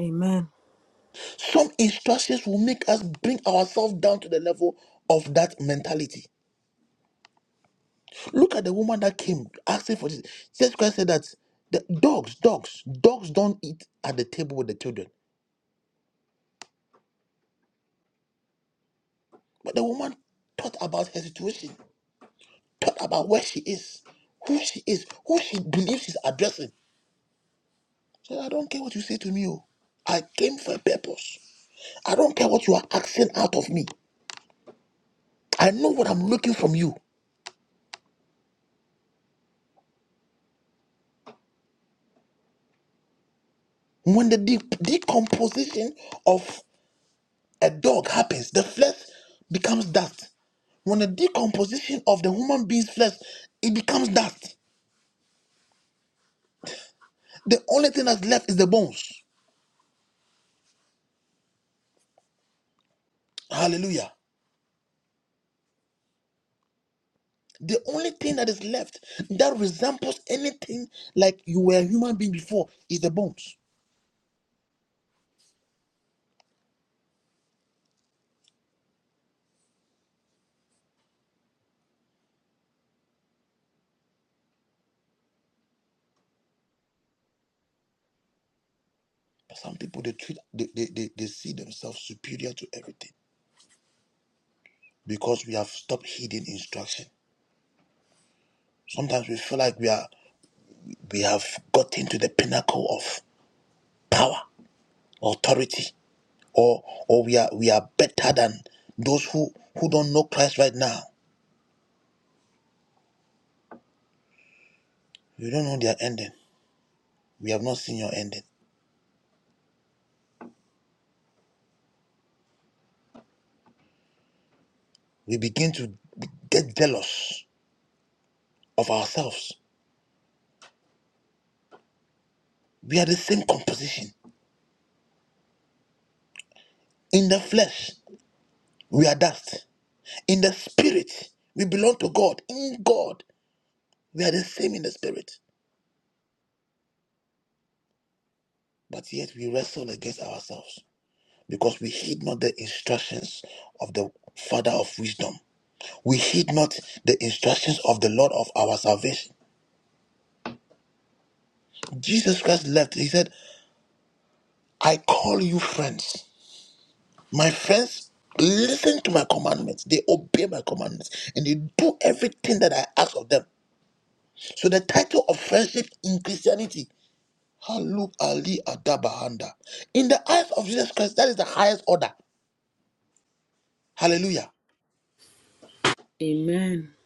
S3: Amen. Amen. Amen.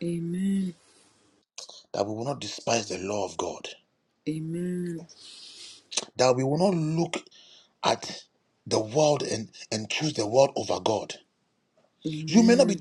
S3: Amen. Amen. Amen. Amen.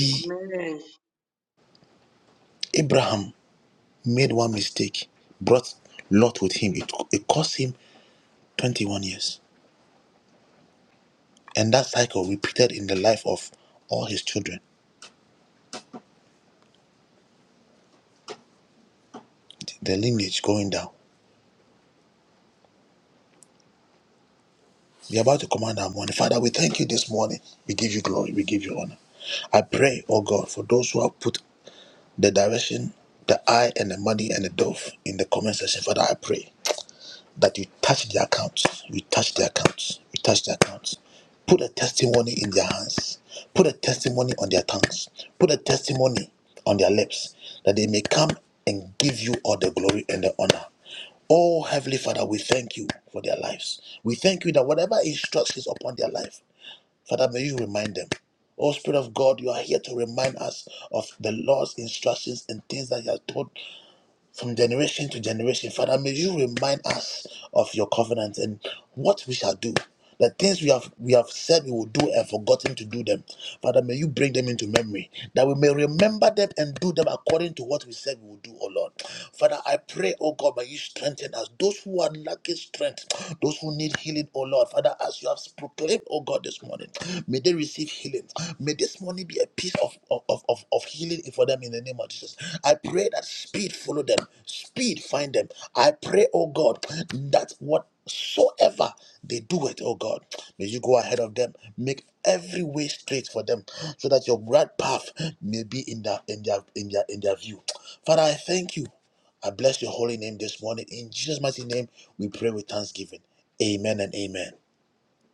S4: Amen.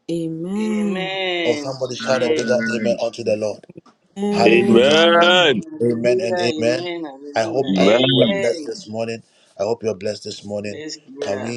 S3: Amen.
S4: Amen. Amen.
S6: Amen.
S3: Amen.
S12: Amen.
S6: Amen.
S4: Amen. Hallelujah. Amen. Hallelujah. Amen. Yes, yeah.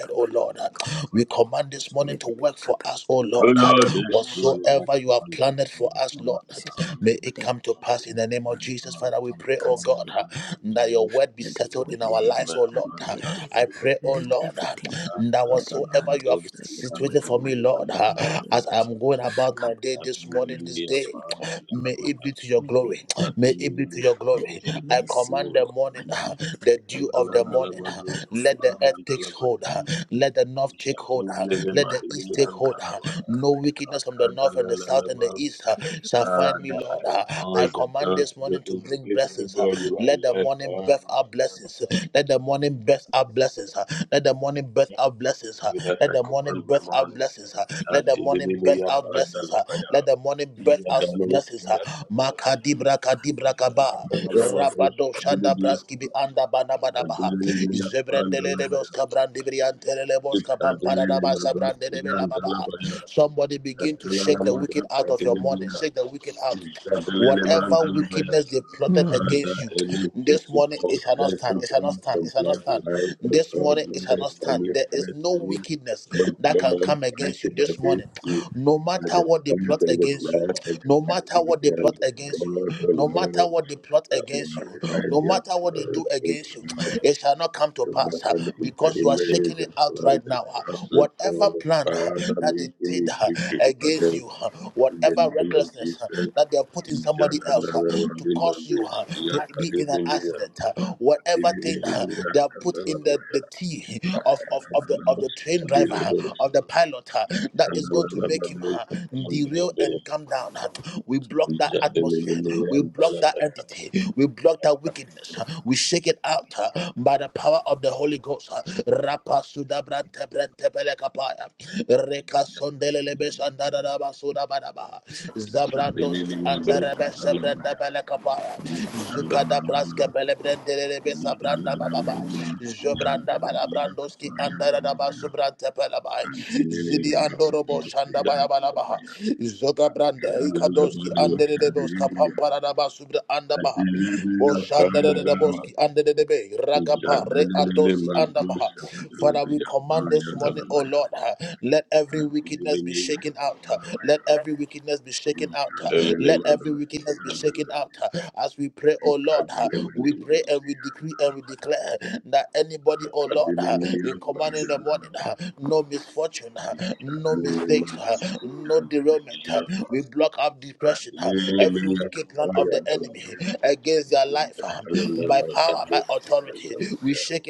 S12: Cover with the big cover. Cover
S6: O Lord, this morning I command that
S12: with
S6: you
S12: the name of
S6: you are
S12: Jesus.
S6: surrounded with
S12: Let every
S6: your presence, and
S12: plan be cancelled.
S6: all this morning.
S12: Let
S6: I
S12: the
S6: walk
S12: wind, let
S6: into
S12: the
S6: my
S12: sun, let
S6: abundance,
S12: the
S6: O
S12: earth,
S6: Lord,
S12: let
S6: God.
S12: everything, let the land, let it work for my favor in the name of Jesus. Come, God, let this week be good week for me in the name of Jesus. Let your mercy, O Lord, find me. Let your mercy and your favor find me. Baby, cover, cover, cover, cover, cover, cover, cover, cover,
S6: Boys and girls, children, please, God, you are left. uh, You that I command my morning. And deliver me up, and
S12: cover, cover,
S6: deliver me
S12: cover,
S6: up. Father,
S11: Mm.
S6: any wicked or innocent from blood line of God, mother, family, father, family, of God, acted against me, and the account of the blood and the hand of God, oh Lord, Father, make me victory over them in the name of Jesus. Thank you. Thank you. Thank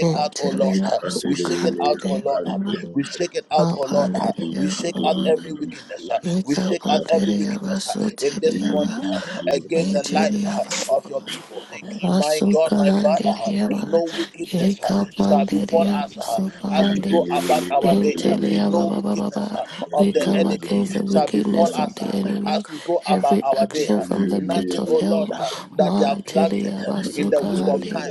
S13: Antelia Sukhandelia Mapandelia Eka Pandelia Vasutelia Vasukhandeliya, Ekapandeliya, Supahandi, Dinteliya, ba, ba, ba, ba, ba. We come against the wickedness of the enemy, every action from the pit of hell.
S6: you.
S13: Manteliya,
S12: Everything
S6: Yandalabaya,
S12: that you
S13: Vasukahandi,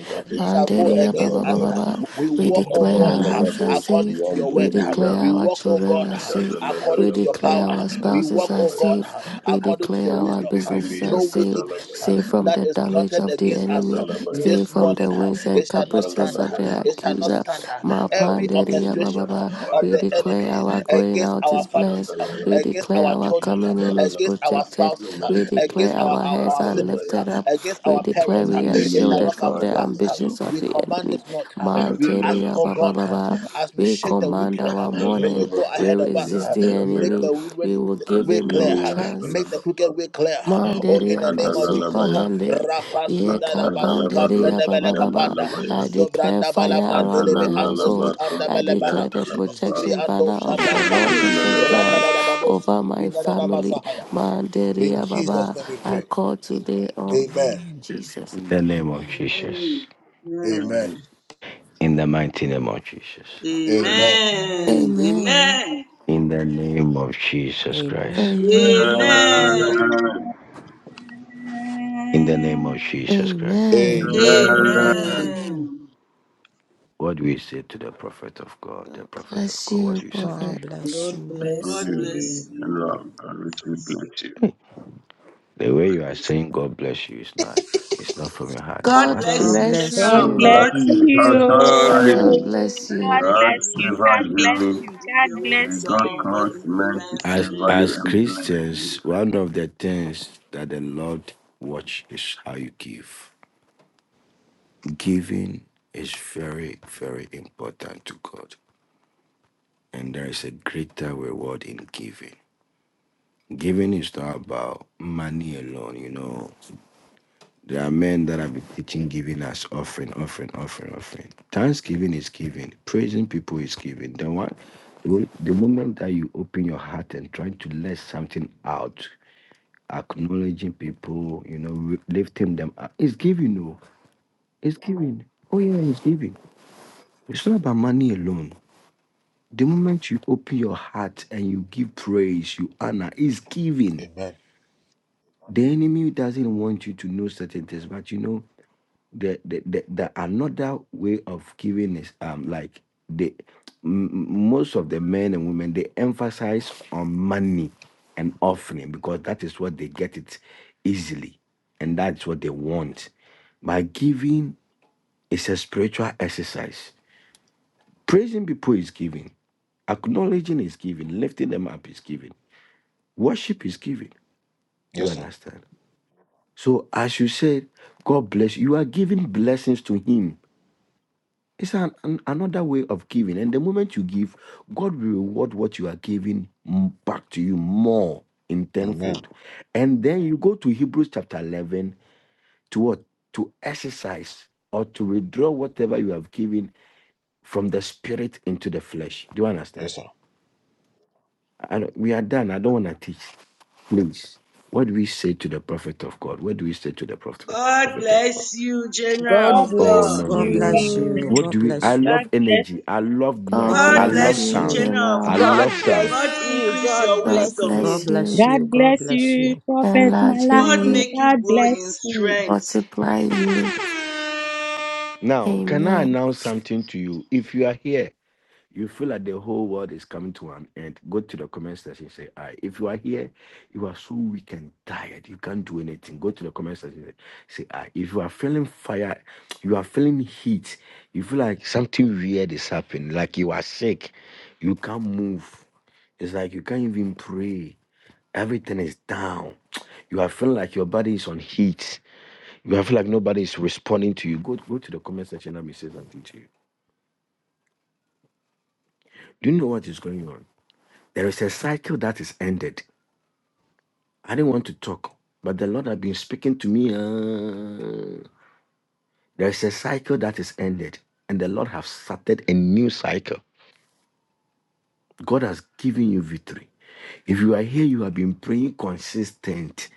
S12: make from
S13: Mandeliya, ba, ba, ba, ba,
S12: Eva
S13: ba. We
S12: in the name of
S13: declare our
S11: Mhm.
S13: lives are safe. We declare our children are safe. We declare declare our spouses are safe. We
S12: the
S13: declare our businesses are safe, safe from the damage of the enemy, safe from the winds and caprices of the accuser. Ma panderia ba ba ba. We declare our going out is blessed. We declare our coming in is protected. We declare our heads are lifted up. We declare we are shielded from the ambitions of the enemy. Mantelia ba ba ba ba. We command our morning. We resist the enemy. We will give him no
S6: Azilili
S13: chance.
S6: Azalabapa,
S13: Mandere abasopa
S6: Ekadalalabaya,
S13: hande, ye
S6: Lakadalabados,
S13: kapanderia Baba Baba.
S6: Yandalabaya,
S13: I declare fire around my household.
S6: Ekadalalabados,
S13: I declare the
S6: Yandalabapa,
S13: protection banner of the Lord Jesus Christ
S6: Ekadalalabaya.
S13: over my family. Mandere Baba. I call today
S12: Lord.
S13: on
S12: Amen.
S13: Jesus.
S14: In the name of
S12: Amen.
S4: Amen.
S14: Jesus.
S4: Amen.
S6: Amen.
S14: In the mighty name of Jesus.
S4: Amen.
S12: Amen.
S13: Amen.
S4: Amen.
S14: In the name of Jesus Christ.
S13: Amen.
S12: Amen.
S4: Amen.
S6: Amen.
S15: Amen.
S14: In the name of Jesus Christ.
S13: Amen.
S6: Amen.
S3: Amen.
S12: Amen.
S4: Amen.
S14: What do you say to the prophet of God? The prophet of
S13: Bless
S14: God, what
S13: you,
S14: do you say to
S13: prophet.
S12: God
S14: you?
S12: bless
S15: God
S3: God
S12: you.
S6: Thank
S4: God
S15: bless
S3: bless
S6: you.
S15: you.
S3: you.
S4: bless you,
S6: Lord, God, we
S4: prophets.
S6: bless you.
S14: The way you
S4: God
S14: are
S4: bless
S14: saying
S4: you.
S14: God bless you is not it's not from your heart.
S4: God
S13: God
S14: What?
S4: bless
S12: God
S4: you,
S13: bless
S12: bless
S4: General of
S15: God
S13: you.
S12: you.
S4: God.
S6: Thank
S15: bless
S6: you,
S15: you.
S13: God
S6: authority.
S13: bless
S4: God
S13: you.
S15: God
S4: bless
S6: God
S15: bless
S4: you.
S15: you. God
S6: survive
S15: bless
S4: God
S6: you.
S15: you.
S4: increase
S15: God
S4: your
S6: May
S15: bless
S6: God
S4: wisdom.
S15: you.
S4: God
S6: cause
S4: give you
S6: men to
S4: divine
S14: As
S6: favor you
S14: as
S4: strength.
S6: and bless
S14: Christians,
S6: you.
S14: one of the things that the Lord watch is how you give. Giving is very, very important to God. And there is a greater reward in giving. Giving is not about money alone, you know. There are men that have been teaching giving as offering, offering, offering, offering. Thanksgiving is giving. Praising people is giving. Then what? The one, the moment that you open your heart and trying to let something out, acknowledging people, you know, re- lifting them up, it's giving. No, it's giving. Oh yeah, it's giving. It's not about money alone. The moment you open your heart and you give praise, you honor, it's giving. The enemy doesn't want you to know certain things, but you know the the, the, the another way of giving is um like the m- most of the men and women they emphasize on money and offering because that is what they get it easily and that's what they want. But giving is a spiritual exercise. Praising people is giving. Acknowledging is giving. Lifting them up is giving. Worship is giving. Do you understand? So as you said, God bless you. You are giving blessings to Him. It's an, an- another way of giving. And the moment you give, God will reward what you are giving m- back to you more in tenfold. And then you go to Hebrews chapter 11 to what? To exercise or to withdraw whatever you have given from the spirit into the flesh. Do you understand? And we are done. I don't want to teach. Please. What do we say to the prophet of God? What do we say to the prophet,
S4: God
S14: prophet of God?
S4: bless you, General
S3: God
S4: of
S15: God
S14: Oh
S15: bless
S3: bless
S4: God.
S14: no no
S12: God
S14: no
S15: you.
S14: no!
S15: God
S12: bless
S14: no.
S12: you.
S15: bless
S3: you.
S14: What do
S12: God
S14: we?
S15: you.
S14: I
S12: bless
S15: God
S12: you.
S14: love
S15: bless
S14: energy. I love
S13: God
S14: noise. I
S12: God
S4: God
S13: bless
S14: love
S4: bless
S12: bless
S4: you,
S13: you,
S14: sound.
S12: you.
S4: General of
S14: I
S13: General.
S4: God.
S14: love
S16: God bless
S14: sound.
S4: God
S16: you.
S4: increase
S16: God
S4: your
S13: God
S16: bless
S4: wisdom.
S12: God
S16: you.
S13: bless
S12: bless
S13: you,
S12: you.
S15: God
S12: God
S15: bless
S12: bless
S15: you,
S12: you.
S15: Prophet
S13: enlarging
S4: God
S15: Malaki,
S13: you,
S4: make you
S15: God
S4: grow in
S15: bless you.
S4: strength.
S13: multiply you.
S14: Now, can I
S13: Amen.
S14: announce something to you? If you are here you feel like the whole world is coming to an end, go to the comment section say, "I." Right. If you are here, you are so weak and tired, you can't do anything. Go to the comment section say, "I." Right. If you are feeling fire, you are feeling heat, you feel like something weird is happening, like you are sick, you can't move. It's like you can't even pray. Everything is down. You are feeling like your body is on heat. You are feel like nobody is responding to you. Go go to the comment section. and Let me say something to you. Do you know what is going on? There is a cycle that is ended. I didn't want to talk, but the Lord has been speaking to me. uh, there is a cycle that is ended, and the Lord has started a new cycle. God has given you victory. If you are here, you have been praying consistent.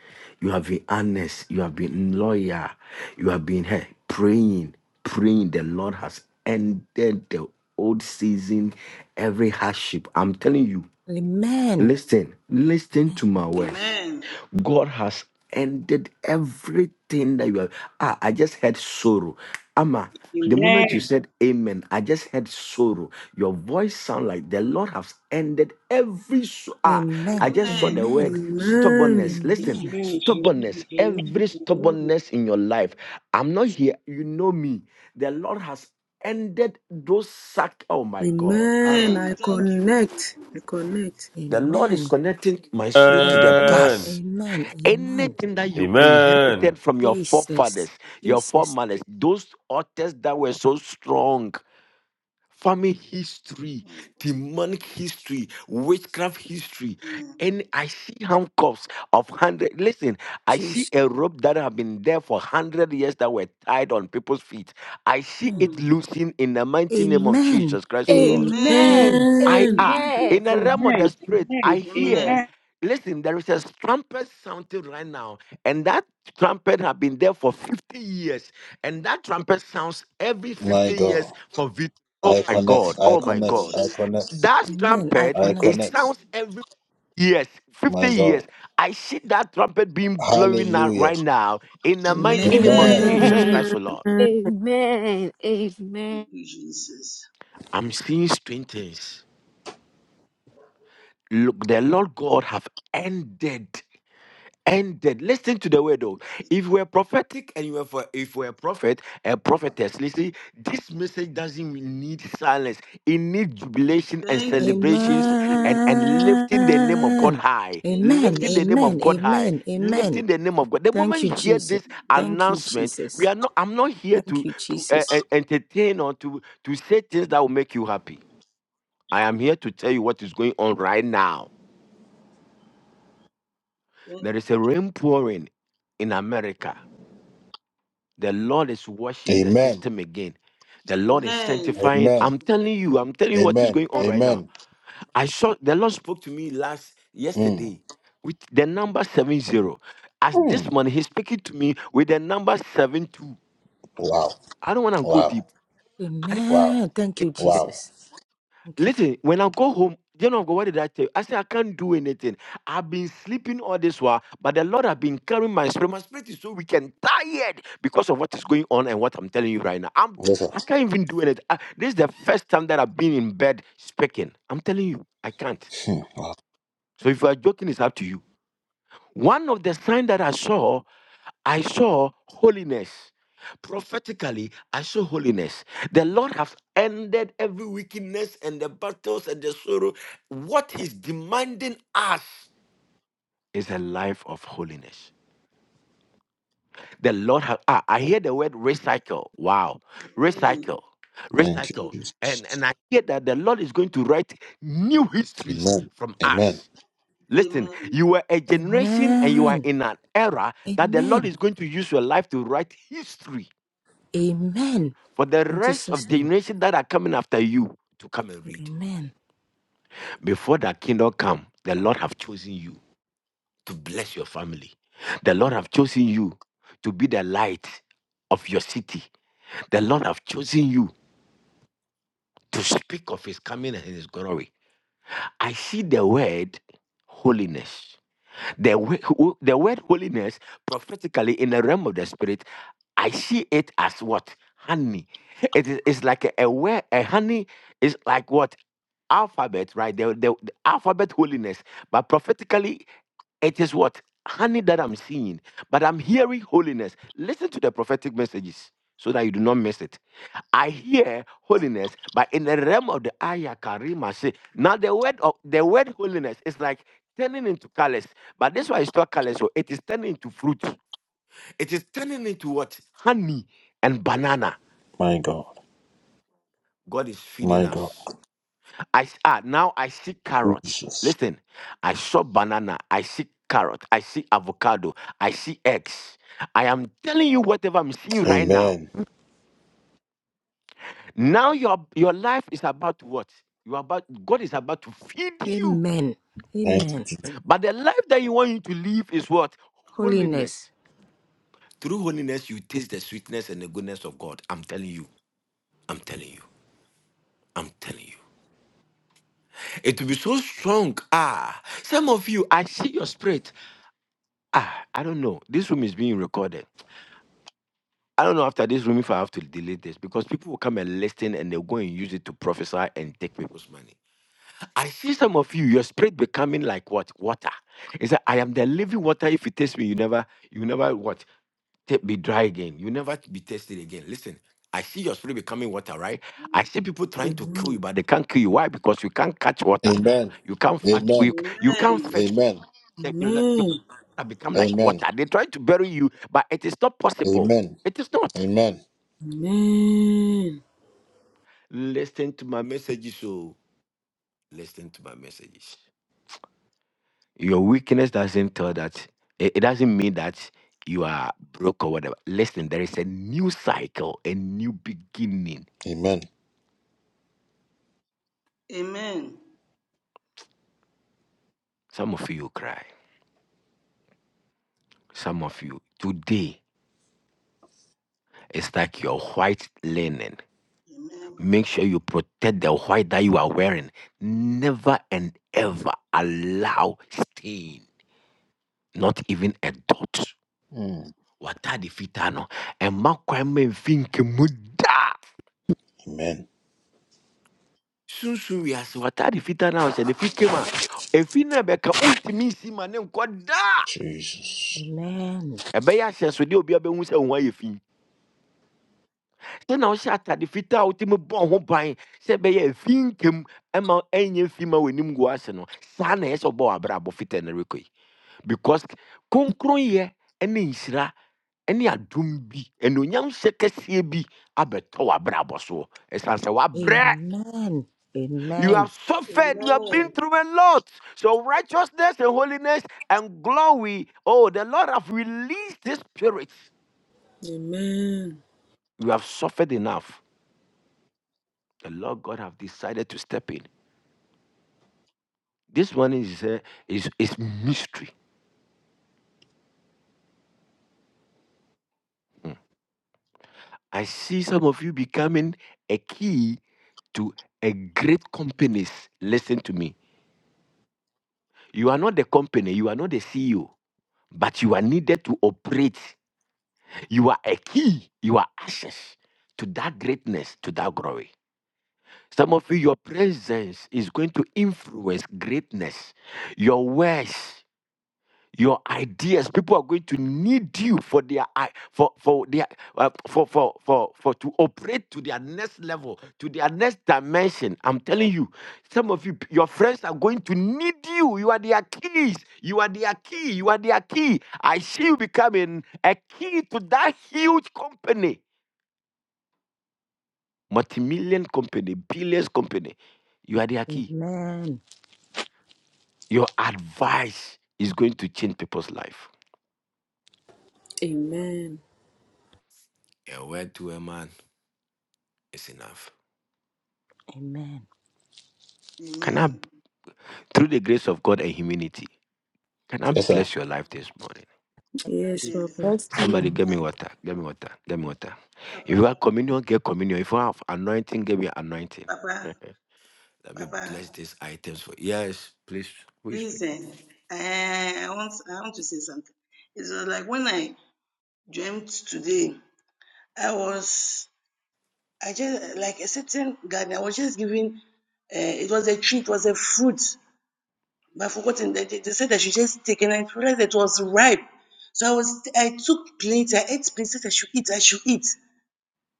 S14: You have been honest. You have been loyal. You have been here praying, praying. The Lord has ended the old season, every hardship. I'm telling you,
S12: Amen.
S14: Listen, listen to my words.
S4: Amen.
S14: God has ended everything that you have. Ah, I just had sorrow. Amma, the moment you
S15: Amen.
S14: said amen, I just had sorrow. Your voice sound like the Lord has ended every so- ah. I
S12: Amen.
S14: just saw the
S4: Amen.
S12: Amen.
S14: word
S3: Amen.
S14: stubbornness. Listen,
S12: Amen.
S15: Amen. Amen.
S14: stubbornness, every stubbornness in your life. I'm not here. You know me. The Lord has ended those sack. Oh my God.
S3: Amen. I
S4: Amen.
S14: Arakatara.
S4: Thank you. Jesus.
S3: connect. I connect.
S14: The Lord is
S12: Amen.
S14: connecting my spirit to the
S12: Amen.
S6: Amen.
S14: past.
S12: Amen. Amen.
S14: Anything that you
S6: Amen.
S14: inherited from your forefathers,
S12: Jesus.
S14: your
S12: Jesus.
S14: foremothers, those authors that were so strong, family history,
S4: Amen.
S14: demonic history, witchcraft history, and I see handcuffs of hundred. Listen, I see
S12: Jesus.
S14: a rope that have been there for hundred years that were tied on people's feet. I see
S12: Mm.
S14: it
S4: Mm.
S14: loosened in the mighty name of
S12: Amen.
S14: Jesus Christ, O Lord.
S4: Amen.
S16: Amen.
S12: Amen.
S14: I
S3: Amen.
S14: are
S15: Amen.
S16: Amen.
S14: in the realm of
S15: Amen. Amen.
S14: the spirit.
S15: Amen.
S14: I
S4: Amen.
S15: Amen.
S14: hear. Listen, there is a trumpet sounding right now, and that trumpet have been there for 50 years, and that trumpet sounds every 50 years for victory. Oh my God! Oh
S4: Thank
S14: my
S4: you,
S14: God!
S4: Jesus.
S14: That
S12: Amen. I
S14: trumpet it
S12: connect.
S14: sounds every years, 50 years. I see that trumpet being blowing out right now in the mighty name
S3: Amen.
S14: of
S4: Amen.
S12: Amen.
S14: Jesus
S16: Amen.
S14: Christ, the Lord.
S16: Amen. Amen.
S4: Thank you, Jesus.
S14: I'm seeing strange things. Look, the Lord God have ended. ended. Listen to the word though. If we're prophetic and you are for if we're a prophet, a prophetess, listen, this message doesn't need silence. It needs jubilation and
S4: Thank you,
S12: Amen.
S14: celebrations
S4: Jesus.
S14: and, and lifting the name of God
S12: Amen.
S14: high.
S4: Thank you, Jesus. Thank you,
S14: Lifting the
S4: Jesus.
S14: name of
S12: Amen.
S14: God high.
S12: Amen. Amen.
S4: Mm.
S14: Lifting the name of God. The
S12: Thank
S14: moment
S12: you,
S14: you hear
S4: Thank
S12: Jesus.
S14: this
S4: you, Jesus.
S12: Thank you,
S14: announcement, we
S12: Jesus.
S14: are not I'm not here
S12: Thank
S14: to
S12: you,
S14: to uh,
S12: Jesus.
S14: uh, entertain or to to say things that will make you happy. I am here to tell you what is going on right now.
S4: Thank
S14: There
S4: you.
S14: is a rain pouring in America The Lord is washing the system again. The Lord is
S4: Amen.
S14: sanctifying. I'm telling you, I'm telling you what is going on right now. I saw the Lord spoke to me last yesterday with the number 70. As this morning, he's speaking to me with the number seven two. I don't want to go deep. I
S12: Amen. Thank you,
S14: didn't.
S12: Jesus. Thank you.
S14: Listen, when I go home, you know, what did I tell you? I said, I can't do anything. I've been sleeping all this while, but the Lord have been carrying my spirit. My spirit is so weak and tired because of what is going on and what I'm telling you right now. I'm, I can't even do anything. I- this is the first time that I've been in bed speaking. I'm telling you, I can't. So if you are joking, it's up to you. One of the signs that I saw I saw holiness. Prophetically, I saw holiness. The Lord has ended every wickedness and the battles and the sorrow. What He's demanding us is a life of holiness. The Lord has, ah, I hear the word recycle. Wow.
S4: Amen.
S14: Recycle. Recycle.
S4: Thank you.
S14: And, and I hear that the Lord is going to write new histories from us. Listen,
S4: Amen.
S14: you were a generation and you are
S12: Amen.
S14: in an era that the Lord
S12: Amen.
S14: is going to use your life to write history
S12: Amen.
S14: for the
S12: In
S14: rest
S12: Jesus'
S14: of the
S12: name.
S14: nation that are coming after you to come and read,
S12: Amen.
S14: before that kingdom come the lord have chosen you to bless your family the lord have chosen you to be the light of your city the lord have chosen you to speak of his coming and his glory i see the word holiness The, wo- the word holiness, prophetically in the realm of the spirit, I see it as what? Honey. It is it's like a, a, word- a honey is like what? Alphabet, right? The, the, the alphabet holiness. But prophetically, it is what? Honey that I'm seeing. But I'm hearing holiness. Listen to the prophetic messages so that you do not miss it. I hear holiness, but in the realm of the ayah karima. say now the word of the word holiness is like turning into colors, but this one is not colors, so it is turning into fruit. It is turning into what honey and banana. God is feeding us. I s- ah now I see carrots. Listen, I saw banana. I see carrot. I see avocado. I see eggs. I am telling you whatever I'm seeing right now. Now your your life is about to what? You are about God is about to feed you.
S12: Amen. Amen.
S14: But the life that you want you to live is what? Holiness.
S12: Holiness.
S14: Through holiness, you taste the sweetness and the goodness of God. I'm telling you. I'm telling you. I'm telling you. It will be so strong. Ah, some of you, I see your spirit. Ah, I don't know. This room is being recorded. I don't know after this room if I have to delete this because people will come and listen and they'll go and use it to prophesy and take people's money. I see some of you, your spirit becoming like what? Water. It's that I am the living water. If you taste me, you never, you never what? Ta- Be dry again. You never be tasted again. Listen, I see your spirit becoming water, right? I
S4: Amen.
S14: see people trying to kill you,
S3: Amen.
S14: but they can't kill you. Why? Because you can't catch water. You can't fetch. You, you
S4: Amen.
S14: can't fetch. water. You le- you
S3: Amen.
S14: have become like water. They try to bury you, but it is not possible. It is not.
S3: Amen.
S14: Listen to my messages, so listen to my messages. Your weakness doesn't tell that it, it doesn't mean that you are broke or whatever. Listen, there is a new cycle, a new beginning.
S4: Amen.
S14: Some of you cry. Some of you today it's like your white linen. Make sure you protect the white that you are wearing. Never and ever allow stain, not even a dot. Wata de fita no. Ɛmma kwan mma ɛmfi nkemu da. sunsun wiase wataade fitaa na ɔhyɛ no fi kama efi na bɛka ontimi nsi ma ne nkɔ daa
S12: Amen.
S14: ɛbɛyɛ ahyɛnsodeɛ a obi abɛhu sɛ wo ho ayɛ fi sɛ na wohyɛ atade fitaa a wotumi bɔ ho ban sɛ ɛbɛyɛ efi nkam ɛma ɛnyɛ fi ma w'anim gu ase no saa na ɛyɛ sɛ ɔbɔ w'abrabɔ fitaa no rekɔ yi because kronkronyɛ ɛne nhyira ɛne adom bi ɛne onyamhyɛ kɛseɛ bi abɛtɔ w'abrabɔ soɔ ɛsiane sɛ wabrɛ
S12: Amen.
S14: You
S12: Amen.
S14: have suffered, you have been through a lot. So, righteousness and holiness and glory. Oh, the Lord have released this spirit.
S3: Amen.
S14: You have suffered enough. The Lord God have decided to step in. This one is uh, is, is mystery. Mm. I see some of you becoming a key to a great companies. Listen to me. You are not the company, you are not the CEO, but you are needed to operate. You are a key, you are access to that greatness, to that glory. Some of you, your presence is going to influence greatness. Your words your ideas people are going to need you for their i- for for their uh, for for for for to operate to their next level to their next dimension i'm telling you some of you your friends are going to need you you are their keys you are their key you are their key i see you becoming a key to that huge company multi-million company billions company you are their key
S12: Amen.
S14: your advice is going to change people's life
S3: Amen.
S14: A word to a man is enough.
S12: Amen.
S4: Amen.
S14: Can I?
S4: Amen.
S14: through the grace of God and humility, can I bless your life this morning?
S3: Yes,
S4: Yes.
S3: Papa.
S2: Let's please
S14: Somebody get me
S4: Thank-
S14: water, get me water, get me water. If
S4: Papa,
S14: you have communion, get communion. If you have anointing, give me anointing. <laughs>
S4: Papa,
S14: Let me
S4: Papa,
S14: bless these items for yes, please. Who is speaking?
S4: listen. eh, eh, I want, I want to say something. It was like when I dreamt today. I was, I just like a certain garden. I was just giving. Uh, it was a tree. It was a fruit. But I forgotten. They, they they said I should just take, and I realized it was ripe. So I was, I took plates. I ate plates. I should eat. I should eat.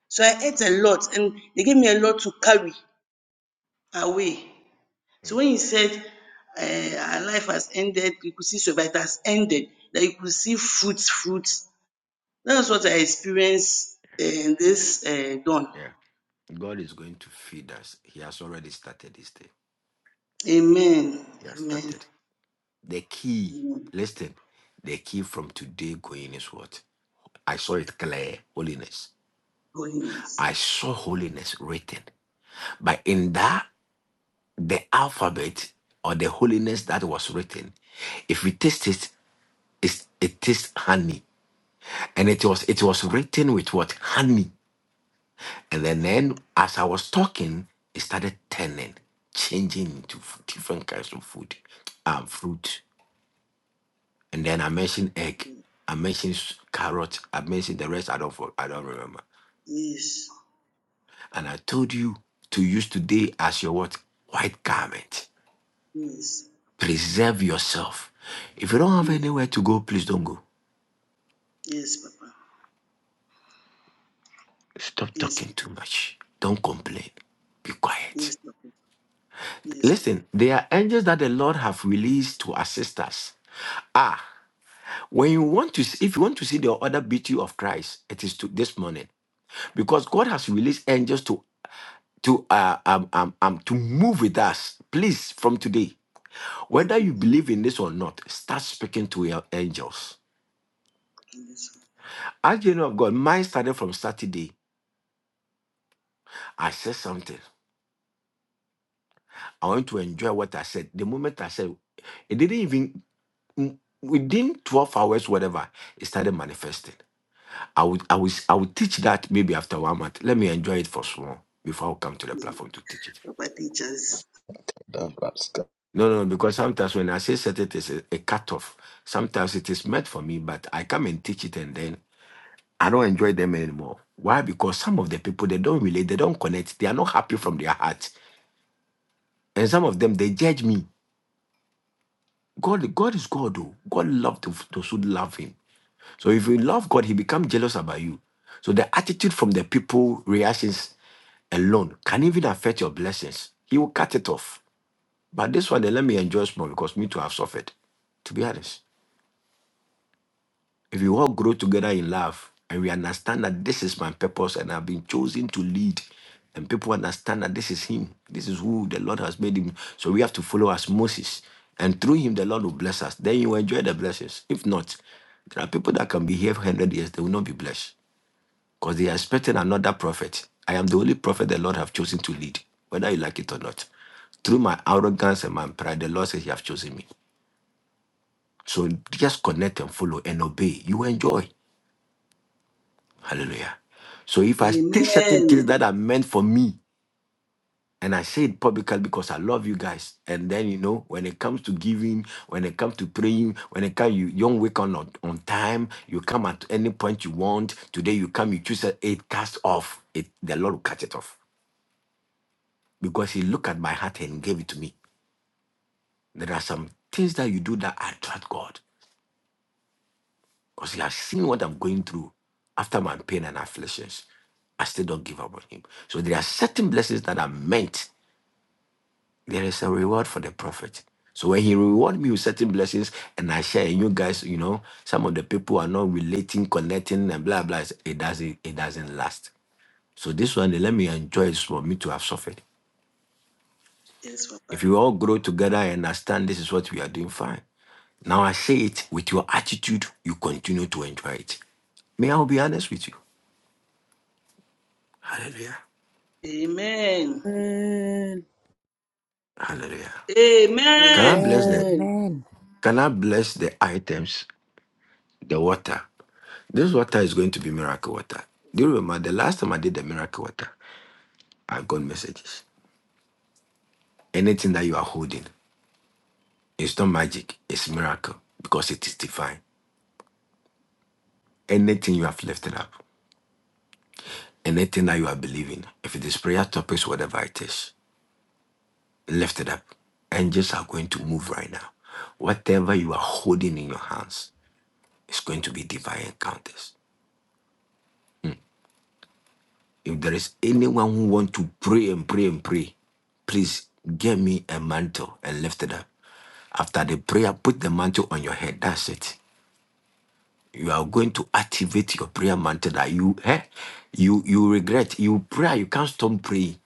S4: So I ate a lot, and they gave me a lot to carry away. So when he said, uh, our life has ended, you could see survival it has ended, that you could see fruits, fruits. That's what I experienced uh, in this uh, dawn.
S14: Yeah. God is going to feed us. He has already started this thing.
S4: Amen.
S14: He has
S4: Amen.
S14: started. The key,
S4: Amen.
S14: listen, the key from today going is what? I saw it clear, holiness.
S4: Holiness.
S14: I saw holiness written. But in that the alphabet or the holiness that was written, if we taste it, it's, it tastes honey. And it was it was written with what? Honey. And then, then as I was talking, it started turning, changing into f- different kinds of food, um, fruit. And then I mentioned egg. I mentioned s- carrot. I mentioned the rest. I don't for- I don't remember.
S4: Yes.
S14: And I told you to use today as your what? White garment.
S4: Yes.
S14: Preserve yourself. If you don't have
S4: Yes.
S14: anywhere to go, please don't go.
S4: Yes, Papa.
S14: Stop
S4: Yes.
S14: talking
S4: Papa.
S14: too much. Don't complain. Be quiet.
S4: Yes, Papa. Yes, Papa.
S14: Listen, there are angels that the Lord have released to assist us. Ah, when you want to, see, if you want to see the other beauty of Christ, it is to this morning because God has released angels to to uh, um, um, um to move with us. Please, from today,
S4: Thank
S14: whether
S4: you.
S14: you believe in this or not, start speaking to your angels.
S4: Jesus.
S14: As you know of God, mine started from Saturday. I said something. I want to enjoy what I said. The moment I said, it didn't even. w- within 12 hours, whatever, it started manifesting. I would, I would, I would teach that maybe after one month. Let me enjoy it for small before I come to the platform to teach it.
S4: Papa teachers.
S14: No, no, because sometimes when I say certain things, a, a cutoff, sometimes it is meant for me, but I come and teach it and then I don't enjoy them anymore. Why? Because some of the people, they don't relate, they don't connect, they are not happy from their heart. And some of them, they judge me. God, God is God, though. God loved th- those who love him. So if you love God, he becomes jealous about you. So the attitude from the people, reactions alone can even affect your blessings. He will cut it off. But this one, then let me enjoy small because me too have suffered, to be honest. If we all grow together in love and we understand that this is my purpose and I've been chosen to lead, and people understand that this is Him, this is who the Lord has made Him. So we have to follow as Moses. And through Him, the Lord will bless us. Then you enjoy the blessings. If not, there are people that can be here for 100 years, they will not be blessed because they are expecting another prophet. I am the only prophet the Lord have chosen to lead, whether you like it or not. Through my arrogance and my pride, the Lord says He have chosen me. So just connect and follow and obey. You enjoy. Hallelujah. So if I take certain
S4: Amen.
S14: things that are meant for me, and I say it publicly because I love you guys, and then you know when it comes to giving, when it comes to praying, when it comes you, you don't wake on on time, you come at any point you want. Today you come, you choose it, it cast off. It the Lord will cut it off because He looked at my heart and gave it to me. There are some things that you do that attract God because He has seen what I'm going through after my pain and afflictions. I still don't give up on him. So there are certain blessings that are meant There is a reward for the prophet. So when he reward me with certain blessings and I share, and you guys, you know, some of the people are not relating, connecting, and blah blah. It doesn't, it doesn't last. So this one, let me enjoy it for me to have suffered.
S4: Yes,
S14: If
S4: Papa.
S14: you all grow together and understand this is what we are doing, fine. Now I say it with your attitude, you continue to enjoy it. May I be honest with you? Hallelujah.
S4: Amen.
S3: Amen.
S14: Hallelujah. Can I
S4: Amen.
S14: bless the
S3: Amen.
S12: Amen.
S14: can I bless the items? the water. This water is going to be miracle water. Do you remember the last time I did the miracle water? I got messages. Anything that you are holding, it's not magic, it's miracle because it is divine. Anything you have lifted up, anything that you are believing, if it is prayer topics, whatever it is, lift it up. Angels are going to move right now. Whatever you are holding in your hands is going to be divine encounters. If there is anyone who want to pray and pray and pray, please get me a mantle and lift it up. After the prayer, put the mantle on your head. That's it. You are going to activate your prayer mantle that you eh, you you regret. You pray, you can't stop praying.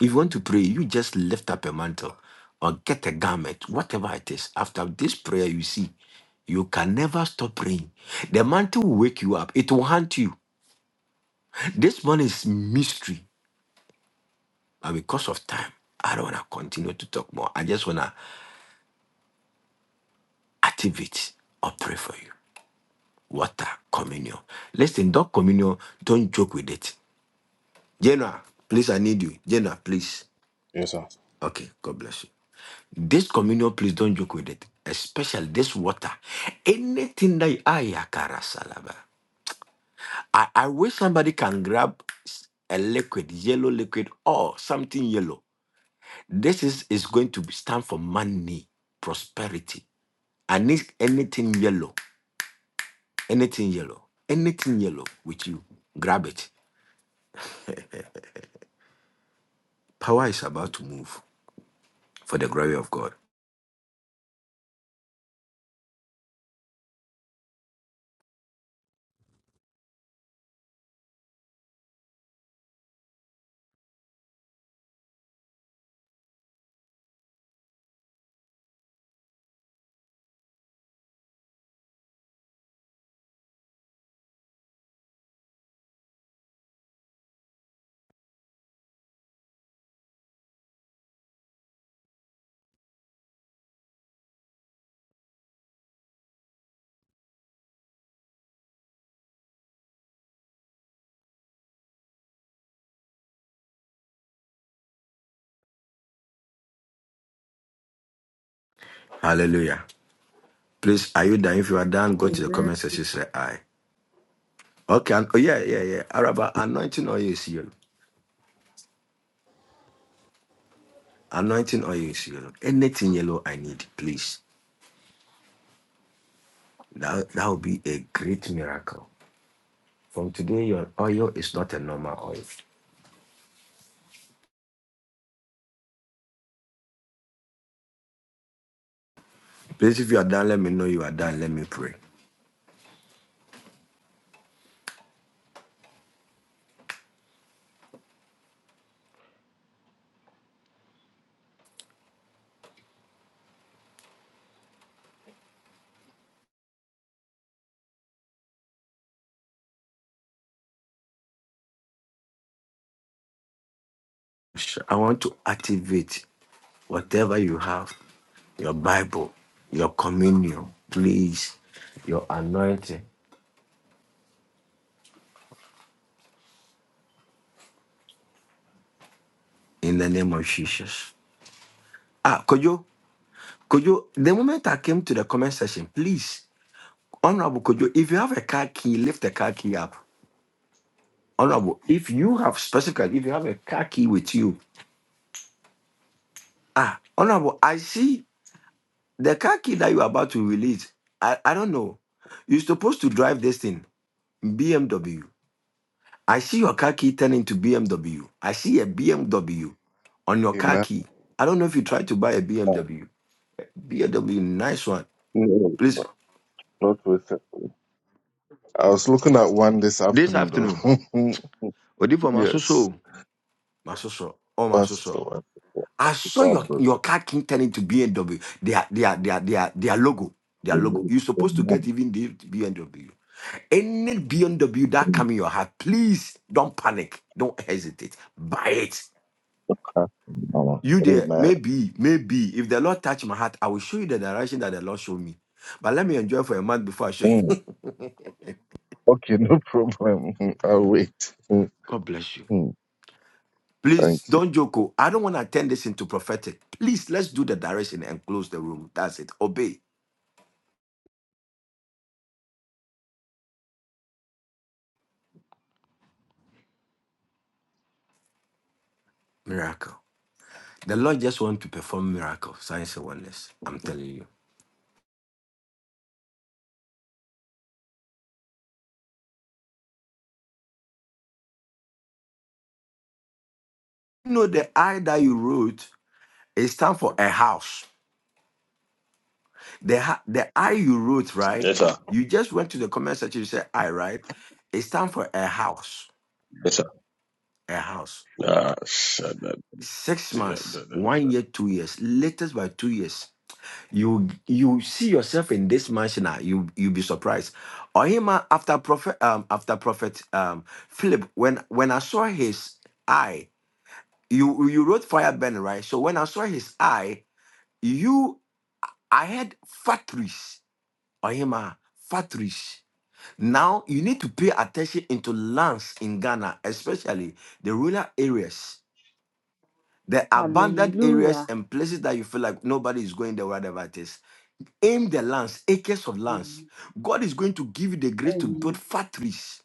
S14: If you want to pray, you just lift up a mantle or get a garment, whatever it is. After this prayer, you see, you can never stop praying. The mantle will wake you up. It will haunt you. This one is mystery. But because of time, I don't want to continue to talk more. I just want to activate or pray for you. Water, communion. Listen, don't communion, don't joke with it. Jenna, please, I need you. Jenna, please. Okay, God bless you. This communion, please don't joke with it. Especially this water. Anything that you ayakara salaba. I, I wish somebody can grab a liquid, yellow liquid or something yellow. This is, is going to stand for money, prosperity. I need anything yellow, anything yellow, anything yellow with you. Grab it. Power is about to move for the glory of God. Hallelujah. Please, are you done? If you are done, go to the
S3: Amen.
S14: comment section. Say I. Okay. and- Oh yeah, yeah, yeah. Araba, anointing oil is yellow. Anointing oil is yellow. Anything yellow, I need, please. That that will be a great miracle. From today, your oil is not a normal oil. Please, if you are done, let me know you are done. Let me pray. sh- I want to activate whatever you have your Bible, your communion, please, your anointing in the name of Jesus. Ah, Kojo, Kojo, the moment I came to the comment section, please, Honorable Kojo, if you have a car key, lift the car key up. Honorable, if you have specifically, if you have a car key with you, ah, Honorable, I see the car key that you are about to release. I, I don't know. You're supposed to drive this thing, BMW. I see your car key turn into BMW. I see a BMW on your car
S17: Amen.
S14: key. I don't know if you tried to buy a
S17: No,
S14: BMW. BMW, nice one. Please,
S17: not with it. I was looking at one this
S14: this
S17: afternoon,
S14: afternoon.
S17: though. <laughs>
S14: Odi for
S17: yes,
S14: Masuso. Masuso. Oh,
S17: Pastor.
S14: Masuso.
S17: Pastor,
S14: I
S17: Pastor
S14: saw your, your
S17: Abruzzo.
S14: car key turn into BMW. Their, their, their, their, their logo. Their logo.
S17: Amen.
S14: You're supposed to get
S17: Mm,
S14: even the BMW. Any BMW that come in your heart, please don't panic. Don't hesitate. Buy it.
S17: Pastor. Mama.
S14: You there,
S17: Amen.
S14: maybe, maybe. If the Lord touch my heart, I will show you the direction that the Lord showed me. But let me enjoy for a month before I show
S17: Mm,
S14: you.
S17: Okay, no problem. <laughs> I'll wait. Mm,
S14: <laughs> God bless you.
S17: mm, Thank
S14: Please
S17: you.
S14: don't joke. oh. I don't want to turn this into prophetic. Please, let's do the direction and close the room. That's it. Obey. Miracle. The Lord just want to perform miracle, signs and wonders. I'm telling you. You know, the I that you wrote is time for a house. The, ha- the I you wrote, right?
S6: Yes, sir.
S14: You just went to the comment section, you said I, right? It's time for a house.
S6: Yes, sir.
S14: A house.
S6: Ah, shut that.
S14: six
S6: yeah,
S14: months,
S6: da- da- da- da-
S14: one year, two years, latest by two years. You you see yourself in this mansion, now. you you be surprised. Or ah, after prophet um after prophet um Philip, when when I saw his eye, you you wrote fire burning, right? So when I saw his eye, you I had factories. Or ah, factories. Now you need to pay attention into lands in Ghana, especially the rural areas The abandoned areas
S18: Hallelujah.
S14: and places
S18: Amen.
S14: that you feel like nobody is going there, whatever it is. Aim the lands, acres of lands. God is going to give you the grace to build
S18: Amen.
S14: factories.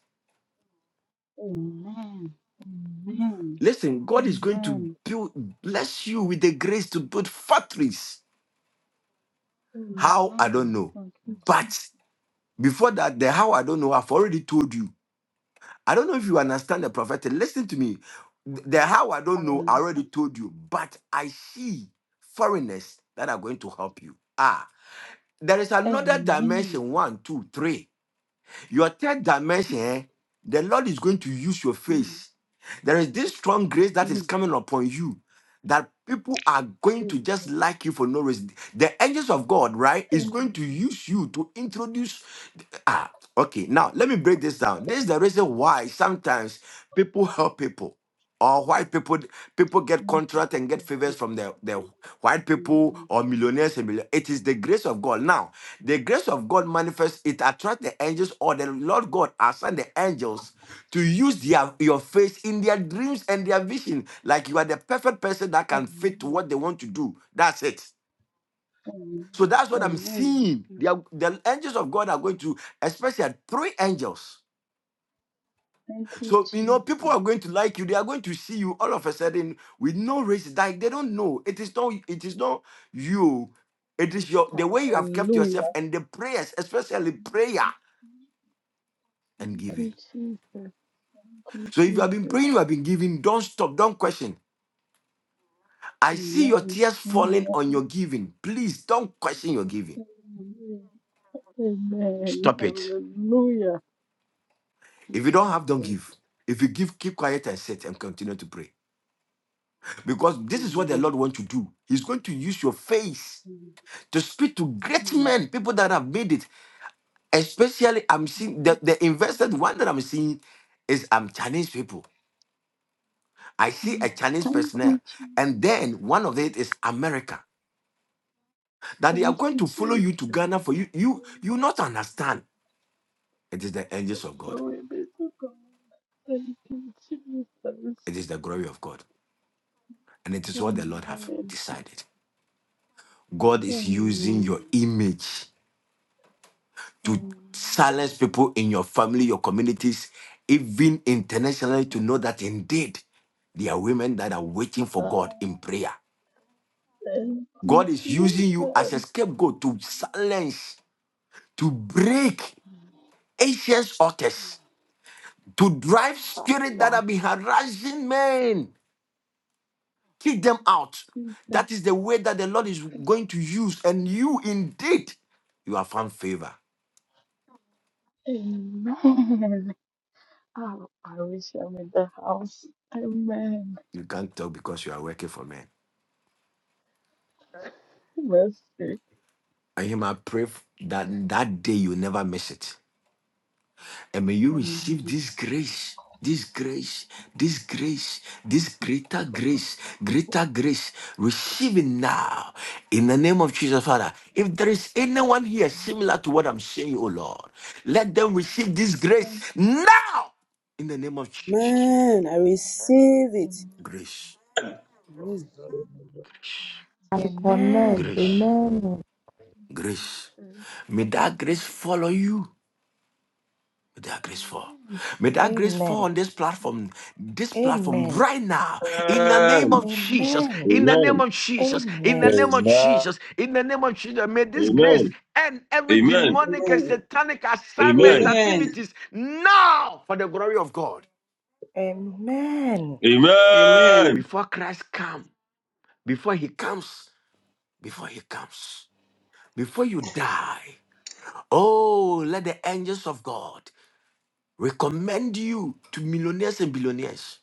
S18: Amen. Amen.
S14: Listen, God is going to
S18: Amen.
S14: build, bless you with the grace to build factories. How? I don't
S18: Amen.
S14: know.
S18: Thank you, Jesus.
S14: But before that, the how I don't know, I've already told you. I don't know if you understand the prophetic. Listen to me. The how I don't
S18: I
S14: know, I already
S18: understand.
S14: told you. But I see foreigners that are going to help you. Ah. There is another
S18: Amen.
S14: dimension one, two, three. Your third dimension,
S18: Mm,
S14: eh, the Lord is going to use your
S18: mm,
S14: face. There is this strong grace that is
S18: mm. Amen.
S14: coming upon you that people are going to just like you for no reason. The angels of God, right, is going to
S18: Thank you,
S14: use you to introduce. Ah, okay. Now, let me break this down. This is the reason why sometimes people help people or why people people get
S18: Jesus.
S14: contract and get favors from the, the white
S18: Thank you,
S14: people or
S18: Jesus.
S14: millionaires and million. It is the grace of God. Now, the grace of God manifests, it attracts the angels, or the Lord God assign the angels to use their, your face in their dreams and their vision. Like you are the perfect person that can fit
S18: Amen.
S14: what they want to do. That's it. So
S18: Amen.
S14: that's what I'm
S18: Amen.
S14: seeing.
S18: Mm.
S14: They are- the angels of God are going to, especially at three angels.
S18: Thank you,
S14: So, you know, people
S18: Jesus.
S14: are going to like you. They are going to see you all of a sudden with no race. Like they don't know. It is not, it is not you. It is your the way you have kept yourself
S18: Hallelujah.
S14: and the prayers, especially prayer. and
S18: Thank
S14: giving.
S18: you, Jesus. Thank you,
S14: So if you have been
S18: Jesus.
S14: praying, you have been giving, don't stop, don't question. I see your
S18: Amen.
S14: tears
S18: Amen.
S14: falling on your giving. Please don't question your giving.
S18: Amen.
S14: Stop it.
S18: Hallelujah.
S14: If you don't have, don't
S18: Jesus.
S14: give. If you give, keep quiet and sit and continue to pray. Because this is what the
S18: Amen.
S14: Lord wants to do. He's going to use your face
S18: Mm.
S14: to speak to great men, people that have made it. Especially, I'm seeing the, the invested one that I'm seeing is um, Chinese people. I see a
S18: Mm.
S14: Chinese
S18: Thank
S14: personnel.
S18: you, Jesus.
S14: And then one of it is America. that they are
S18: Thank
S14: going
S18: you,
S14: to follow
S18: Jesus.
S14: you to Ghana for you. You you not understand. It is the angels of God.
S18: Glory be to God. Thank you, Jesus.
S14: It is the glory of God. And it is what the Lord have
S18: Amen.
S14: decided. God is using your
S18: Amen.
S14: image to
S18: Amen.
S14: silence people in your family, your communities, even internationally, to know that indeed there are women that are waiting for
S18: Ah,
S14: God in prayer.
S18: Thank you,
S14: God is using
S18: Jesus.
S14: you as a scapegoat to silence, to break ancient altars, to drive
S18: Ah,
S14: spirits that
S18: yeah.
S14: have been harassing men. Kick them out. That
S18: Jesus.
S14: is the way that the Lord is going to use. And you indeed, you have found favor.
S18: Amen. Oh, I wish I'm in the house. Amen.
S14: You can't tell because you are working for men.
S18: Mercy.
S14: And him, I pray that that day you never miss it. And may you receive
S18: Amen.
S14: this grace, this grace, this grace, this greater grace, greater grace. Receive it now in the name of Jesus, Father. If there is anyone here similar to what I'm saying, oh Lord, let them receive this grace now in the name of Jesus.
S3: Amen. I receive it.
S14: Grace.
S3: Amen.
S6: da.
S12: Amen.
S2: I connect.
S12: Amen.
S14: Grace.
S2: Amen.
S14: Grace.
S18: Amen.
S14: May that grace follow you. May that grace fall.
S18: Amen.
S14: May
S12: Amen.
S14: that grace fall
S12: Amen.
S14: on this platform, this platform right now, in the name
S6: Amen.
S14: of Jesus, in the
S6: Amen.
S14: name of Jesus, in the name of Jesus, in the name of Jesus. May this grace end every
S6: Amen.
S14: demonic and
S4: Amen.
S14: satanic assignment
S6: Amen.
S4: Amen.
S14: activities now for the glory of God.
S12: Amen.
S4: Amen.
S6: Amen.
S14: Before Christ come, before he comes, before he comes, before you die, Oh, let the angels of God recommend you to millionaires and billionaires.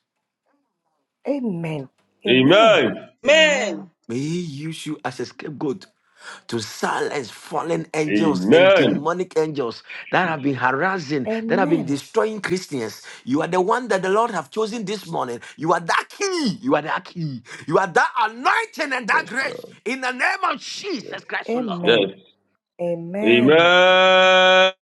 S12: Amen. Amen. Amen.
S6: Amen.
S4: Amen.
S14: May He use you as a scapegoat to silence fallen angels and
S6: Amen.
S14: demonic angels that have been
S6: Jesus.
S14: harassing, that have been
S12: Amen.
S14: destroying Christians. You are the one that the Lord have chosen this morning. You are that key. You are that key. You are that anointing and that
S6: Yes,
S14: grace
S6: Lord.
S14: in the name of
S6: Yes.
S14: Jesus Christ, O Lord.
S12: Amen.
S6: Yes.
S12: Amen.
S6: Amen.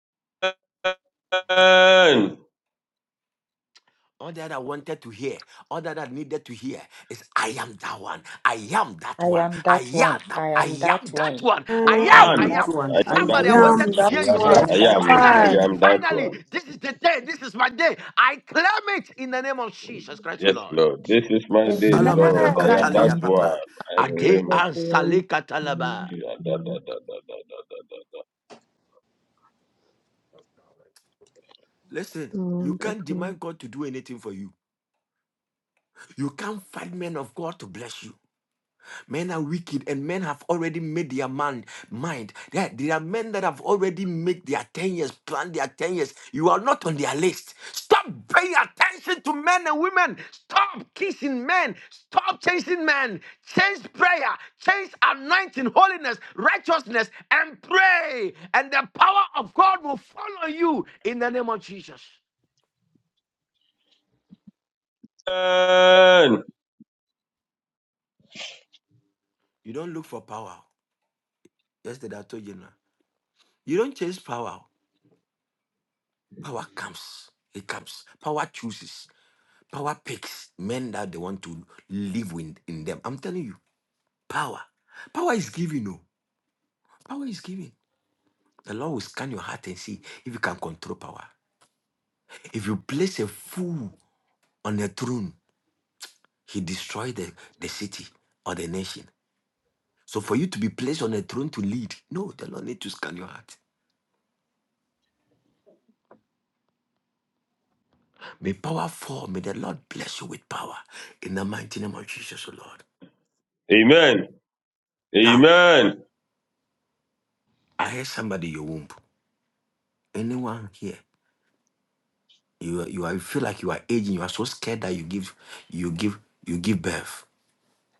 S14: All that I wanted to hear, all that I needed to hear is I am that one. I am
S12: I
S14: that one.
S12: am
S14: I
S12: that one.
S14: am that
S12: I
S14: I
S12: am that
S14: am that
S12: one.
S14: one. I
S12: I
S14: am,
S12: am
S3: Amen.
S14: I
S6: One.
S3: That
S12: that
S14: am.
S6: I
S3: one.
S12: one.
S3: I
S6: am that
S14: Somebody I
S6: one.
S14: wanted
S3: am
S14: to hear
S3: that
S14: you
S12: I
S14: say,
S6: I
S12: am
S3: one.
S12: that
S6: am.
S12: one.
S6: I
S14: finally,
S6: am
S2: One.
S6: that
S14: finally,
S6: one.
S14: this is the day, this is my day. I claim it in the name of Jesus Christ, O
S6: Yes,
S14: Lord.
S6: Lord. This is my day,
S2: Amen.
S14: Salamada,
S6: Lord. I
S19: Amen.
S2: I
S6: am
S2: am.
S6: that
S14: Katalia
S6: one.
S14: Papa.
S6: I claim
S14: Ade
S6: it.
S19: That
S14: Ansale
S19: one.
S14: Katalaba.
S19: Amen. That one.
S14: Listen, you
S19: Amen. That
S14: can't
S19: one.
S14: demand God to do anything for you. You can't find men of God to bless you. Men are wicked and men have already made their man, mind. There, there are men that have already made their 10 years, plan their 10 years. You are not on their list. Stop paying attention to men and women. Stop kissing men. Stop chasing men. Change prayer. Change anointing, holiness, righteousness, and pray. And the power of God will follow you in the name of Jesus.
S6: Amen.
S14: You don't look for power. Yesterday I told you now. You don't chase power. Power comes. It comes. Power chooses. Power picks men that they want to live with in them. I'm telling you, power. Power is given, no. Power is given. The Lord will scan your heart and see if you can control power. If you place a fool on a throne, he destroys the, the city or the nation. So for you to be placed on a throne to lead, no, the Lord need to scan your heart. May power fall. May the Lord bless you with power in the mighty name of Jesus, O Lord.
S6: Amen.
S14: Now,
S6: Amen.
S14: I hear somebody in your womb. Anyone here? You are- you are, you feel like you are aging. You are so scared that you give you give you give birth.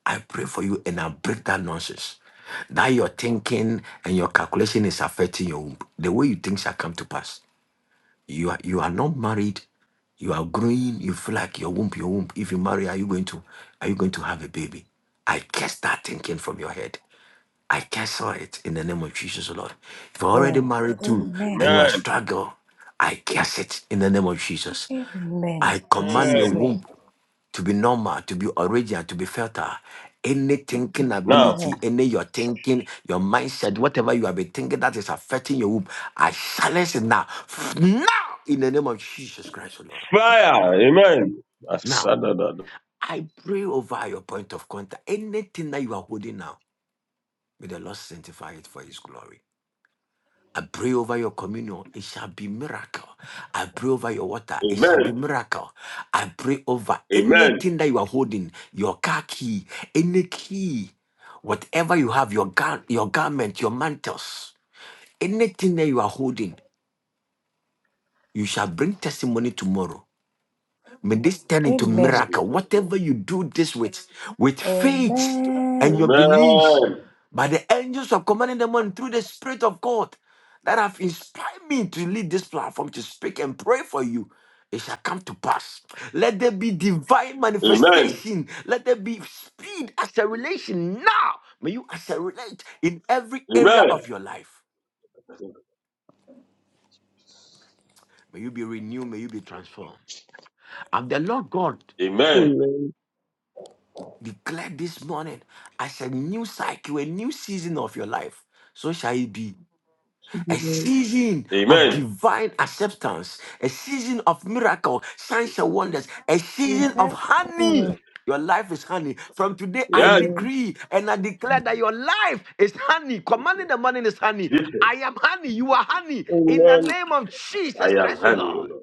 S14: I pray for you and I break that nonsense. That your thinking and your calculation is affecting your womb. The way you think shall come to pass. You are, you are not married. You are growing. You feel like your womb, your womb. If you marry, are you going to are you going to have a baby? I cast that thinking from your head. I cancel it in the name of Jesus, O Lord. If you're already married
S12: Amen.
S14: too and
S12: Amen.
S14: you are
S6: Amen.
S14: struggling, I cast it in the name of Jesus.
S12: Amen.
S14: I
S12: In
S14: command your
S12: Jesus'
S6: Amen.
S12: name.
S14: womb to be normal, to be original, to be fertile. Any thinking
S6: Now,
S14: ability,
S12: Amen.
S14: any your thinking, your mindset, whatever you have been thinking that is affecting your womb, I silence it now. Now, in the name of Jesus Christ, O Lord.
S6: fire. Amen.
S14: Now,
S6: Asadadada.
S14: I pray over your point of contact. Anything that you are holding now, may the Lord sanctify it for His glory. I pray over your communion, it shall be miracle. I pray over your water, it shall
S6: Amen.
S14: be miracle. I pray over
S6: Amen.
S14: anything that you are holding, your car key, any key, whatever you have, your gar- your garment, your mantles, anything that you are holding, you shall bring testimony tomorrow. May this turn into
S6: In
S12: Amen.
S14: miracle.
S6: Jesus' name.
S14: Whatever you do this with, with faith and
S12: Amen.
S14: your beliefs,
S6: Amen.
S14: by the angels of commanding the morning through the Spirit of God that have inspired me to lead this platform to speak and pray for you. It shall come to pass. Let there be divine
S6: Amen.
S14: manifestation. Let there be speed, acceleration. Now, may you accelerate in every
S6: Amen.
S14: area of your life. May you be renewed. May you be transformed. I'm the Lord God.
S6: Amen.
S19: Amen.
S14: Declare this morning as a new cycle, a new season of your life. So shall it be a
S19: Amen.
S14: season of
S6: Amen.
S14: divine acceptance, a season of miracle, signs and wonders, a season of
S2: Amen.
S14: honey.
S6: Jesus.
S2: Amen.
S14: Your life is honey. From today, I
S6: Yes.
S14: decree and I declare that your life is honey.
S6: Jesus.
S14: Commanding the morning is honey.
S6: Jesus.
S14: I am honey. You are
S6: Jesus.
S14: honey. In the name of
S6: I
S14: Jesus
S6: am
S14: Christ, O
S6: having you,
S14: Lord.
S6: Lord.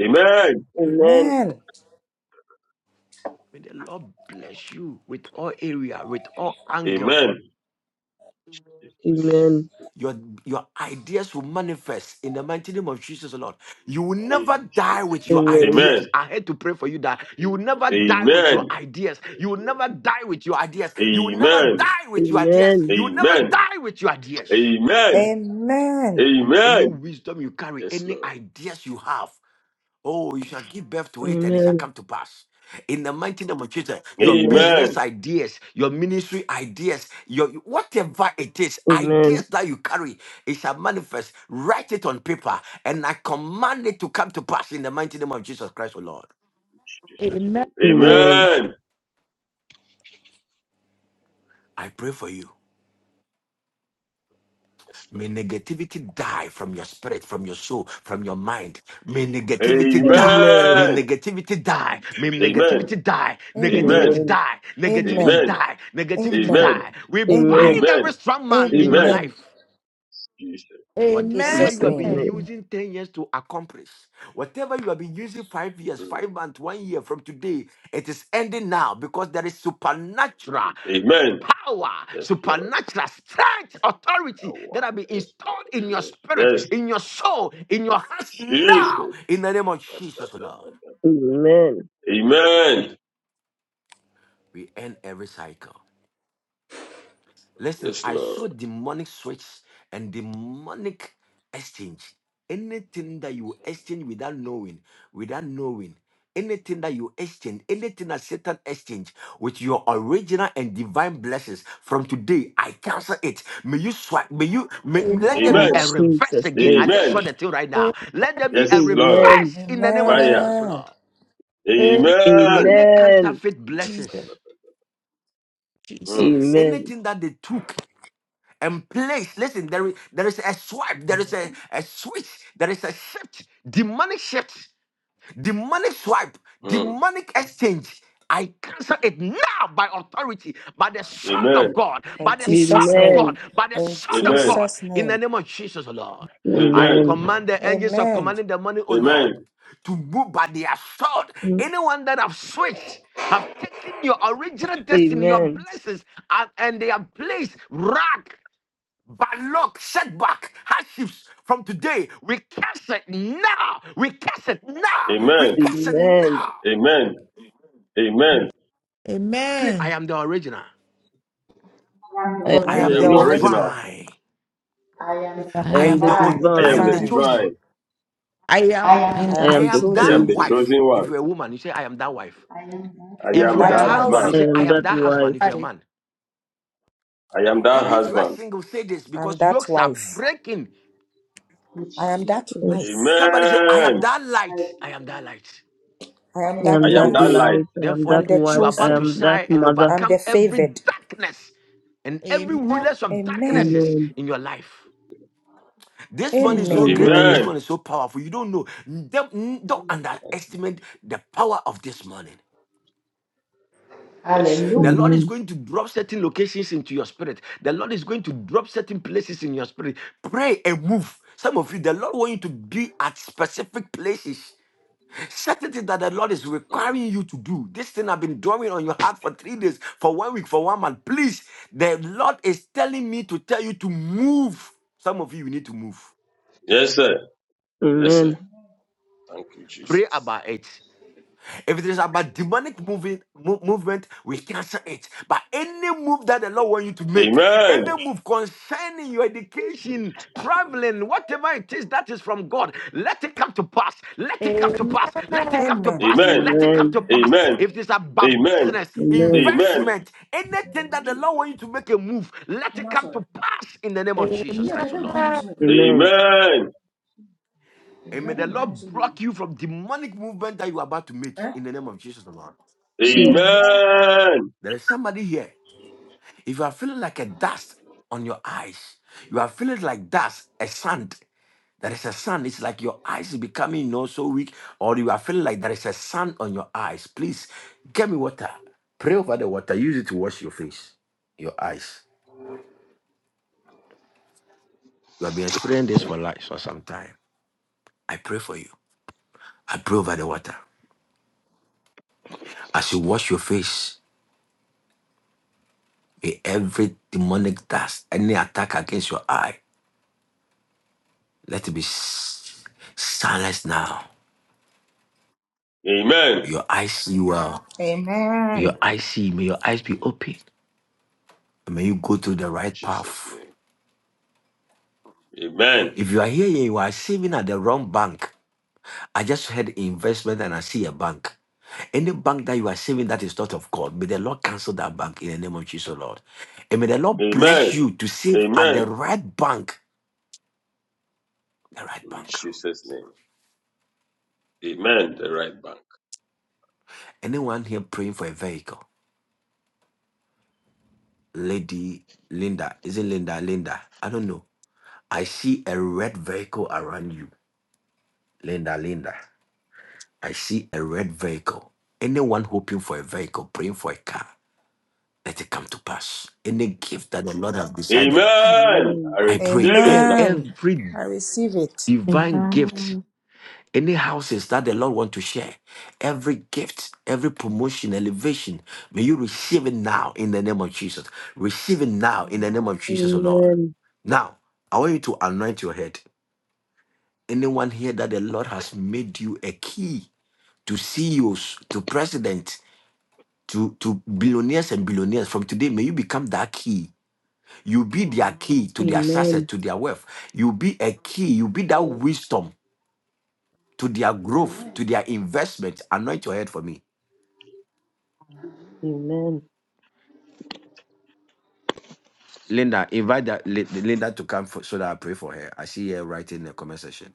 S6: Amen.
S12: Amen.
S14: May the Lord bless you with all area, with all angle.
S6: Amen.
S19: Amen. Amen. Amen. Amen.
S14: Your, your ideas will manifest in the mighty name of Jesus, Lord. You will never
S6: In
S14: die
S6: Jesus'
S14: with your
S6: name.
S19: Amen.
S6: Amen.
S14: ideas. I had to pray for you that you will never die with your
S6: Amen.
S14: ideas. You
S6: Yes,
S14: will
S6: Lord.
S14: never die with your ideas. You will never
S6: Amen.
S14: die with your ideas.
S19: Amen.
S14: You will never
S6: Amen.
S14: die with your ideas.
S6: Amen.
S12: Amen.
S14: Any
S6: Amen.
S14: wisdom you carry,
S6: Yes,
S14: any
S6: Lord.
S14: ideas you have, Oh, you shall give birth to it and it shall come to pass. In the mighty name of Jesus, your business
S6: Amen.
S14: ideas, your ministry ideas, your whatever it is, ideas that you carry, it shall manifest. Write it on paper, and I command it to come to pass in the mighty name of Jesus Christ, O Lord.
S6: Jesus' name. Amen.
S14: I pray for you.
S6: Yes,
S14: May
S6: Lord.
S14: negativity die from your spirit, from your soul, from your mind. May negativity
S19: Amen. Amen.
S14: die. May
S6: Amen.
S14: negativity die. May
S6: Amen.
S14: negativity die.
S19: Amen. Amen.
S12: Amen.
S14: Negativity
S6: Amen.
S19: Amen.
S14: die. Negativity
S12: Amen.
S6: Amen.
S14: die. Negativity
S12: Amen.
S6: Amen.
S14: die. We
S19: Amen.
S12: Amen.
S19: Amen.
S14: bind
S6: Amen.
S14: every strong man in your
S19: Amen.
S6: Amen.
S12: Amen.
S14: life.
S6: Jesus.
S14: Whatever
S6: Yes,
S2: Amen.
S12: Jesus'
S14: you have
S19: Jesus'
S6: Lord.
S12: name.
S14: been
S19: name.
S14: using 10 years to accomplish, whatever you have been using five years, five
S6: Mm.
S14: months, one year from today, it is ending now because there is supernatural
S6: Amen.
S14: power,
S6: Yes, Lord.
S14: supernatural strength, authority
S6: Power.
S14: that have been
S6: Yes,
S14: installed
S6: Lord.
S14: in your
S6: Yes.
S14: spirit,
S6: Yes.
S14: in your soul, in your hearts now.
S6: Jesus.
S14: In the name of
S6: Da, da,
S14: Jesus,
S6: da,
S14: Lord,
S6: da, da,
S19: Amen.
S6: da. Amen.
S14: we end every cycle. Listen,
S6: Yes,
S14: I
S6: Lord.
S14: saw demonic switch and demonic exchange. Anything that you exchange without knowing, without knowing, anything that you exchange, anything that Satan exchange with your original and divine blessings from today, I cancel it. May you swipe, may you may, let there be
S19: In
S2: Amen.
S6: Amen.
S14: a reverse
S19: Jesus'
S14: again. I
S19: name.
S14: just
S6: Amen.
S14: saw the thing right now. Let there be
S6: Yes,
S14: a
S6: Lord.
S14: reverse
S19: Amen.
S14: in the name of
S6: Fire.
S14: Jesus,
S12: Amen.
S14: Lord.
S2: Amen.
S6: Amen.
S14: Any
S19: Amen.
S14: counterfeit blessings,
S2: Jesus.
S6: Mm,
S2: Jesus.
S19: Amen.
S14: anything that they took. and place. Listen, there is, there is a swipe, there is a, a switch, there is a shift, demonic shift, demonic swipe,
S6: mm.
S14: demonic exchange. I cancel it now by authority, by the sword of
S6: Amen.
S14: God, by
S12: In
S14: the
S12: Jesus'
S14: sword of
S12: name.
S14: God, by the
S12: In
S14: sword of
S6: Amen.
S14: God,
S12: Jesus'
S14: in the
S12: name.
S14: name of Jesus, O Lord. I
S6: Amen.
S19: Amen.
S14: command the angels of
S12: Amen.
S14: commanding the money, O Lord,
S6: Amen.
S14: to move by the sword.
S19: Amen.
S14: Anyone that have switched have taken your original destiny, your
S19: Amen.
S14: blessings, and, and they have placed rag. But luck, setback, hardships from today, we curse it now. We curse it now. We
S19: the
S6: Amen.
S14: curse it
S19: man.
S14: now.
S6: Amen. Amen.
S14: Say, I
S2: Amen.
S14: am the original.
S18: I am the
S19: I
S11: I,
S12: I
S19: am
S14: I
S19: the
S18: original.
S14: am
S6: I
S12: am the
S14: the
S6: am the
S19: original.
S6: original.
S12: original.
S14: divine.
S18: I am the
S11: I
S19: I
S14: I
S11: am.
S19: am
S14: am
S19: the
S14: the
S12: I am
S14: o-
S18: divine.
S12: the
S6: I
S14: I
S6: am
S14: am
S6: the
S19: divine.
S14: the
S12: divine.
S14: chosen.
S6: divine.
S2: I am
S18: I
S11: I
S18: am the
S12: I
S11: am.
S19: I
S12: am
S14: I
S12: the
S19: am the
S18: truth.
S14: am
S6: I am
S14: that
S12: chosen.
S6: the
S19: chosen.
S14: wife.
S6: chosen
S14: If
S6: one.
S14: you're a woman, you say, I am that wife.
S18: I am that
S6: I
S12: I
S14: If
S12: am
S14: you're
S6: am
S12: that
S14: a
S18: light.
S6: that
S14: husband,
S2: powered
S14: you
S6: man.
S12: wife.
S19: I
S14: say, I
S19: am
S14: am
S19: that
S14: that husband.
S19: wife.
S14: If you're a
S2: by.
S14: man,
S6: I am that
S14: even if you are
S6: husband.
S14: single, say this
S12: I am
S14: because
S12: that
S14: yokes are
S12: wife.
S14: breaking.
S18: Which
S12: I am
S18: is,
S12: that
S19: Yes.
S12: wife.
S14: Somebody say,
S18: I
S14: I
S18: am that
S14: am
S6: Amen.
S18: light.
S14: that light. I am
S18: in
S14: that
S18: me.
S14: light.
S12: I
S18: I
S12: am
S19: I
S12: that
S18: am
S19: am
S6: I
S19: that
S6: am
S18: that
S6: that
S12: life.
S6: light.
S19: light.
S18: light.
S19: I am
S12: I
S14: Therefore,
S12: am
S19: that
S12: the
S14: you
S19: wife.
S14: are
S19: I
S14: about
S12: chosen.
S14: to
S19: am that
S14: shine and
S12: I
S19: mother.
S12: am
S14: overcome
S12: the
S14: every
S12: favored.
S14: darkness and every
S2: Amen.
S14: rulers of
S12: Amen.
S14: darknesses
S19: Amen.
S14: in your life. This one is
S18: And
S14: so
S12: Amen.
S18: not
S14: great and
S19: Amen.
S14: this
S6: Amen.
S14: one is so powerful. You don't know. Don't, don't
S18: me.
S14: underestimate the power of this morning.
S6: Yes, sir.
S14: The
S18: Hallelujah.
S14: Lord is
S19: Amen.
S14: going to drop certain locations into your spirit. The Lord is going to drop certain places in your spirit. Pray and move. Some of you, the Lord wants you to be at specific places. certain things that the Lord is
S6: Mm.
S14: requiring you to do. This thing I've been drawing on your heart for three days, for one week, for one month. Please, the Lord is telling me to tell you to move. Some of you, you need to move.
S6: Yes, sir. Yes, sir.
S19: Amen.
S6: Thank you,
S14: Pray
S6: Jesus.
S14: about it. If it is about demonic moving, mo- movement, we cancel it. But any move that the Lord wants you to make,
S6: Amen.
S14: any move concerning your education, traveling, whatever it is that is from God, let it come to pass. Let it come to
S2: Amen.
S14: pass. Let it
S2: Amen.
S14: come to
S12: Amen.
S14: pass.
S6: Amen.
S14: Let it come
S19: Amen.
S14: to pass.
S6: Amen.
S14: If it is about
S6: Amen.
S14: business,
S19: Amen.
S6: Amen.
S14: investment, anything that the Lord wants you to make a move, let it
S12: Mama
S14: come
S12: sorry.
S14: to pass in the name of Jesus
S2: Amen.
S12: Ne
S14: Christ, the
S12: bɛda mpa
S14: Lord.
S12: no so
S19: Amen.
S6: Amen.
S14: And may
S12: bɛda
S14: the
S12: mpa no
S14: Lord
S12: so mu ni.
S14: block you from demonic movement that you are about to make
S12: Eh?
S14: in the name of Jesus, the Lord.
S19: Jesus.
S6: Amen.
S14: There is somebody here. If you are feeling like a dust on your eyes, you are feeling like dust, a sand. There is a sand. It's like your eyes is becoming you know, so weak, or you are feeling like there is a sand on your eyes. Please get me water. Pray over the water. Use it to wash your face, your eyes. You have been experiencing this for life for some time. I pray for you. I pray over the water. As you wash your face, may every demonic dust, any attack against your eye, let it be s- silenced now.
S6: Amen.
S14: Your eyes see well. May your
S12: Amen.
S14: eyes see. May your eyes be
S6: In
S14: open. And may you go to the right
S6: Jesus'
S14: path.
S6: name. Amen.
S14: If you are here and you are saving at the wrong bank, I just heard investment and I see a bank. Any bank that you are saving that is not of God, may the Lord cancel that bank in the name of Jesus, Lord. And may the Lord bless
S6: Amen.
S14: you to save at
S6: Amen.
S14: the right bank. The right
S6: In
S14: bank.
S6: Jesus' name. Amen. The right bank.
S14: Anyone here praying for a vehicle? Lady Linda. Is it Linda? Linda. I don't know. I see a red vehicle around you. Linda, Linda. I see a red vehicle. Anyone hoping for a vehicle, praying for a car, let it come to pass. Any gift that the Lord has decided,
S6: Amen.
S19: Amen.
S6: I
S14: I pray
S6: receive it
S14: e-
S6: now.
S12: Amen.
S14: every
S12: I receive it.
S14: divine gift, any houses that the Lord want to share, every gift, every promotion, elevation, may you receive it now in the name of Jesus. Receive it now in the name of Jesus, O Lord.
S19: Amen.
S14: Now, I want you to anoint your head. Anyone here that the Lord has made you a key to CEOs, to president. to, to billionaires and billionaires. From today, may you become that key. You be their key to their success,
S19: Amen.
S14: to their wealth. You be a key. You be that
S18: Amen.
S14: wisdom to their growth, to their investment. Anoint your head for me.
S19: Amen.
S14: Linda, invite that, Li- Linda to come for, so that I pray for her. I see her writing in the comment section.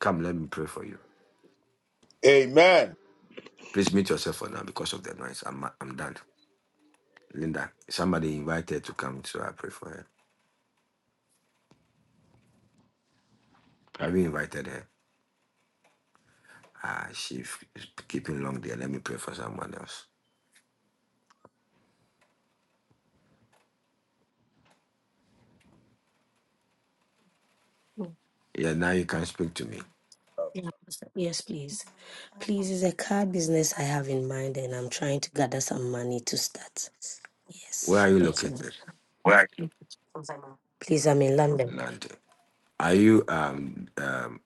S14: Come, let me pray for you. Please mute yourself for now because of the noise. I'm, I'm done. Linda, somebody invited her to come so I pray for her. Have you invited her? Ah, she's keeping long there. Let me pray for someone else.
S20: Mm.
S14: Yeah, now you can speak to me.
S20: Yeah, Pastor. Yes, please. Please, it's a car business I have in mind, and I'm trying to gather some money to start.
S14: Where
S20: Yes.
S14: are
S20: <laughs>
S14: you
S20: Mhm.
S14: located,
S20: Where? Please, I'm in London.
S14: Nante? Are you um um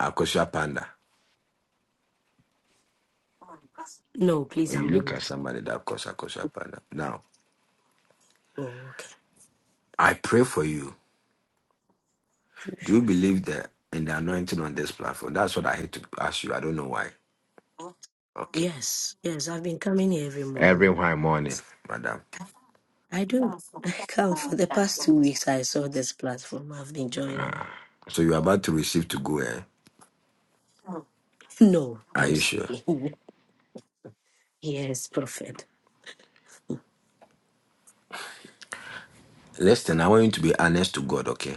S14: Akosha Panda?
S20: No,
S14: Or
S20: please,
S14: you
S20: I'm in
S14: look
S20: London.
S14: at somebody that calls Akosha Panda. Now,
S20: Oh, okay.
S14: I pray for you. Do you believe that in the anointing on this platform? That's what I hate to ask you. I don't know why. Okay.
S20: Yes, yes, I've been coming here every
S14: Every
S20: morning.
S14: white morning,
S20: Yes,
S14: madam.
S20: I do. <laughs> I come for the past two weeks. I saw this platform. I've been joining.
S14: So you're about to receive to go, eh?
S20: <laughs> No,
S14: Are
S20: I'm
S14: you sure?
S20: staying. <laughs> Yes, prophet.
S14: Listen, I want you to be honest to God, okay?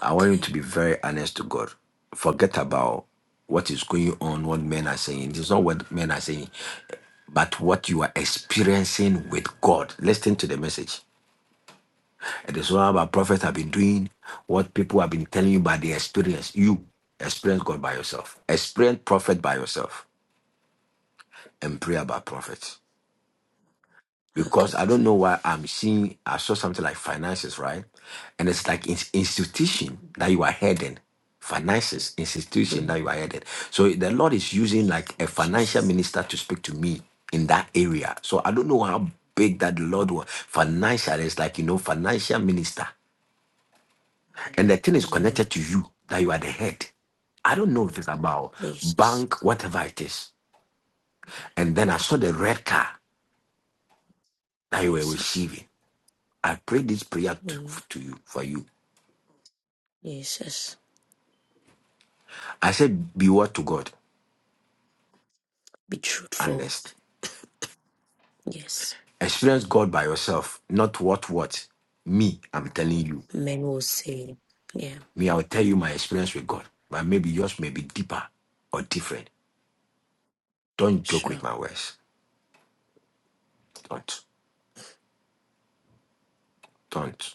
S14: I want you
S20: Okay,
S14: to be very honest to God. Forget about what is going on, what men are saying. It is not what men are saying, but what you are experiencing with God. Listen to the message. It is not about prophets have been doing, what people have been telling you by their experience. You experience God by yourself, experience prophet by yourself, and pray about prophets.
S20: okay,
S14: because I don't
S20: prophet.
S14: know why I'm seeing I saw something like finances, right? And it's like it's institution that you are heading. Finances, institution
S20: Mm.
S14: that you are headed. So the Lord is using like a financial
S20: Jesus.
S14: minister to speak to me in that area. So I don't know how big that the Lord
S20: Mm.
S14: was. Financial is like, you know, financial minister. And the thing is
S20: mm,
S14: connected to you that you are the head. I don't know if it's about
S20: Jesus.
S14: bank, whatever it is. And then I saw the red car that you were
S20: Jesus.
S14: receiving. I pray this prayer to,
S20: Mm,
S14: to you for you.
S20: Jesus.
S14: I said, be what to God,
S20: Be truthful.
S14: honest.
S20: Yes.
S14: Experience God by yourself, not what what. Me, I'm telling you.
S20: Men will say, yeah,
S14: Me, I'll tell you my experience with God. But maybe yours may be deeper or different. Don't joke
S20: sure.
S14: with my words. Don't. Don't.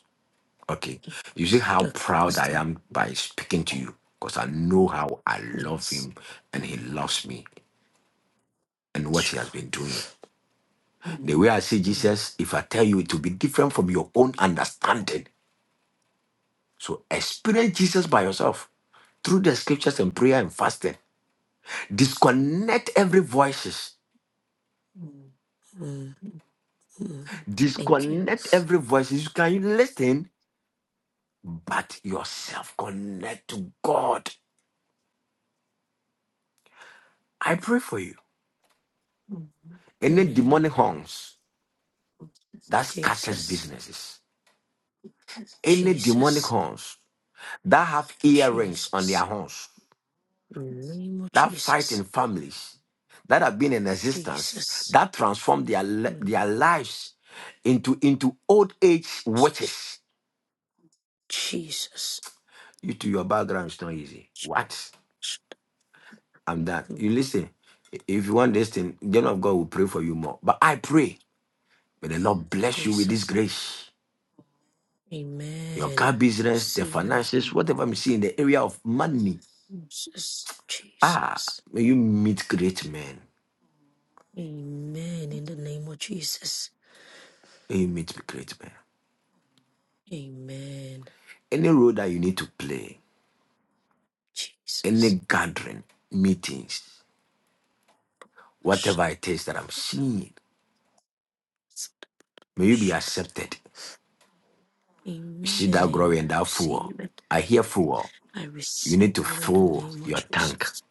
S14: Okay. You see how
S20: Okay,
S14: proud I
S20: Pastor.
S14: am by speaking to you. Because I know how I love
S20: Yes.
S14: him and he loves me and what
S20: Sure.
S14: he has been doing. The way I see
S20: Mm,
S14: Jesus, if I tell you it will be different from your own understanding So experience Jesus by yourself through the scriptures and prayer and fasting. Disconnect every voices.
S20: mm, mm. Thank you.
S14: Disconnect every voices. You can listen, but yourself connect to God. I pray for you. Any
S20: Amen.
S14: demonic horns that scatters
S20: Jesus.
S14: businesses. Any demonic
S20: Jesus.
S14: horns that have earrings on their
S20: Jesus.
S14: horns.
S20: In the name of
S14: that fight
S20: Jesus.
S14: in families that have been in existence
S20: Jesus.
S14: that transformed their li-
S20: Mm,
S14: their lives into into old age
S20: Jesus.
S14: witches.
S20: Jesus.
S14: You to your background is not easy. What?
S20: Jesus.
S14: I'm done.
S20: Mm,
S14: You listen. If you want this thing, then of God will pray for you more. But I pray, may the Lord bless you with this
S20: Jesus.
S14: grace. Your
S20: Amen.
S14: car business, the
S20: Receive it.
S14: finances, whatever I'm seeing in the area of money.
S20: Jesus.
S14: Ah,
S20: Jesus.
S14: may you meet great men.
S20: Amen. In the name of Jesus.
S14: May you meet great men.
S20: Amen.
S14: Any role that you need to play.
S20: Jesus.
S14: any gathering, meetings, whatever it is that I'm seeing, may you be accepted. You see that
S20: Amen.
S14: glory and that fuel.
S20: Receive it.
S14: I hear fuel.
S20: I
S14: You
S20: receive
S14: need to
S20: it in the
S14: fill
S20: name of
S14: your tank
S20: Jesus.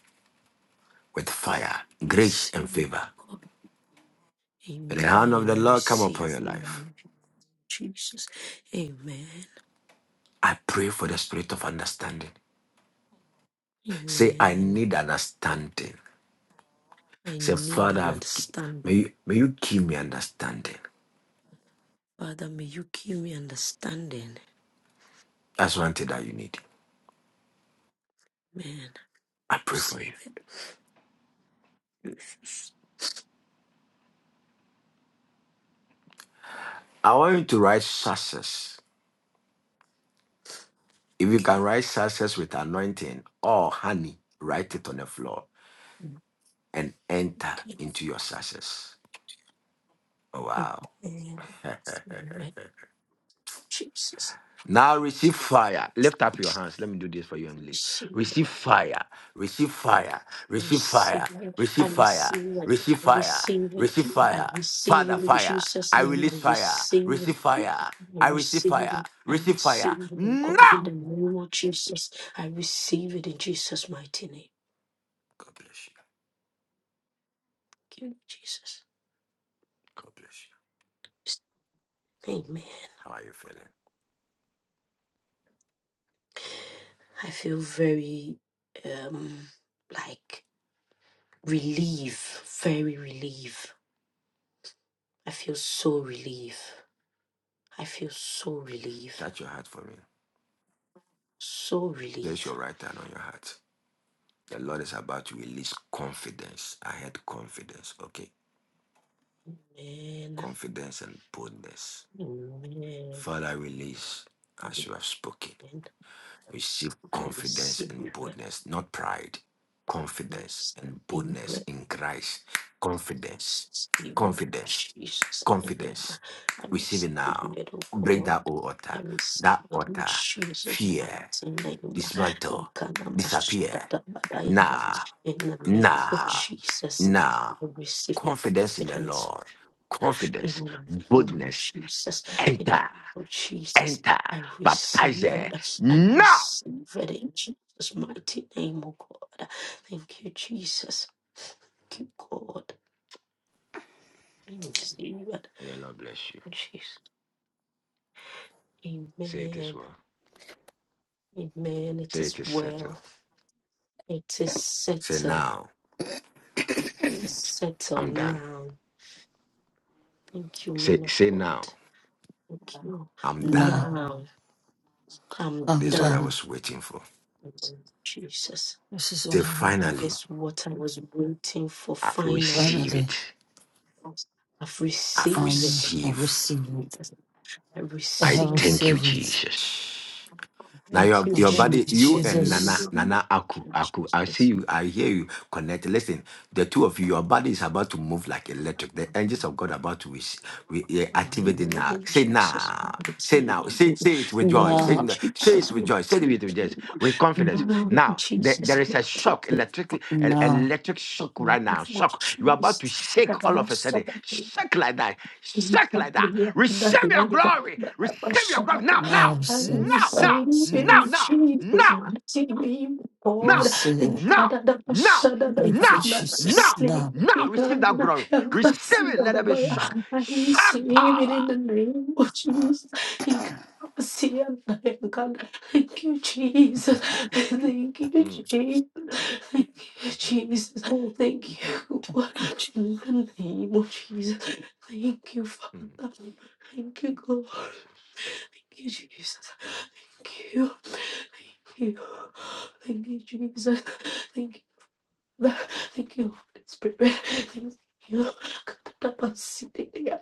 S14: with fire, grace, and
S20: Receive it,
S14: favor.
S20: God.
S14: May the hand of
S20: Amen.
S14: the
S20: I
S14: Lord come
S20: receive
S14: upon
S20: it
S14: your
S20: in the
S14: life.
S20: name of Jesus. Amen.
S14: I pray for the spirit of understanding. Say, I
S20: Amen.
S14: need understanding.
S20: I
S14: Say,
S20: need
S14: Father,
S20: an
S14: I've, may,
S20: understanding.
S14: you, may you give me understanding.
S20: Father, may you give me understanding.
S14: That's one thing that you need.
S20: Amen.
S14: I pray
S20: receive
S14: for you.
S20: it. Jesus.
S14: I want you to write success. If you
S20: Okay.
S14: can write success with anointing or honey, write it on the floor and enter into your success. Oh, wow.
S20: okay. Amen. Jesus.
S14: Now receive fire. Lift up your hands. Let me do this for you and leave.
S20: Receive
S14: Receive
S20: it.
S14: fire. Receive fire.
S20: I
S14: Receive
S20: receive
S14: fire.
S20: it. I
S14: Receive fire.
S20: receive it.
S14: Receive
S20: I
S14: fire.
S20: receive it.
S14: Receive
S20: I
S14: fire.
S20: receive
S14: Father,
S20: it in
S14: fire.
S20: Jesus'
S14: I
S20: name. I
S14: release fire.
S20: receive it.
S14: Receive fire.
S20: I
S14: I receive
S20: receive
S14: fire.
S20: it. I
S14: Receive fire.
S20: receive it, oh God,
S14: Now.
S20: in the name of Jesus. I receive it in Jesus' mighty name.
S14: God bless you.
S20: Thank you, Jesus.
S14: God bless you.
S20: Amen.
S14: How are you feeling?
S20: I feel very um like relief, very relief. I feel so relief. I feel so relief.
S14: Touch your heart for me.
S20: So relief.
S14: Place your right hand on your heart. The Lord is about to release confidence. I had confidence, okay?
S20: Amen.
S14: Confidence and boldness.
S20: Amen.
S14: Father, release as you have spoken.
S20: And
S14: Receive
S20: I
S14: confidence
S20: receive
S14: and
S20: it.
S14: boldness, not pride.
S20: I
S14: Confidence and
S20: receive
S14: boldness
S20: it.
S14: in Christ. Confidence,
S20: Receive it in
S14: confidence,
S20: Jesus' name.
S14: confidence.
S20: I
S14: Receive it
S20: receive
S14: now.
S20: it, oh
S14: Break that
S20: God.
S14: old
S20: I
S14: altar.
S20: receive
S14: That
S20: it in
S14: altar.
S20: Jesus'
S14: Fear.
S20: mighty name.
S14: Dismantle. Disappear.
S20: Ukanamashodadabadaya.
S14: Now.
S20: In the name of
S14: Now.
S20: Jesus,
S14: Now.
S20: I receive
S14: Confidence in the
S20: confidence
S14: Lord.
S20: In
S14: Confidence.
S20: the name of
S14: Boldness.
S20: Jesus, in the name
S14: Enter.
S20: of Jesus,
S14: Enter.
S20: I receive
S14: Baptize.
S20: it. I
S14: Now.
S20: receive it in Jesus' mighty name, oh God. Thank you, Jesus. Thank you, God. I receive it.
S14: May the Lord bless you.
S20: In Jesus.
S14: Say it is
S20: Amen.
S14: well.
S20: Amen. It
S14: Say
S20: is
S14: it is settled.
S20: well. It is
S14: Say
S20: settled.
S14: now,
S20: It's settled
S14: I'm done.
S20: now. Thank you, man
S14: Say
S20: of
S14: say
S20: God.
S14: now,
S20: Thank you.
S14: I'm done.
S9: Now
S20: Now I'm
S9: I'm
S14: This is what I
S20: done.
S9: done.
S14: was waiting for.
S20: Jesus.
S9: This is
S14: Say
S9: what I'm waiting for.
S14: finally,
S20: This what I was waiting for
S14: I've
S20: finally.
S14: received
S9: Finally,
S14: it.
S20: I've
S14: I've
S20: received
S9: um,
S20: it.
S9: I
S14: received.
S9: received it.
S20: I
S9: I
S14: I
S9: have
S20: receive
S14: thank
S20: it.
S14: you,
S9: received it.
S14: Jesus. Now
S20: Thank
S14: your
S9: I
S20: you,
S14: your
S9: thank
S14: body,
S9: you,
S20: Jesus.
S14: you and Nana,
S9: Jesus.
S14: Nana
S20: Thank
S14: Aku,
S20: you,
S14: Aku, I see
S20: Jesus.
S14: you, I hear you. Connect. Listen, the two of you, your body is about to move like electric. The angels of God are about to wish, we eh, activate it now.
S20: Hallelujah,
S14: Say
S20: Jesus.
S14: now,
S20: Now,
S14: say now, say say it with joy. Say
S9: Now,
S14: n- say it with joy. Say it with joy, with confidence.
S20: Jesus. Now,
S14: Now there,
S20: Jesus.
S14: there is a shock, electric, el-
S9: now,
S14: electric shock
S20: Now,
S14: right now. Shock. You are about to shake all of a
S20: Jesus.
S14: sudden. Shake like that.
S20: I
S14: Shake like that. Receive
S20: receive
S14: your glory. Receive your glory now,
S9: now
S14: now,
S9: I receive.
S14: now,
S9: I
S14: now
S20: it
S14: now,
S9: receive.
S20: in
S14: now,
S20: Jesus'
S14: now,
S20: mighty name,
S9: I
S14: now,
S20: God. The
S9: receive.
S14: now,
S20: God of the
S14: now,
S20: shadow of
S9: Thank
S20: the
S9: you,
S14: now,
S20: island.
S9: Jesus.
S14: now,
S9: Now.
S14: now,
S20: The
S14: receive
S20: God
S14: that glory.
S20: of the
S14: Receive
S20: sin
S14: it.
S20: of
S14: Let
S20: the
S14: there be
S20: boy.
S9: Thank
S14: shock.
S20: I
S14: Shock
S20: receive it
S14: power.
S20: in the name of Jesus. The God of the sea and the God. Thank you, Jesus. Thank you,
S14: Mm,
S20: Jesus. Thank you,
S14: mhm,
S20: Jesus. Thank you.
S9: you,
S20: In the name of Jesus. Thank you,
S14: mhm.
S20: Father. Thank you, God.
S14: Jesus.
S20: Thank you, Jesus. Thank you. Thank you. Thank you, Jesus. Thank you. Father. Thank you, Holy Spirit. Thank you. Katabasitia.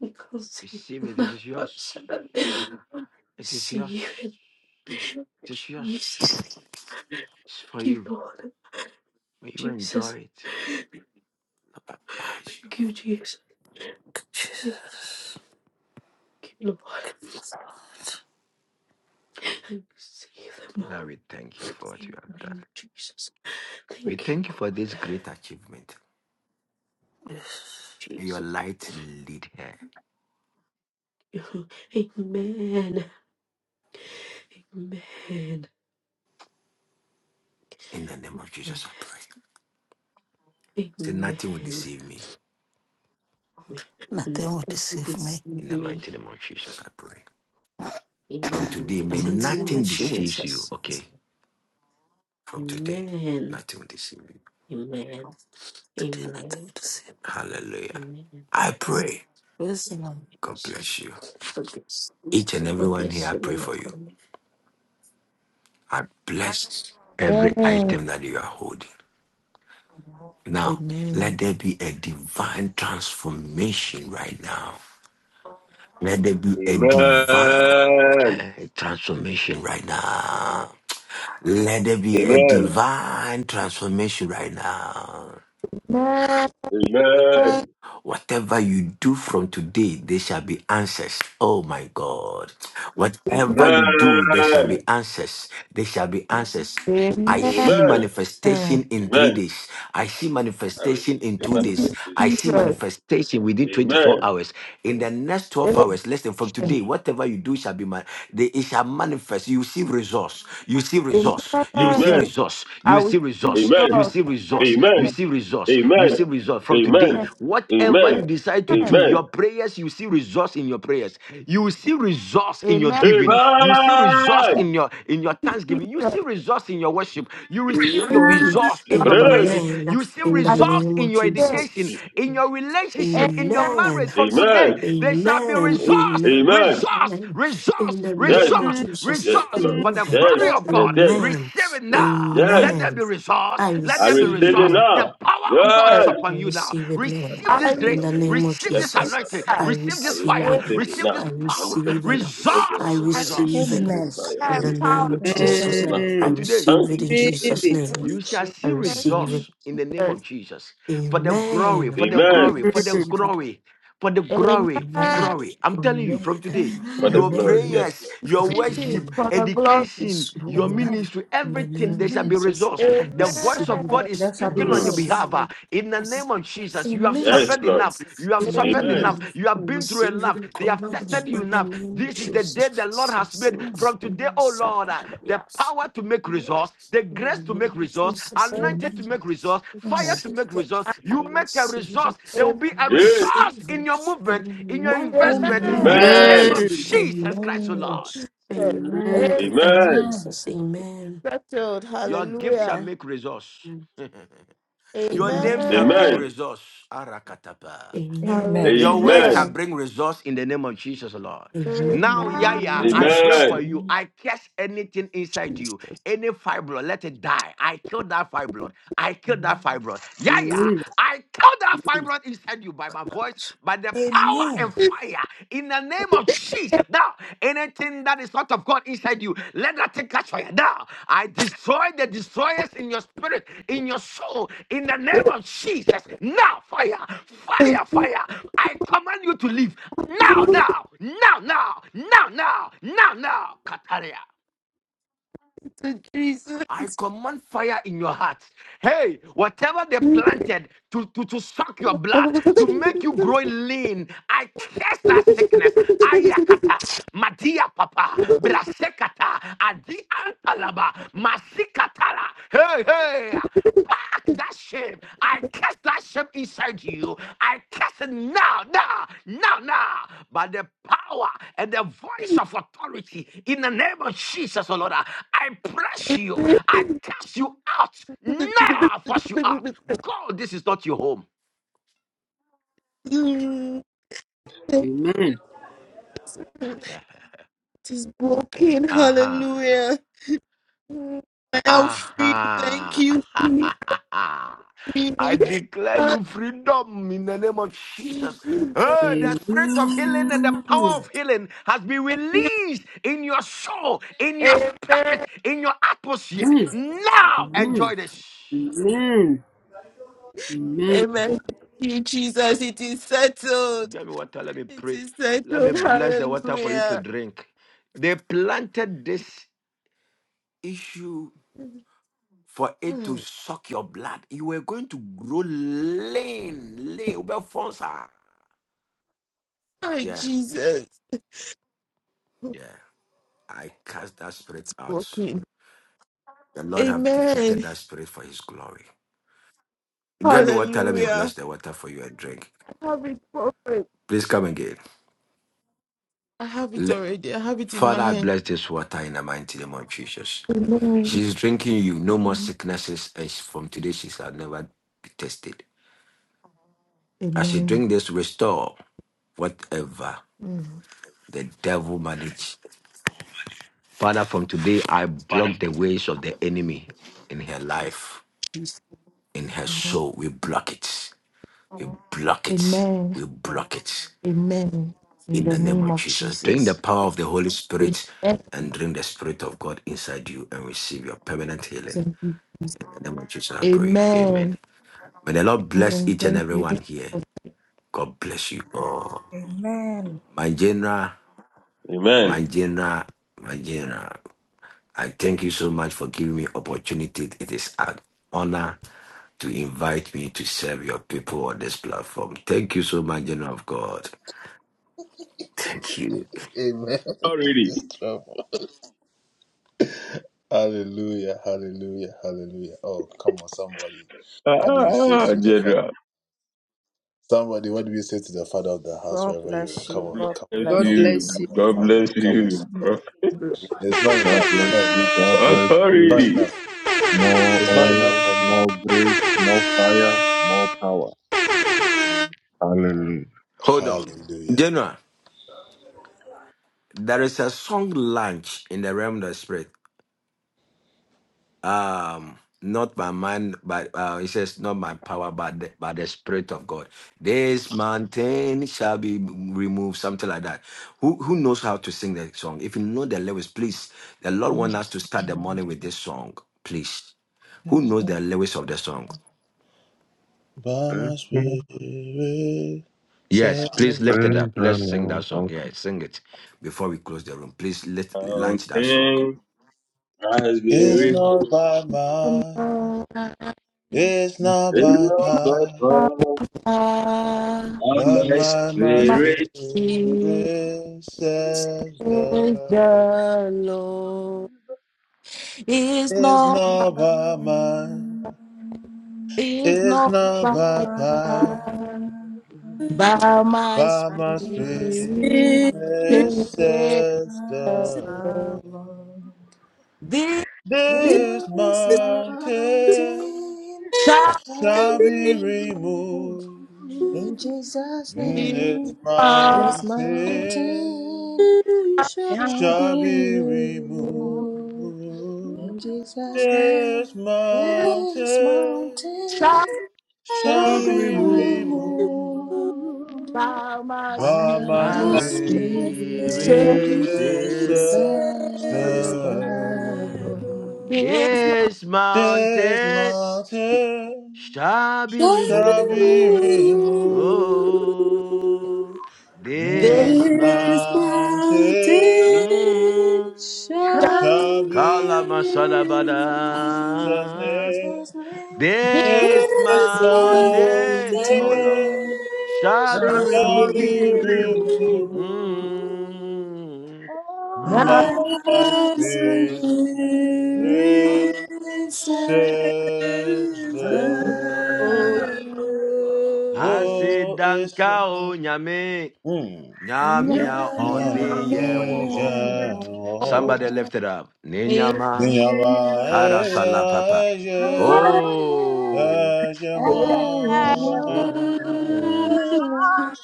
S20: Thank you,
S14: Receive it. It
S20: Satan.
S14: is yours.
S20: Bashadan.
S14: It is yours.
S20: Receive it.
S14: It is yours.
S20: Jesus. Thank
S14: It's for
S20: you,
S14: you.
S20: Lord.
S14: May you
S20: Jesus.
S14: enjoy it. Lord, I baptize you.
S20: Thank you, Jesus. Thank
S9: Jesus.
S20: you, Lord. And receive them
S14: Father,
S20: all
S14: we thank you for what you
S20: in
S14: have
S20: the name
S14: done.
S20: of Jesus.
S14: We
S20: Thank you,
S14: thank you for this
S20: God.
S14: great achievement. May your
S20: Jesus.
S14: light lead here.
S20: <laughs> Amen. Amen. Amen.
S14: In the name of Jesus, I pray. Say nothing will
S20: Amen.
S14: deceive me.
S9: Nothing
S20: And
S9: will
S20: God will
S9: deceive me.
S20: Receive
S14: In the
S20: me
S14: mighty name of Jesus, I pray.
S20: in the
S14: From today,
S9: The
S14: may
S20: mighty
S9: mighty
S20: name
S9: name of
S14: nothing
S20: of
S9: Jesus.
S14: deceives you.
S20: Jesus.
S14: Okay. From today,
S20: Amen.
S14: nothing will deceive you.
S20: Amen.
S9: Nothing
S20: Amen.
S9: will deceive me.
S14: Hallelujah.
S20: Amen.
S14: I pray.
S9: Praise the Lord.
S14: God
S20: Jesus.
S14: bless you.
S20: God bless
S14: Each and
S20: God
S14: everyone here,
S20: bless
S14: I
S20: you,
S14: pray
S20: man
S14: for
S20: of
S14: you.
S20: God.
S14: I bless every
S2: Amen.
S14: item that you are holding. Now, let there be a divine transformation right now. Let there be a divine
S6: Amen.
S14: transformation right now. Let there be a
S6: Amen.
S14: divine transformation right now.
S6: Amen.
S14: Whatever you do from today, there shall be answers. Oh my God. Whatever you do, there shall
S6: Amen.
S14: be answers. There shall be answers. I
S2: Amen.
S14: see
S6: Amen.
S2: Amen.
S14: manifestation in three
S6: Amen.
S14: days. I see
S6: I
S14: manifestation in
S6: receive
S14: two
S2: Thank you,
S14: days. I
S6: manifestation of
S14: see
S2: Jesus.
S6: God.
S14: manifestation within 24
S6: Amen.
S14: hours. In the next 12
S2: Amen.
S14: hours, less than from today, whatever you do shall be man. They, it shall manifest. You see receive resource. You receive resource. You receive
S2: Amen.
S6: Amen.
S14: resource. You
S2: I will
S14: receive resource.
S2: choose
S6: Amen.
S14: You
S2: God.
S14: receive resource. You
S6: Amen.
S14: receive resource.
S6: Amen.
S14: You receive resource. From today,
S6: Amen.
S2: Amen.
S14: whatever you
S6: Amen.
S14: decide to do,
S6: Amen.
S14: your prayers, you see resource in your prayers. You see resource in your
S2: Amen.
S14: giving.
S2: Thank
S14: You see resource
S6: Amen.
S14: in your in your
S2: you,
S14: thanksgiving. You see
S2: Jesus.
S14: resource in your worship. You receive your
S20: Amen.
S14: resource in your
S6: Brothers,
S14: praises.
S20: Amen.
S14: You see
S20: In the
S2: I
S14: resource
S20: name
S14: in
S20: of
S14: your
S2: said,
S14: education
S6: Jesus.
S20: Jesus.
S14: in your relationship,
S2: Amen.
S14: in your
S20: Amen.
S14: marriage from today,
S6: Amen.
S14: there shall be
S20: Amen.
S14: resource,
S20: Amen.
S6: Amen.
S14: resource,
S20: In
S14: resource,
S20: the
S6: Yes,
S20: name of
S14: resource,
S20: Jesus.
S6: yes,
S14: resource
S6: Lord.
S14: for the
S6: Yes,
S20: Amen.
S14: glory
S2: Amen.
S14: of
S6: yes,
S14: God.
S6: yes,
S20: Amen.
S14: Receive it
S6: yes,
S14: now.
S6: yes.
S14: Let there
S20: Amen.
S14: be resource.
S20: I
S14: Let
S6: I
S14: there be
S6: receive
S20: receive it,
S6: it
S14: resource.
S20: Lord.
S14: The
S6: now.
S14: power of God is
S6: Yes.
S20: I
S14: upon you now.
S20: receive it, Lord.
S14: Receive
S2: I
S14: this
S20: In
S14: grace.
S20: the
S2: receive
S20: name of
S14: Receive
S6: Yes,
S14: this
S20: Jesus.
S14: anointing.
S20: I
S2: that.
S14: Receive
S6: I
S14: this
S6: receive
S14: fire.
S20: receive it.
S6: it
S14: Receive
S6: now.
S14: this
S20: I
S14: power.
S20: receive it.
S6: Manifestation, oh God.
S20: I
S14: Resource,
S6: I
S2: Amen.
S14: resource
S20: receive it.
S6: receive the
S12: Amen.
S6: fire.
S2: I
S6: I
S20: In
S2: am
S20: the
S6: receive
S20: name
S2: power.
S6: the
S20: of
S12: In
S6: power of
S12: Jesus'
S6: God
S20: Jesus.
S6: now.
S12: name.
S20: I
S14: from
S3: Amen.
S14: today.
S20: receive
S6: Thank
S20: it
S6: you,
S20: in
S3: Receive
S6: Jesus.
S20: Jesus'
S3: it
S20: name.
S2: And
S14: You
S3: in
S14: shall
S3: Jesus.
S20: I
S14: see
S2: Thank
S20: receive
S2: you,
S20: it.
S14: results in the name of
S2: Jesus.
S14: Jesus. For the glory,
S20: Amen.
S14: for the
S6: Amen.
S14: glory, for the
S20: Receive it.
S14: glory, for the glory, for
S20: Amen.
S2: Amen.
S6: Jesus.
S14: glory. I'm telling you
S20: Amen.
S14: from
S6: Jesus.
S14: today,
S6: For the
S12: Amen.
S14: your
S6: glory. Yes,
S20: Amen.
S14: prayers, your
S20: Father,
S2: This is
S14: worship,
S20: believe.
S2: for the glory.
S14: education,
S20: Yes,
S14: your
S20: Lord,
S6: Lord.
S12: Amen.
S6: Mm.
S14: ministry,
S20: in the name
S14: everything, there
S20: of
S14: shall be
S12: Amen.
S20: Jesus,
S14: results.
S20: I
S14: The
S20: receive
S14: voice of God
S2: Amen. It
S14: is
S20: it.
S12: There shall
S20: I
S12: be
S14: speaking on
S6: Mm.
S14: your
S12: results.
S14: behalf.
S20: receive
S14: ah.
S20: it.
S14: In the
S20: Yes,
S14: name of Jesus,
S20: yes,
S14: you have
S2: is said,
S12: Amen.
S20: yes,
S6: Yes,
S14: suffered
S6: Lord.
S14: enough.
S20: yes.
S14: You have
S2: Amen.
S14: suffered
S6: Amen.
S14: enough.
S12: Amen.
S20: Amen.
S14: You
S20: I
S14: have been through
S20: receive you
S14: enough.
S20: in
S14: They have
S20: Lord,
S14: tested
S12: Amen.
S14: said you
S20: in the
S14: enough.
S20: name of
S14: This is
S6: Mm,
S14: the day
S20: Jesus.
S14: the Lord has
S20: Yes,
S14: made.
S6: mm,
S12: Amen.
S20: yes,
S14: From today, oh
S20: yes,
S14: Lord, uh,
S20: yes.
S14: the
S20: Yes.
S14: power to make resource, the grace
S20: In
S14: to
S20: the
S14: make
S20: name of
S14: resource,
S20: Jesus,
S2: Amen.
S14: anointing to
S20: amen.
S14: make resource,
S20: I
S14: fire
S12: Amen.
S14: to
S20: receive
S14: make
S20: it.
S14: resource.
S20: I
S14: You make a
S20: receive it.
S14: resource. There will
S2: Amen.
S14: be
S20: I
S14: a
S6: Yes.
S14: resource
S20: receive
S14: in your
S20: it.
S14: movement, in your
S20: Amen. In the
S14: investment,
S20: name
S12: Amen.
S14: in
S20: of
S2: Amen.
S14: the name
S6: Amen.
S20: Jesus,
S14: of
S3: Amen.
S2: Thank you,
S14: Jesus
S6: Yes,
S14: Christ, oh
S20: amen.
S6: Lord.
S14: Lord.
S2: Jesus.
S3: Amen.
S20: Amen.
S2: Amen.
S12: Amen.
S20: Thank you,
S6: Amen.
S12: Amen.
S20: Jesus.
S2: It is
S20: Amen.
S2: settled.
S14: Your gift shall
S2: Hallelujah.
S14: make resource.
S20: Amen.
S14: Your
S20: Amen.
S14: name shall bring
S2: Amen.
S6: Amen.
S14: resource. Arakatapa.
S12: Amen.
S20: Amen.
S14: Your work
S2: Hallelujah.
S14: shall
S6: Amen.
S14: bring results in the name of Jesus, Lord.
S20: In the
S14: Now,
S2: Amen.
S20: name of
S14: Yaya, I
S12: Amen.
S14: pray
S20: Jesus.
S14: for
S6: Amen.
S14: you. I catch anything inside you, any fibroid, let it die. I kill that fibroid. I kill that
S20: Amen.
S14: fibroid. Yaya,
S3: Amen.
S14: I kill that fibroid inside you by my voice, by the power
S12: Amen.
S14: and fire. In the name of Jesus. Now, anything that is not of God inside you, let that thing catch fire. Now, I destroy the destroyers in your spirit, in your soul, in the name of Jesus. Now, fire, fire, fire. I command you to leave. Now,
S2: Glory
S14: now, now, now, now, now, now, now. Kataria.
S2: to
S14: I
S2: Jesus.
S14: command fire in your heart. Hey, whatever they planted to, to, to suck your blood,
S2: It
S14: to make you grow lean, I curse that sickness. Ayakata, Madia Papa, Brasekata, Adi Antalaba, Masikatala. Hey, hey. Pack that shame. I cast that shame inside you. I cast it now, now, now, now. By the power and the voice of authority in the name of Jesus, oh Lord, I press you. I cast you out now. I force you out. God, this is not your home.
S3: Amen. Amen.
S2: is broken.
S14: Uh huh.
S2: Hallelujah. I am free. Thank
S14: Aha.
S2: you. Free.
S14: <laughs> I declare
S2: Thank
S14: you freedom in the name of
S2: you,
S14: Jesus.
S2: Jesus.
S14: Oh, the spirit of healing and the power of healing has been
S2: Thank you.
S14: released in your soul, in your spirit,
S2: Amen.
S14: in your atmosphere.
S3: Amen.
S14: Now,
S3: Amen.
S14: enjoy this.
S3: Amen. Amen.
S2: Amen. Thank you, Jesus. It is settled.
S14: Get me water. Let me
S2: It
S14: pray.
S2: is
S14: Let me
S2: settled.
S14: bless the water for you to
S2: Hallelujah.
S14: drink. They planted this issue for it to
S2: Mm.
S14: suck your blood. You were going to grow lean, lean, ubefons are-
S2: Hi,
S14: Yeah,
S2: Jesus.
S14: yeah. I cast that spirit
S2: It's
S14: out.
S2: broken.
S14: The Lord have defeated
S2: Amen.
S14: that spirit for His glory. Get me water. Let me
S2: Hallelujah.
S14: bless the water for you and drink.
S2: I have it, prophet.
S14: Please come again.
S2: I have it
S14: Le-
S2: already. I have it in my
S14: Father, I
S2: hand.
S14: bless this water in the mighty name of Jesus.
S2: Amen.
S14: She's drinking you. No more
S2: Mm.
S14: sicknesses. And she- from today, she shall never be tested. As she
S2: Amen.
S14: drink this, restore whatever
S2: Mm.
S14: the devil managed. Father, from today, I
S9: Father,
S14: block the
S9: forgive me.
S14: ways of the enemy in her life,
S2: Jesus.
S14: in her
S2: Amen.
S14: soul. We block it. We block it.
S2: Amen.
S14: We block it.
S2: Amen. In
S14: In
S2: the
S14: the name
S2: name
S14: of
S2: of
S14: Jesus. Drink the
S2: Jesus.
S14: power of the Holy
S2: Amen.
S14: Spirit and drink the Spirit of God inside you and receive your permanent healing.
S2: Thank you, Jesus.
S14: In the name of Jesus, I pray. Amen.
S2: Amen.
S14: May the Lord bless
S2: Amen.
S14: each and
S2: Thank you.
S14: everyone
S2: Thank
S14: here.
S2: you.
S14: God bless you all.
S12: Amen.
S14: My general, my
S6: Amen.
S14: general, my general. I thank you so much for giving me opportunity. It is an honor to invite me to serve your people on this platform. Thank you so much, General of God. Thank you.
S6: Already. Ah, General.
S12: God bless you. God
S6: Bless
S3: God
S12: bless you.
S3: bless you.
S6: you. God
S12: God bless
S6: bless you. bro.
S2: Lord.
S17: God bless you. God bless you.
S6: Authority.
S17: More oil, more grace, more fire, more power. Hallelujah.
S14: Hold on. General, there is a song launch in the realm of the spirit. um not by mind but uh it says not by power but the, by the spirit of god this mountain shall be removed something like that who who knows how to sing that song if you know the lyrics please the lord wants us to start the morning with this song please who knows the lyrics of the song
S17: Praise
S14: yes please lift it up
S17: the
S14: let's sing that song
S17: Lord.
S14: yeah sing it before we close the room please let launch that song
S6: Mountain has been
S2: It's
S6: removed. It's
S17: Okay.
S6: not by
S2: my
S6: power,
S2: It's
S6: by my
S2: My
S6: spirit.
S21: Oh,
S2: Mine. is the Lord. It's not,
S12: you.
S2: it's not
S12: Not
S2: by
S12: by might, not by
S2: my,
S12: power,
S2: by my
S12: by my
S2: spirit.
S12: spirit,
S2: saith the
S12: as the
S2: Lord.
S12: Lord.
S2: This
S12: There is mountain
S2: shall
S12: I'll be in Jesus'
S2: be
S12: name.
S2: my
S12: This
S2: thing,
S1: Lord.
S12: mountain
S3: Redemption
S2: this
S12: shall be removed in Jesus' name. This
S2: shall
S12: mountain shall
S14: be
S12: be
S14: removed
S3: of
S12: removed
S2: by my
S12: by my
S3: my
S2: spirit.
S14: our
S12: spirit,
S2: saith
S14: spirit
S3: famous
S14: says
S2: the
S12: says
S2: Lord.
S12: the Lord.
S2: It's not,
S14: This mountain shall be
S3: Lord,
S14: removed. Oh,
S2: this
S14: this
S3: This
S14: mountain.
S3: mountain
S14: Mm.
S2: shall
S3: shall be.
S12: In
S14: Kalamasalabada.
S12: Jesus' name,
S2: be
S14: This
S3: This
S12: this
S3: mountain
S14: mountain, oh Lord,
S12: mountain.
S14: shall be
S3: shall
S12: Thou
S3: be.
S14: removed.
S12: deliverer
S14: Mm.
S2: not,
S12: by
S3: By
S12: my
S3: my
S12: spirit, inside
S3: spirit says
S12: the
S3: the
S2: oh,
S14: I say, Danka o nyame,
S12: I'll
S2: no,
S12: None
S14: nyamia oni
S12: only
S14: yen
S12: one
S14: Somebody lift it up. Ninyama
S12: in your mind.
S14: karasala papa.
S20: Amen.
S12: Oh,
S14: Oh.
S12: yeah, I
S21: I
S12: am
S21: am
S14: Mm.
S3: Lord.
S12: one.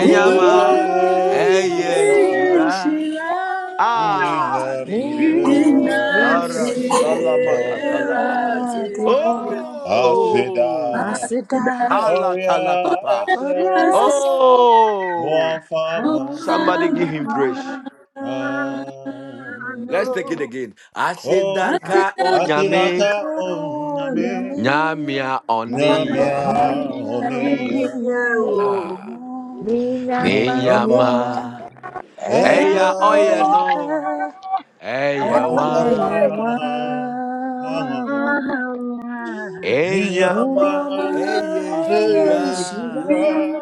S3: In your
S12: In your
S3: way,
S12: mind,
S14: eye
S12: Yeshua,
S14: shira.
S3: she lies.
S14: Ah, ninyrefi.
S12: Nina
S3: In the
S12: free,
S14: Karasala
S3: fear,
S14: makatala
S12: and
S14: papa.
S3: I
S12: I
S3: see
S12: the
S3: all
S12: home.
S14: Oh.
S3: that
S12: Asida
S14: Kala tala papa.
S12: For
S3: has
S12: your sake,
S14: Oh.
S3: come
S12: won't
S14: Somebody
S12: find
S14: give
S3: my
S14: him
S12: my
S14: praise.
S3: hand.
S14: Let's take it again.
S3: I see
S14: Asidanka
S3: that
S14: onyame.
S12: Asibako Yami,
S14: Nyamia
S3: you
S14: oni
S3: are
S14: yen
S2: yeah.
S3: in
S14: woho.
S12: Nanya
S3: the
S12: Oniye,
S14: Ah.
S20: Yeah.
S2: Minama,
S12: Ninyoma,
S14: Ninyama.
S12: Eya
S20: Thank
S14: Eya oye no.
S12: Oya,
S14: Eya
S12: Eya
S14: wa.
S12: Wawa,
S14: Enyama.
S12: Ninyoma,
S14: Eye
S12: Eya
S14: shira.
S12: Shiva,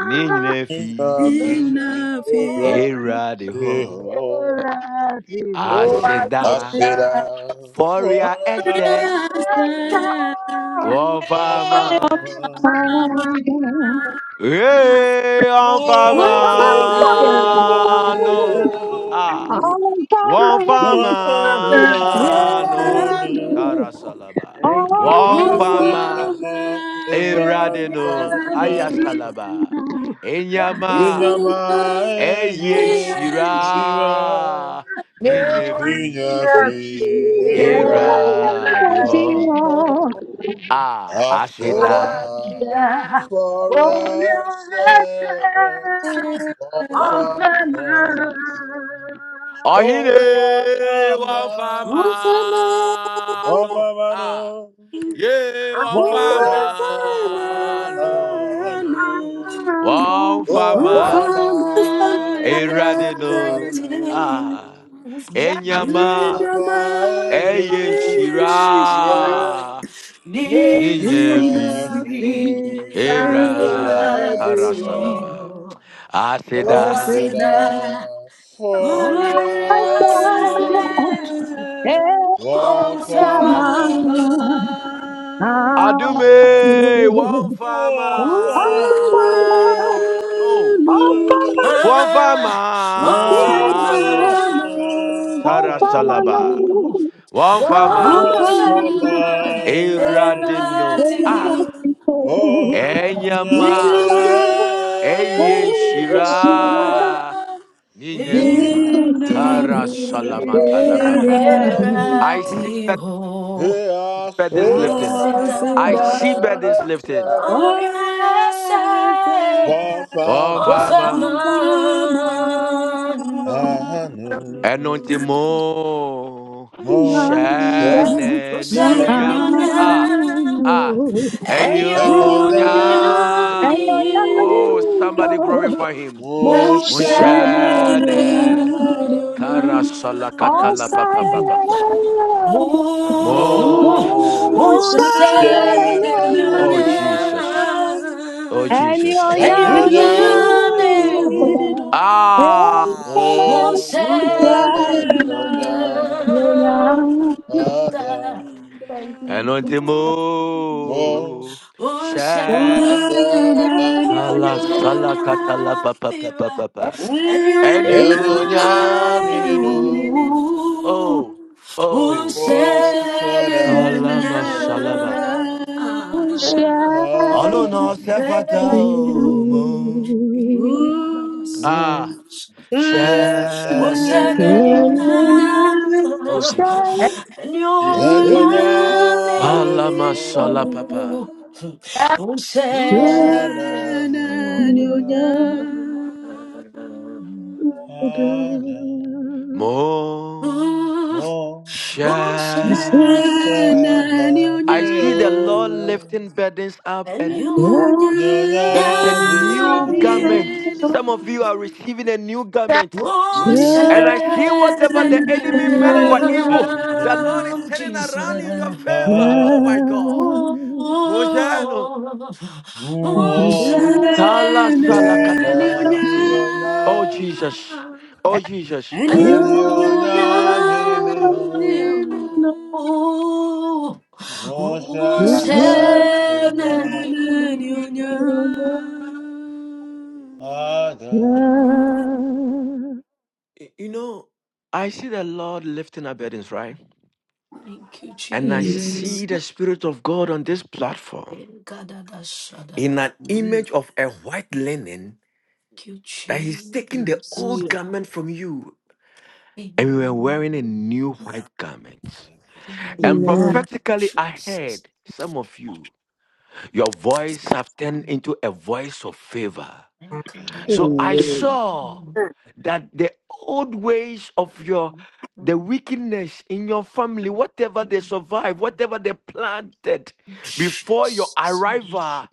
S14: Ninyinefi.
S3: in fear,
S14: Era de ho.
S3: I see
S14: Aseda.
S2: Oasida,
S3: all
S14: Foria ese. Wofama.
S3: that has come.
S14: Hey, on
S3: Osano,
S14: fama no. Ah. wɔmfama
S20: you.
S14: no
S3: Osano,
S14: karasalaba
S20: Thank you, Jesus.
S14: wɔmfama
S3: Osama,
S14: ewurade no
S3: Razino,
S14: ayasalaba enyama
S3: Israel,
S14: ɛyɛ shira ne nyina
S2: Nebo,
S14: fi ewurade hɔ a aseda
S2: Oasida,
S20: Lord.
S2: Wapo,
S14: ɔhene
S3: Osama,
S14: wɔmfama
S3: Osama,
S14: no a ye wɔmfama no
S20: Oh,
S14: wɔmfa ma
S3: Osama,
S14: Awurade
S20: Ah,
S14: no
S20: of a
S3: Razino.
S20: man,
S14: a
S2: Nyamera,
S14: ɛnyama ɛyɛ nhyira ne nyinaa fi Awura karasalaba aseda
S21: I Thank
S2: Oaswapa,
S14: adume
S21: you.
S14: wɔmfa ma no oh wɔmfa ma no karasalaba
S20: of
S14: wɔmfa ma
S2: Wani,
S20: Oh, Fama,
S14: Awurade
S20: Era
S14: no ah.
S3: Farmer,
S20: Every
S3: Nina
S14: Enyama, Eyenshira, Ninevi, Kara Salamantala Papa. I see bed-
S20: erratio,
S14: burdens
S2: O,
S14: lifting.
S20: sit
S14: I
S20: down,
S14: see burdens
S20: or
S14: lifting.
S20: I say, of
S2: Wata,
S20: a
S14: Ovama,
S20: man, no,
S3: Nine,
S14: Enontimo,
S20: who's an
S14: Shanenionyam.
S20: anyunya,
S14: Ah, ah,
S2: Enwata,
S20: anyunya,
S14: Enyonyam.
S20: niu,
S14: Oh, somebody
S21: Eloyango,
S14: glorify him.
S20: who's
S3: Unsad
S14: Monshane.
S21: Mushanayan.
S3: Adonai,
S14: Karasalakatala papa
S20: an
S14: papa.
S21: Osayayan,
S14: Mo.
S3: Unsad
S14: Oh
S21: Mushanayan.
S3: Adonai,
S14: Jesus.
S3: Adonai
S14: Oh
S20: Moselunya
S14: Jesus.
S20: and you na
S21: Eloyango,
S3: Midino,
S20: dehu
S14: Ah.
S20: Moselunya
S3: Unsad
S21: Eloyango,
S20: da
S2: thank you, Jesus.
S14: Anointing
S20: Moselunya
S14: mo. Share. Kala
S20: and you
S14: sala
S20: na
S14: katala papa papa
S20: biwa
S14: papa.
S20: and you
S14: And
S20: na
S14: you
S3: Adonai.
S14: nyam hinimu.
S20: dehu
S14: Oh. Oh.
S3: Hosanna,
S14: Kala
S20: Moselunya
S14: masalaba. Ono no
S20: Oh,
S21: Mushanayan.
S14: sefata mo. Ah. Share.
S3: Hosanna,
S14: Oh, Jesus.
S19: Amen.
S3: Anyonyamino,
S14: Kalamasala
S19: Amen.
S14: papa.
S2: Enwata,
S19: Amen.
S3: Hosanna,
S19: Amen.
S3: Anyonyamda,
S14: Mo sha.
S3: Hosanna,
S14: I see the Lord
S3: Anyonyam,
S14: lifting burdens up, and
S3: Amen.
S14: there is a new garment. Some of you are receiving a new garment.
S20: Worship
S14: And I see whatever the
S20: and you
S14: enemy meant for evil, the Lord is
S20: love
S14: turning around in your
S20: Jesus.
S14: favor. Oh my God. Mojano.
S20: Oh, worship
S14: Kala sala katala papa. Oh Jesus. Oh Jesus.
S20: and you
S22: you.
S20: love you. Oh,
S2: Enwata,
S20: worship and you.
S14: Y- You know, I see the Lord lifting up burdens, right?
S20: Thank you,
S14: And I see
S20: Jesus.
S14: the Spirit of God on this platform
S20: Thank
S14: in an image of a white linen
S20: you,
S14: that He's taking the
S20: Jesus.
S14: old
S3: Hallelujah.
S14: garment from you. And we were
S20: Amen.
S14: wearing a new white garment.
S20: In the
S14: And
S20: name of
S3: Amen.
S14: prophetically, I
S20: Jesus.
S14: heard some of you, your voice have turned into a voice of favor.
S20: Akadaya.
S14: So I saw that the old ways of your the wickedness in your family, whatever they survived, whatever they planted before your
S20: Jesus. Amen.
S14: arrival.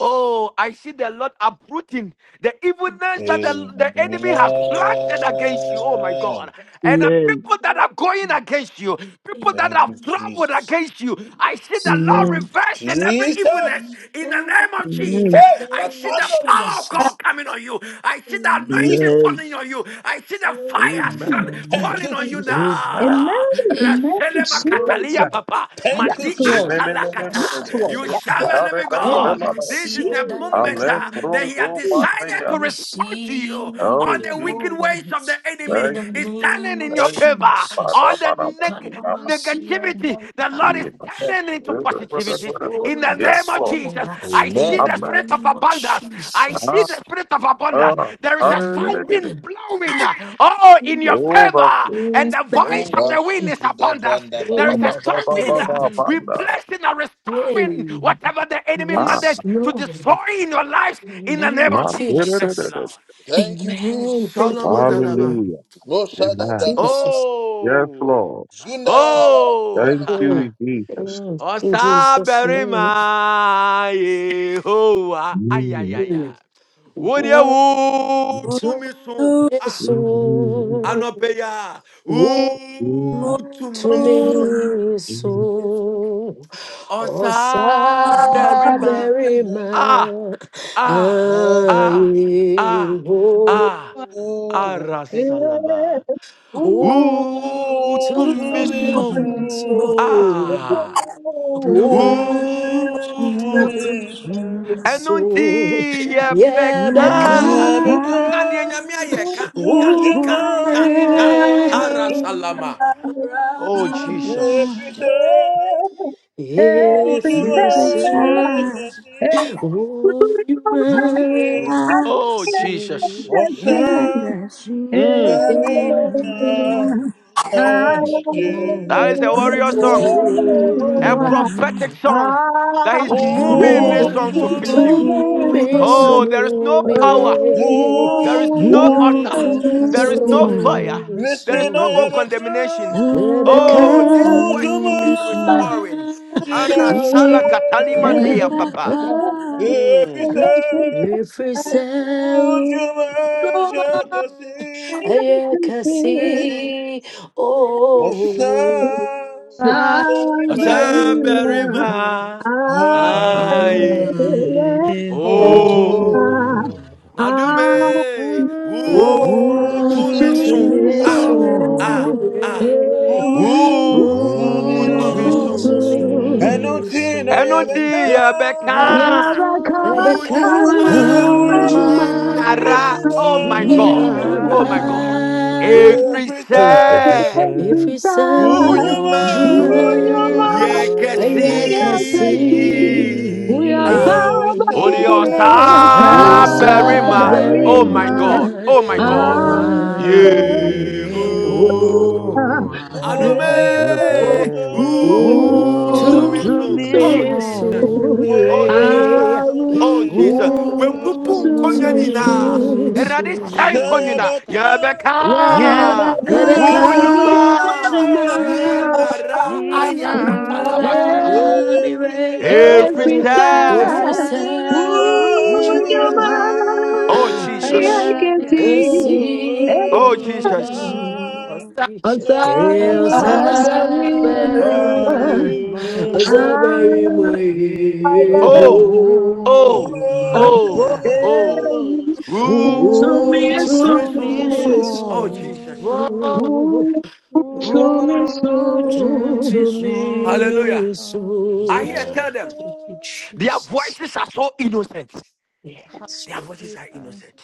S14: Oh, I see the Lord uprooting the
S20: In
S14: evilness that the,
S20: the
S14: the
S20: name
S14: enemy has planted against you. Oh my God. And the
S19: Amen.
S14: people that are going against you, people that have traveled
S20: of
S14: against you, I see the
S20: Jesus.
S14: Lord
S19: Amen.
S14: reversing every evilness in the
S20: Amen.
S14: name of Jesus. I see the power of God coming on you. I see the anointing falling
S19: Amen.
S14: falling on you. I see the
S17: Amen.
S14: fire,
S20: Amen.
S14: son,
S19: Amen.
S14: falling on you
S17: Amen. Amen.
S14: now.
S21: Amen,
S20: Yay.
S21: amen,
S14: Raselema
S21: Jesus.
S14: katalia, papa.
S21: Yes,
S14: Mati
S21: Lord.
S20: Arabashada,
S17: Amen.
S21: Yes,
S14: antalakata.
S21: Lord.
S14: You
S20: Bashadaya.
S21: Yes,
S14: serve
S20: <laughs>
S14: a
S21: Lord.
S14: living
S21: Yes, Lord.
S14: God. This is the
S20: Elamasiandaya
S14: moment
S21: Jesus.
S17: Hallelujah.
S14: uh, that
S20: kananuma.
S14: he has
S20: I
S14: decided to respond to
S20: receive
S14: you. All
S17: Oh,
S20: the
S14: the
S17: Jesus.
S14: wicked
S20: Lord
S14: ways of the
S20: in
S14: enemy
S17: Thank,
S20: the
S14: is
S20: name
S14: standing
S20: of
S14: in your
S17: thank,
S14: favor.
S20: Jesus.
S14: All
S17: Father,
S14: the
S17: Father,
S14: neg- negativity, the Lord is
S20: Ekanamasiandaya.
S14: standing turning into
S20: Oh, yes,
S14: positivities
S17: Father.
S14: in
S20: Lord,
S14: the
S17: Yes,
S14: name
S20: yes,
S14: of
S17: Lord.
S14: Jesus.
S20: Lord,
S14: I
S20: in
S14: see
S20: the
S14: the
S17: Amen.
S14: spirit of
S20: name of
S14: abundance. I see
S17: Ah,
S14: the
S20: Jesus.
S14: spirit of abundance.
S20: Amen.
S17: ah.
S14: There is a strong
S17: Hallelujah.
S14: wind
S20: Amen.
S14: blowing, uh, oh, in your favor,
S17: Overflow.
S14: and the voice of
S17: Over.
S14: the wind is abundance. There is
S17: Ba,
S14: a
S17: ba, ba,
S14: strong
S17: ba, ba,
S14: wind uh,
S17: ba, ba,
S20: Amen.
S17: ba.
S14: replacing and
S20: Hey,
S14: restoring whatever the enemy
S17: Ah,
S20: yes,
S14: managed to destroy
S20: Lord.
S14: in your lives
S20: In the
S14: in the
S20: name
S14: name
S20: of
S14: of
S17: ma.
S14: Jesus Christ, the
S20: Jesus.
S14: Lord.
S20: Amen. Thank you,
S14: Shalamadalaba.
S20: Lord.
S17: Hallelujah. Amen.
S20: Jesus.
S17: Yes,
S14: Oh,
S17: Lord. Thank
S14: oh. <laughs>
S20: Oh,
S17: you, Jesus.
S20: oh, in
S14: Ọsa
S20: Jesus' name.
S14: berima Yehowa.
S17: Mm.
S14: Ayayaya. Wode
S20: Oh,
S14: wo
S17: Amen.
S20: to
S14: tumi so.
S20: me,
S14: Ah, anɔpɛ
S20: so.
S14: ya. Wo
S20: Oh, to
S14: tumi
S3: Amen.
S14: so.
S20: me, so. Oh,
S14: Ọsa
S20: Sabbath,
S14: Ah,
S20: man.
S14: ah, ah,
S20: Aye,
S14: ah, ah.
S20: oh.
S21: Yeah.
S14: Arasalaba.
S21: Oh,
S20: Oh,
S14: Wo
S20: to
S14: tumi
S21: so good,
S14: so.
S20: me,
S21: so good.
S20: soul.
S14: Ah.
S21: Oh,
S20: Oh,
S14: Ooh.
S20: to me,
S14: ɛno nti
S20: soul.
S21: yeah.
S20: Yeah,
S14: yɛbɛka
S21: Time
S20: become.
S21: comes
S14: ka
S1: Dame
S14: deɛ nyame ayɛ
S21: for
S14: ka ka
S20: Oh,
S14: ka
S20: you
S1: kocaman
S14: ka ka
S1: yine
S20: man.
S14: karasalama oh
S3: Amen.
S21: me.
S14: jesus
S1: Nefise
S21: Yeah.
S20: If
S21: Every
S1: ucuma
S20: you
S21: cell,
S20: say,
S1: şakası
S21: every
S20: Oh, you
S21: person
S20: man.
S21: I
S14: oh
S21: can
S14: jesus
S1: Olsa
S21: get can
S14: mm.
S20: so very much are
S1: Ajee,
S14: that is
S20: you
S14: a warrior song
S1: oh
S14: a
S20: good.
S14: prophetic song that he's moving in this
S1: oh,
S14: song to
S20: Oh,
S14: fix
S1: chumi
S14: you
S20: to
S1: su,
S20: me,
S14: oh there is
S20: so
S14: no
S20: me
S14: power
S20: re.
S14: There
S1: oh
S14: is no altar.
S1: chumi
S20: Oh, to
S14: There
S1: su.
S14: is no fire.
S20: me,
S1: Nesh
S14: There is
S1: na
S14: no
S1: ya
S14: more
S20: so
S1: beka,
S14: condemnation.
S20: Rebecca,
S22: Glory
S14: Oh, this worship
S22: to
S1: ujuma
S14: is
S20: you
S22: Messiah,
S14: restoring.
S20: ma,
S1: jinaro,
S14: Arasala katalima dea,
S22: never
S14: Papa.
S22: come.
S14: Mm.
S1: efisa
S20: Every cell
S1: ujuma
S14: <laughs>
S1: jake si.
S20: I can
S21: see
S20: see,
S1: Osa
S20: oh,
S1: dema
S20: Father,
S21: Sadarina,
S14: Asaberima
S21: I
S1: ajee.
S14: ai
S22: Alleluia.
S2: O,
S14: oh
S1: Oh,
S21: to
S14: adume u
S6: Amen.
S2: O,
S1: oh,
S20: Oh,
S22: Glory
S6: Oh,
S20: to
S22: to
S14: tumisun
S21: me
S6: to
S20: me
S22: me,
S14: ah
S6: me,
S1: Commissioner,
S22: so.
S20: so
S14: ah
S21: so
S14: ah
S6: so.
S20: way.
S1: oh,
S21: to
S14: u
S22: glory to
S6: Oh,
S20: Oh,
S21: me
S1: Commissioner,
S14: tumisun
S6: to
S20: to
S21: so
S1: and no
S6: me,
S20: me
S22: Messiah.
S6: so.
S1: Tina
S14: ɛno nti
S20: so.
S1: Yabeka,
S2: Yeka,
S14: yɛbɛka
S21: yeah that
S14: wo
S20: Ever
S21: comes
S6: Yabeka,
S1: oh,
S14: nnwuma
S20: come to
S22: Onyema
S1: Jama,
S20: mind.
S14: nyinara
S6: Onjumani
S14: oh my
S1: Ina,
S14: god
S20: Nyinara
S14: oh my
S22: ninara,
S14: god
S6: Nara.
S14: ɛfiri sɛ
S2: Yeka,
S1: represent,
S6: Efrise,
S21: every
S20: efisɛ
S14: wo
S20: wo
S21: time
S1: oh,
S20: dwuma
S6: Onjuma
S21: Ooh,
S1: Yama,
S21: your
S22: onyema
S21: mind
S20: ɛyɛ
S21: yes
S6: Yekese.
S20: kɛse
S21: I see
S22: ni
S14: Yekesi.
S21: we are
S14: Ah.
S1: oh,
S21: Sabarima
S1: Sabarima,
S6: Muzamasa,
S20: wo
S14: Odiosa
S20: saa
S14: berima. Oh
S6: Berima,
S20: bɛrima
S14: my
S2: Yeka,
S21: Sabarima
S14: God.
S22: sabarima.
S14: Oh my God.
S21: Ah,
S6: Berima.
S1: oh,
S20: ayɛ
S22: Aehoa,
S21: yeah.
S20: o
S14: Yeho.
S6: Yehovah.
S21: Every
S20: a
S6: I'm a
S14: Adume.
S6: prayer.
S1: Fortamesu,
S6: Oh,
S14: Utumiso.
S6: to
S20: wotumi
S14: Oh
S6: me,
S20: so
S14: Jesus.
S22: Utumiso,
S14: Oh
S6: so.
S14: Jesus.
S20: mmerɛ
S14: Oh Jesus.
S1: Fortamesu,
S14: Webubu
S6: Oh, to
S14: nkonya
S20: wotumi
S22: Utumiso,
S6: me,
S14: nyinaa. Erade
S6: so.
S14: san
S20: so
S14: konyina.
S1: Şayabaka,
S6: Yes, uh, da, da.
S14: Yebeka.
S20: Let
S6: Oh,
S20: it
S22: Yabaka,
S20: come
S14: Uyuma.
S1: Mucumanina,
S20: to
S6: Yahweh,
S20: my
S14: Nyinara
S6: Nina,
S14: ayakatala masadaba.
S22: Nina,
S20: Rabbi
S1: Efrite,
S20: Ray.
S2: Yeka,
S14: Every
S20: Oh,
S6: Every
S14: side.
S20: every
S21: side,
S6: side,
S22: Pisa,
S21: ooh,
S20: sound
S6: on your
S20: to
S21: your
S20: my
S14: Oh
S21: mind,
S1: Unamagazi,
S22: Unyuma,
S21: I
S14: Jesus.
S6: mind, I
S20: I
S21: can
S6: can
S20: can
S21: see.
S20: see.
S14: Oh
S1: Oh, Asa,
S14: Jesus.
S22: Yakasi,
S2: Amen.
S6: see. I'll
S1: Merima,
S20: Eu
S6: somebody
S20: saberei
S14: <laughs>
S21: Osaberima,
S20: mais,
S22: Asaberima,
S20: eu saberei
S6: love
S1: Ayeho.
S20: mais.
S14: Oh. Oh.
S6: you.
S21: I
S22: Yehoa.
S1: Oh, to
S14: Oh.
S21: Hey,
S1: this
S14: Oh.
S1: world,
S21: tell
S20: Oh,
S21: me
S14: Ooh,
S22: Oh,
S20: to
S14: to
S6: Oh,
S21: so.
S14: me
S1: oh,
S22: to
S6: to
S22: me
S14: so.
S1: to
S6: me,
S20: me
S1: this
S14: Oh
S22: so.
S1: world,
S14: Jesus.
S6: so.
S20: soon.
S21: Ooh, tell me
S22: Oh,
S20: Oh,
S22: to
S6: oh,
S21: so.
S22: me
S20: to
S22: so.
S6: somebody,
S14: Hallelujah.
S20: me,
S14: I
S20: so
S14: hear
S6: Amen.
S1: never
S14: tell them.
S20: thank you,
S1: come,
S14: Their
S20: Jesus.
S14: voices are so innocent.
S20: Yes,
S14: Their voices are innocent.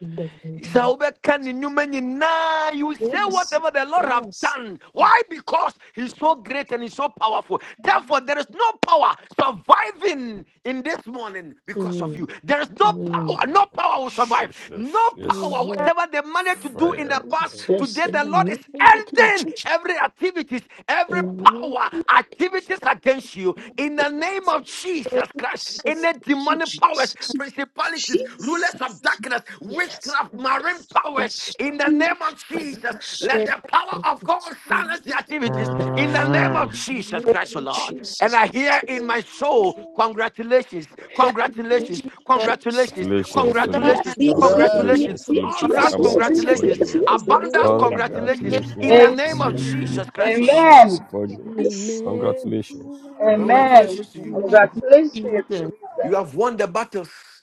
S20: in the
S14: Sɛ
S20: name.
S14: wobɛka ne nnwuma nyinaa, You say
S20: yes,
S14: whatever the Lord have
S20: yes.
S14: done. Why? Because He's so great and He's so powerful. Therefore, there is no power surviving in this morning because of
S20: Mm,
S14: you. There is no
S20: mm,
S14: power.
S6: And
S14: No power will survive.
S6: Jesus
S14: No
S6: is
S14: power.
S20: mm,
S14: Whatever they managed to do in
S6: fire.
S14: the past,
S20: yes, yes,
S14: today
S20: in
S14: the
S20: the
S14: Lord is
S20: name of Jesus.
S14: ending every activities,
S20: In
S14: every
S20: the name
S14: power activities against you in
S20: of
S14: the name of Jesus Christ.
S20: Jesus.
S14: Any
S20: Thank you,
S14: demonic powers,
S20: Jesus.
S14: principalities,
S21: Jesus.
S14: rulers of darkness,
S20: Yes,
S14: witchcraft,
S20: Lord.
S14: marine powers,
S20: yes,
S14: in
S20: Lord.
S14: the name of
S20: Father,
S14: Jesus,
S20: mercy.
S14: let the power of God
S20: Jesus.
S14: silence the activities in the name
S22: Ah,
S14: of Jesus Christ, O Lord. And I hear in my soul, congratulations, congratulations, congratulations,
S6: Congratulations, Philip.
S21: Yes,
S14: congratulations,
S21: yes, yes, yes,
S14: congratulations,
S6: Congratulations,
S21: yes,
S6: Philip
S21: yes, yes,
S14: all
S6: Kofi
S21: yes,
S14: round
S21: yes,
S20: Jesus' name,
S6: Amwako
S21: yes, yes,
S14: congratulations,
S6: Fojo.
S20: oh
S21: yes,
S14: abundance
S20: Lord,
S21: yes,
S14: congratulations, in
S21: yes,
S6: Congratulations
S14: the
S18: Am-
S6: to
S14: name
S20: that's
S14: of
S6: you,
S20: right.
S6: Philip
S14: Jesus
S20: Oh,
S6: Kofi
S14: Christ, O Lord.
S6: Amwako
S20: Jesus.
S18: Amen.
S6: Fojo.
S21: yes.
S20: Amen.
S6: Congratulations. Thank you,
S18: Amen.
S14: Congratulations
S6: Jesus.
S14: to you.
S2: Thank
S20: Amen.
S2: you,
S18: Congratulations.
S2: Jesus.
S18: Teresa.
S14: You have won the battles.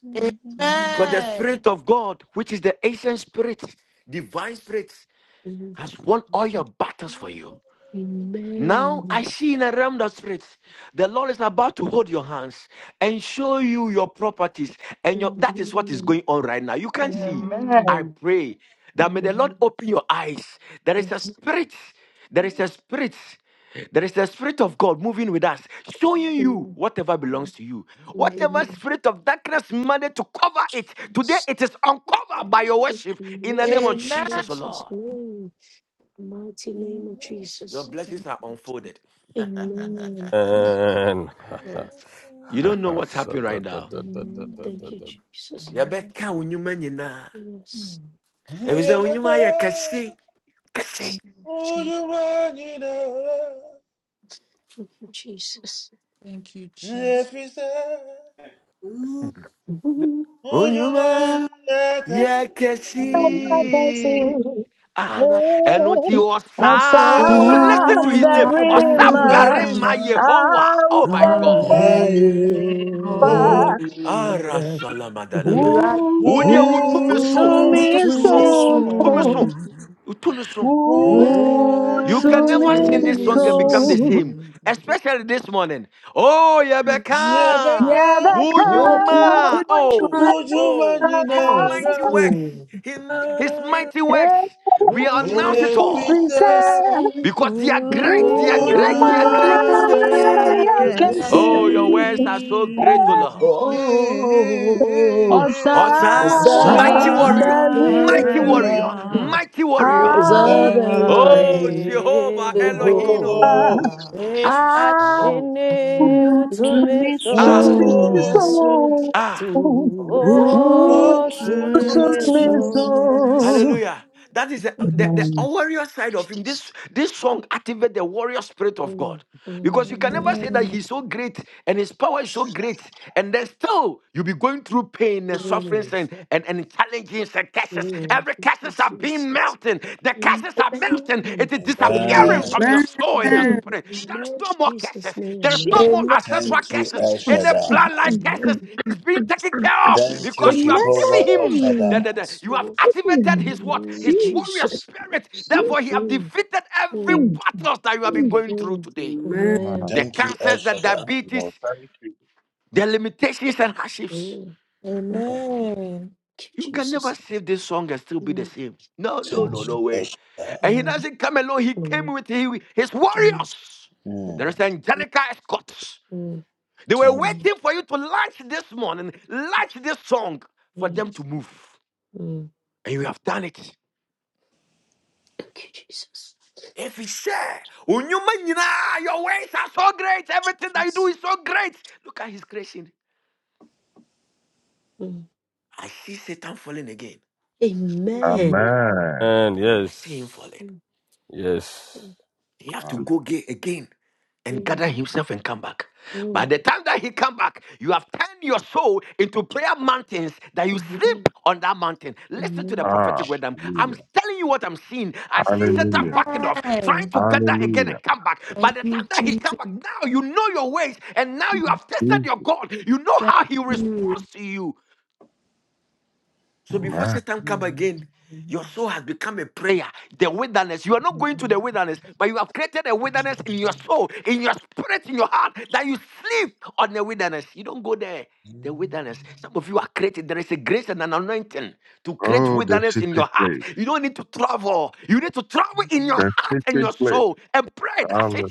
S14: Because the Spirit of God, which is the ancient Spirit, divine Spirit,
S20: Amen.
S14: has won all your battles for you. Now
S20: Amen.
S14: I see in a realm of the spirit, the Lord is about to hold your hands and show you your properties, and your that is what is going on right now. You can't see.
S20: Amen.
S18: Amen.
S14: I pray that may the Lord
S20: Amen.
S14: open your eyes. There is a
S20: Yes.
S14: spirit, there is a spirit, there is a spirit of God moving with us, showing you whatever belongs
S20: Amen.
S14: to you.
S2: Amen.
S14: Whatever
S2: Amen.
S14: spirit of darkness managed to cover it,
S20: Jesus.
S14: today it is uncovered by your
S20: Amen.
S14: worship
S20: In the
S14: in the
S20: name
S14: name of
S20: of
S14: Jesus, O
S2: Amen.
S20: Jesus'
S14: Lord.
S20: name. Mighty name of
S14: Your
S20: Jesus.
S14: blessings are unfolded.
S2: Thank you. Mm.
S20: Amen.
S2: Thank
S6: And
S2: you.
S14: You don't know
S6: <laughs>
S14: what
S6: So
S14: happened
S6: da-
S14: right
S6: da-
S14: now.
S6: da- da- da-
S20: Amen.
S6: da- da-
S20: Thank you,
S6: da.
S20: Jesus.
S14: yɛbɛka wo nnwuma nyinaa
S20: Yes.
S2: Mm.
S14: ɛfiri sɛ wo kasi
S1: never
S14: unyuma kɛse
S1: come.
S14: kɛse
S20: yes.
S1: Oh, you want it all,
S20: Thank you, Jesus.
S2: Thank you, Jesus. Thank you, Jesus.
S1: every side.
S20: Amen.
S1: Oh, you want let
S20: <laughs>
S1: us,
S21: You
S20: Amen.
S21: never feel
S14: Ah,
S2: Father,
S14: ɛno nti
S21: it. What's
S14: ɔsaa
S1: Musa,
S14: listen
S21: up
S14: to his
S21: the
S14: name
S22: ah,
S2: Father,
S14: ɔsa
S21: river?
S1: Mary,
S14: barima
S1: Ma,
S14: yehowa
S21: Out
S14: oh my
S2: ah,
S20: I
S22: Marina,
S14: god
S21: the
S1: Aye,
S22: I hold.
S1: oh,
S21: river.
S22: Oh, ah.
S2: here
S20: will
S14: arasalamadanaba
S2: I am.
S21: Ooh,
S14: wodeɛ wotumi
S1: oh,
S20: <laughs>
S14: so
S21: so
S1: to
S22: Oh,
S20: see
S21: me
S1: this
S14: wotumi
S22: to
S14: so
S22: me
S14: wotumi
S1: world,
S22: so.
S14: so
S21: so.
S14: wotumi so
S2: Oh,
S1: oh,
S14: You
S22: Oh,
S14: can
S21: to
S1: to
S14: never sing
S22: to
S14: this
S22: me
S14: song
S1: this
S14: and
S20: you
S1: world.
S14: become the
S22: so.
S21: miracle.
S14: same,
S20: soon.
S14: especially this morning. Oh, Yabeka,
S21: Yeah,
S1: Jebeka
S21: the color
S20: Oh,
S2: oh,
S14: Wunyuma, oh,
S1: Ujuma
S14: oh, his
S20: you
S1: Ninara
S14: mighty works, his, his mighty works. We
S2: oh,
S14: announce it
S2: it's
S20: know,
S2: good.
S21: Every
S14: all
S20: free
S1: Efisa
S21: cell
S20: side,
S14: because they are great,
S22: Oh,
S21: who
S14: they are
S22: you
S2: Oh,
S21: you
S14: great, they are
S20: only
S21: are,
S14: great.
S1: Ujuma
S22: my I
S21: I
S22: can
S1: Shekasi
S21: can see.
S20: mercy.
S2: yes,
S14: Oh, your words are so great, O Lord.
S22: see.
S20: Oh,
S21: Osa,
S20: the
S22: I'll
S14: Osa, mighty
S1: Sa
S21: the
S14: warrior,
S22: to
S21: real
S14: mighty warrior,
S1: Berima
S20: Sabarima,
S14: mighty warrior.
S2: Oh,
S21: Alpha,
S14: Oh,
S20: Sabarima,
S14: Jehovah Elohim.
S23: Yehowa,
S1: Oh
S14: Ah,
S2: yeah, I-
S20: oh,
S21: Alpha,
S14: Jesus.
S20: Ah,
S23: ene
S22: to
S20: oh,
S22: miss
S23: utumeso,
S21: to
S14: Ah.
S20: to
S21: me
S20: be
S22: you.
S1: Utumi
S20: so,
S21: so,
S14: Ah,
S20: oh,
S2: oh,
S21: Ooh,
S22: Oh, to
S21: to
S1: Utumi
S22: miss
S21: me
S20: to be
S23: otumeso,
S22: you.
S20: so.
S21: so.
S14: hallelujah. That is the, the, the
S21: Amen.
S14: warrior side of him.
S20: Jesus.
S14: This this song activates the warrior spirit of
S20: Mm,
S14: God.
S20: mm,
S14: Because you can never
S20: mm,
S14: say that
S2: Amen.
S14: he's so great and his power is so great, and then still you'll be going through pain and sufferings
S20: mm,
S14: and, and, and challenges and curses.
S20: mm.
S14: Every
S20: Thank you,
S14: curses are being
S20: Jesus.
S14: melting. The
S20: Amen.
S14: curses are melting.
S20: Amen.
S14: It is disappearing
S1: Amen
S14: from your soul and your spirit. There is
S20: Amen.
S14: no more
S20: Jesus'
S14: curses. There is
S21: She
S20: name.
S14: no more
S2: amen.
S14: ancestral
S20: Thank you,
S14: curses. Any
S20: Jesus.
S14: bloodline
S21: Amen.
S14: curses
S20: Amen.
S14: is being
S20: Yes,
S14: taken care of
S20: yes,
S14: because you have
S20: yes,
S14: given him the, the, the-
S20: yes,
S14: you have
S20: Lord.
S14: activated
S20: In
S21: Amen.
S20: the
S14: his what?
S20: name
S14: His
S20: of
S14: warrior
S21: Jesus.
S20: Jesus.
S14: spirit. Therefore, he
S21: Jesus.
S14: have
S20: Mm,
S14: defeated every
S20: mm,
S21: Mm,
S14: battles that you have been
S21: mm.
S14: going through
S20: mm.
S14: today.
S3: Amen.
S20: Amen.
S14: The cancers, the diabetes, the limitations and hardships.
S20: Amen. Thank
S2: Amen.
S20: you,
S14: You can never
S20: Jesus.
S14: save this song and still be the
S20: Mm,
S14: same. No, no,
S2: Mm.
S14: no, no
S20: mm,
S14: way. And he
S20: mm,
S14: doesn't come alone. He
S20: mm,
S14: came with he- his
S20: mm,
S14: warriors. There is angelica escorts. They were
S20: mm,
S14: waiting for you to launch this morning, launch this song for
S20: mm.
S14: them to move.
S20: Mm.
S14: And you have done it.
S20: Thank you, Jesus.
S14: If you share, unyuma nyinaa, your ways are so great. Everything that you do
S20: Yes.
S14: is so great. Look at his creation.
S20: Mm.
S14: I see Satan falling again.
S17: Amen.
S20: Amen.
S6: and
S14: I see him
S6: yes,
S14: falling.
S20: Mm.
S6: yes.
S20: Mm.
S14: He have to go ga- again and gather himself and come back. By
S20: Mm.
S14: the time that he come back, you have turned your soul into prayer mountains that you sleep on that mountain. Listen to the
S20: Amen.
S14: prophetic word. I'm, I'm
S17: Hallelujah.
S14: telling you what I'm seeing. I see Satan
S17: Hallelujah.
S14: backing off, trying
S2: Amen.
S14: to gather again
S17: Hallelujah.
S14: and come back. By
S2: Thank
S14: the
S2: you,
S14: time that he come
S2: Jesus.
S14: back, now you know your ways and now you
S2: Mm.
S14: have tested your God. You know
S2: Thank
S14: how he
S2: you.
S14: responds to you. So before
S17: Amen.
S14: Satan come again, your soul has become a prayer. The wilderness. You are not going to the wilderness, but you have created a wilderness in your soul, in your spirit, in your heart, that you sleep on the wilderness. You don't go there. The wilderness. Some of you are created. There is a grace and an anointing to create
S17: Oh, the
S14: wilderness in
S17: secret
S14: your heart.
S17: place.
S14: You don't need to travel. You need to travel in your
S17: The
S14: heart and
S17: secret
S14: your
S17: place.
S14: soul and pray. That's it.
S17: Hallelujah.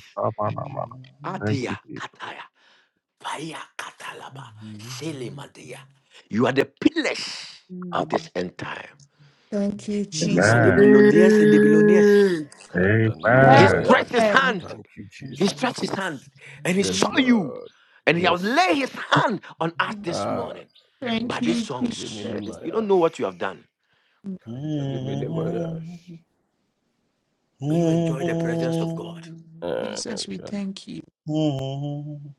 S17: Thank you,
S14: Adia
S17: Jesus.
S14: kataya. Paya katalaba. Selimadia. You are the pillars of this entire.
S2: Thank you,
S14: You are
S2: Jesus.
S14: the
S22: you.
S17: Amen.
S14: millionaires and the billionaires. He
S2: Amen.
S17: Amen.
S14: stretched
S6: Kadaniminimoyash.
S14: his hand.
S6: Thank you,
S14: He stretched his hand
S6: Jesus.
S14: and he
S6: Yes,
S14: saw
S2: Amen.
S14: you.
S6: Lord.
S14: And he has
S6: Yes.
S14: laid his hand on us
S2: Mm.
S14: this
S6: Ah,
S14: morning.
S2: Thank
S14: By these
S2: you, Jesus.
S14: songs, you don't know what you have
S6: Imakadiminimayash.
S14: done. May you enjoy the presence of God.
S6: Uh,
S2: Jesus, we
S6: God.
S2: thank you.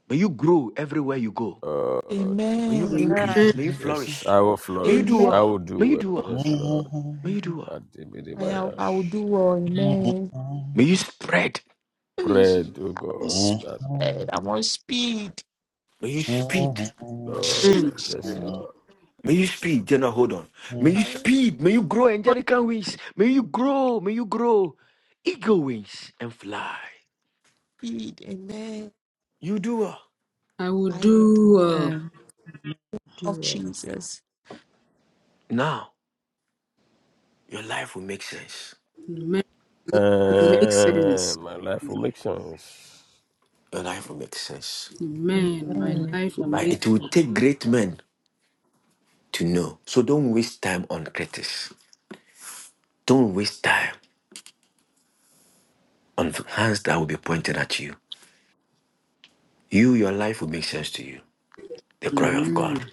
S14: May you grow everywhere you go.
S6: Uh,
S14: May you
S2: Amen.
S14: increase.
S3: Amen.
S14: May you
S6: yes,
S14: flourish.
S6: I will
S14: May you do
S6: flourish.
S2: Amen.
S6: I will
S14: well.
S6: do
S14: May you do
S6: well.
S14: well.
S6: Yes, Lord.
S14: May you do well.
S2: I, am-
S6: Kadimidimayash.
S2: I will do well. Amen.
S14: May you spread.
S2: I
S6: Bread, O
S2: want
S6: God,
S2: speed.
S6: that
S2: I want speed.
S14: May you speed.
S6: Lord. Yes,
S2: Jesus.
S6: Lord.
S14: May you speed, General. Hold on.
S6: Jesus.
S14: May you speed. May you grow angelical wings. May you grow. May you grow eagle wings and fly.
S2: feed. Amen.
S14: You do well.
S3: I will
S2: I will
S3: do
S2: do all
S22: Sabari
S3: well.
S22: ma utimisu
S2: of Jesus.
S14: Now, your life will make sense.
S3: Amen. Make
S6: Uh,
S3: sense.
S6: my life will make sense.
S14: Your life will make sense.
S3: Amen. My
S2: Amen.
S3: life will
S14: Right?
S3: make
S14: It will take great men to know. So don't waste time on critics. Don't waste time on hands that will be pointed at you. You, your life will make sense to you. The glory of God.
S3: Amen.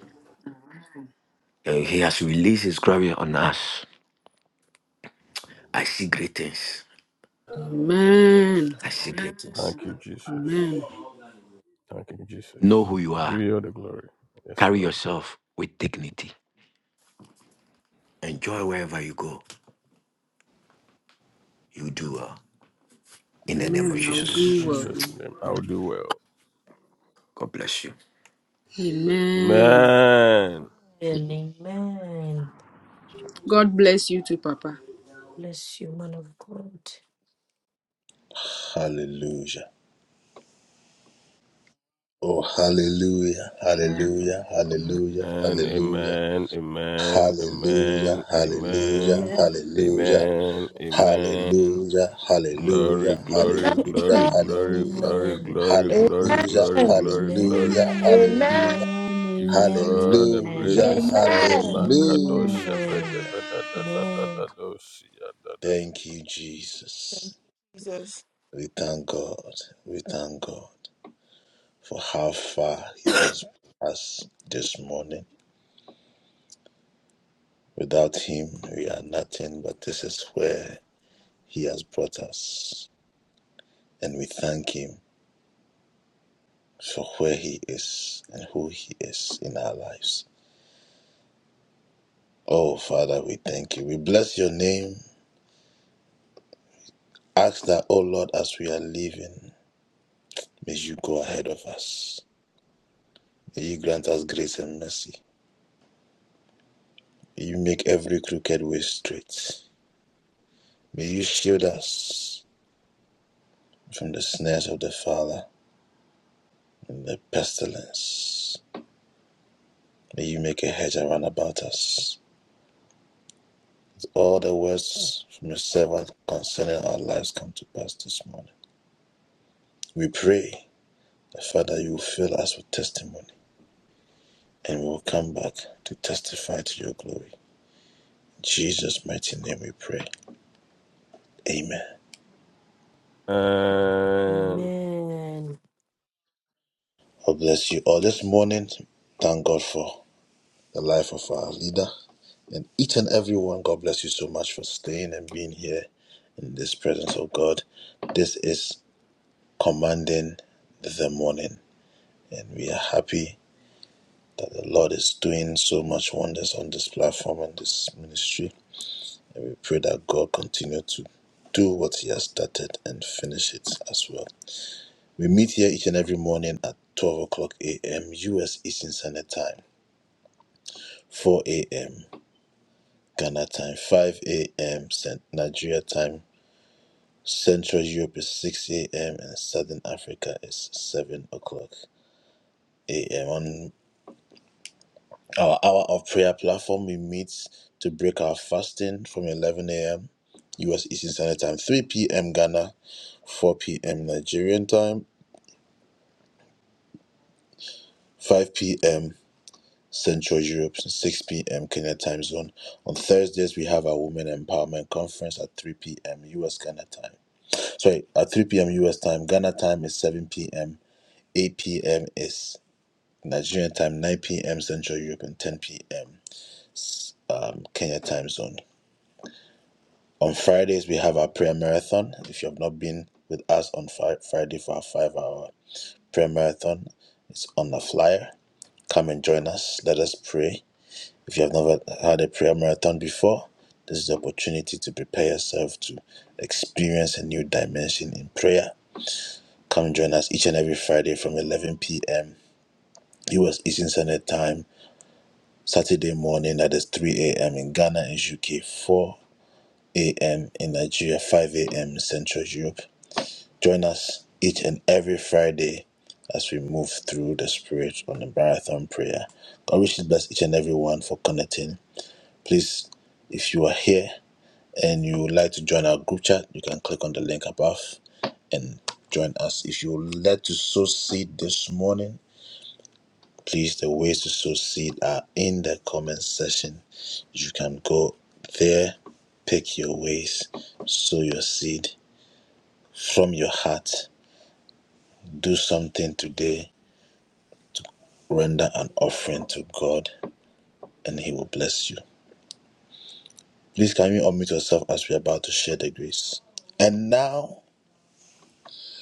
S14: Uh, He has released His glory on us. I see great things.
S3: Amen.
S14: I see great things.
S6: Thank you, Jesus.
S3: Amen.
S6: Thank you, Jesus.
S14: Know who you
S6: We
S14: are.
S6: give you all the glory. Yes,
S14: Carry
S6: Lord.
S14: yourself with dignity. Enjoy wherever you go. You do well. In the name of
S3: Amen. I will
S6: In
S14: Jesus.
S3: do well.
S6: Jesus' name, I will do well.
S14: God bless you.
S3: Amen.
S6: Man.
S20: Amen. Amen. Amen.
S3: God bless you too, Papa.
S20: Bless you, man of God.
S6: And amen, amen, amen,
S22: utimisu
S6: amen, amen, amen. Glory, glory, glory,
S2: Amen.
S6: glory,
S20: Amen.
S6: glory,
S20: Amen.
S6: glory, glory, glory,
S2: Amen.
S6: glory, glory.
S20: Amen.
S2: Amen.
S20: Amen. Amen.
S6: Give you all the praise this morning,
S2: Amen.
S6: Makadosha.
S20: Amen.
S6: ba-da-ba-da-da-da-da-da-dosia, da-da-ba.
S2: Thank you, Jesus.
S6: And
S20: Amen.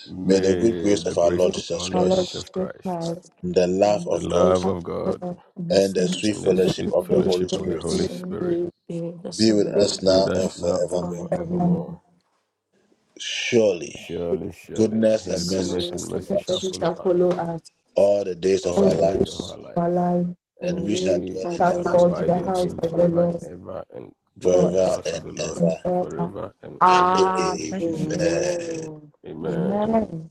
S6: may the grace
S2: Thank you,
S6: of our
S2: Our
S6: Lord
S2: Lord
S6: Jesus
S2: Jesus
S6: Christ,
S2: Christ.
S6: the
S20: Amen.
S2: We
S6: love
S2: ask
S6: of God,
S2: for us
S6: and the
S2: in the
S6: sweet
S2: sweet fellowship
S6: fellowship
S2: of
S6: of
S2: the
S6: the Holy
S2: Holy
S6: Spirit
S2: Spirit.
S20: Amen.
S2: Be
S20: Amen.
S2: with
S6: Be with
S2: us
S6: us now
S20: Forever,
S2: and
S6: and
S2: everyone.
S20: Lord,
S6: forevermore.
S2: The
S6: Surely, surely, His
S20: this
S6: goodness and
S20: mercy,
S6: mercy
S2: blessing
S6: shall
S2: that we
S6: follow
S2: shall
S6: us
S2: follow us
S6: all
S2: all
S6: the
S2: the days
S6: days of our
S2: of our
S6: lives,
S2: life.
S20: and
S6: and
S20: you
S6: we
S20: shall
S2: Shall
S20: put
S2: we
S6: shall
S20: on
S2: all
S20: this
S2: in
S6: abide
S2: the
S6: in
S20: heart
S2: house
S20: to
S6: Him
S2: of the
S6: forever
S2: Lord
S6: and ever, and dwell in
S2: forever
S6: the house of the Lord
S2: and ever.
S6: forever and ever. In
S2: Amen.
S6: Jesus' mighty name,
S20: Amen.
S6: Amen.
S2: Amen.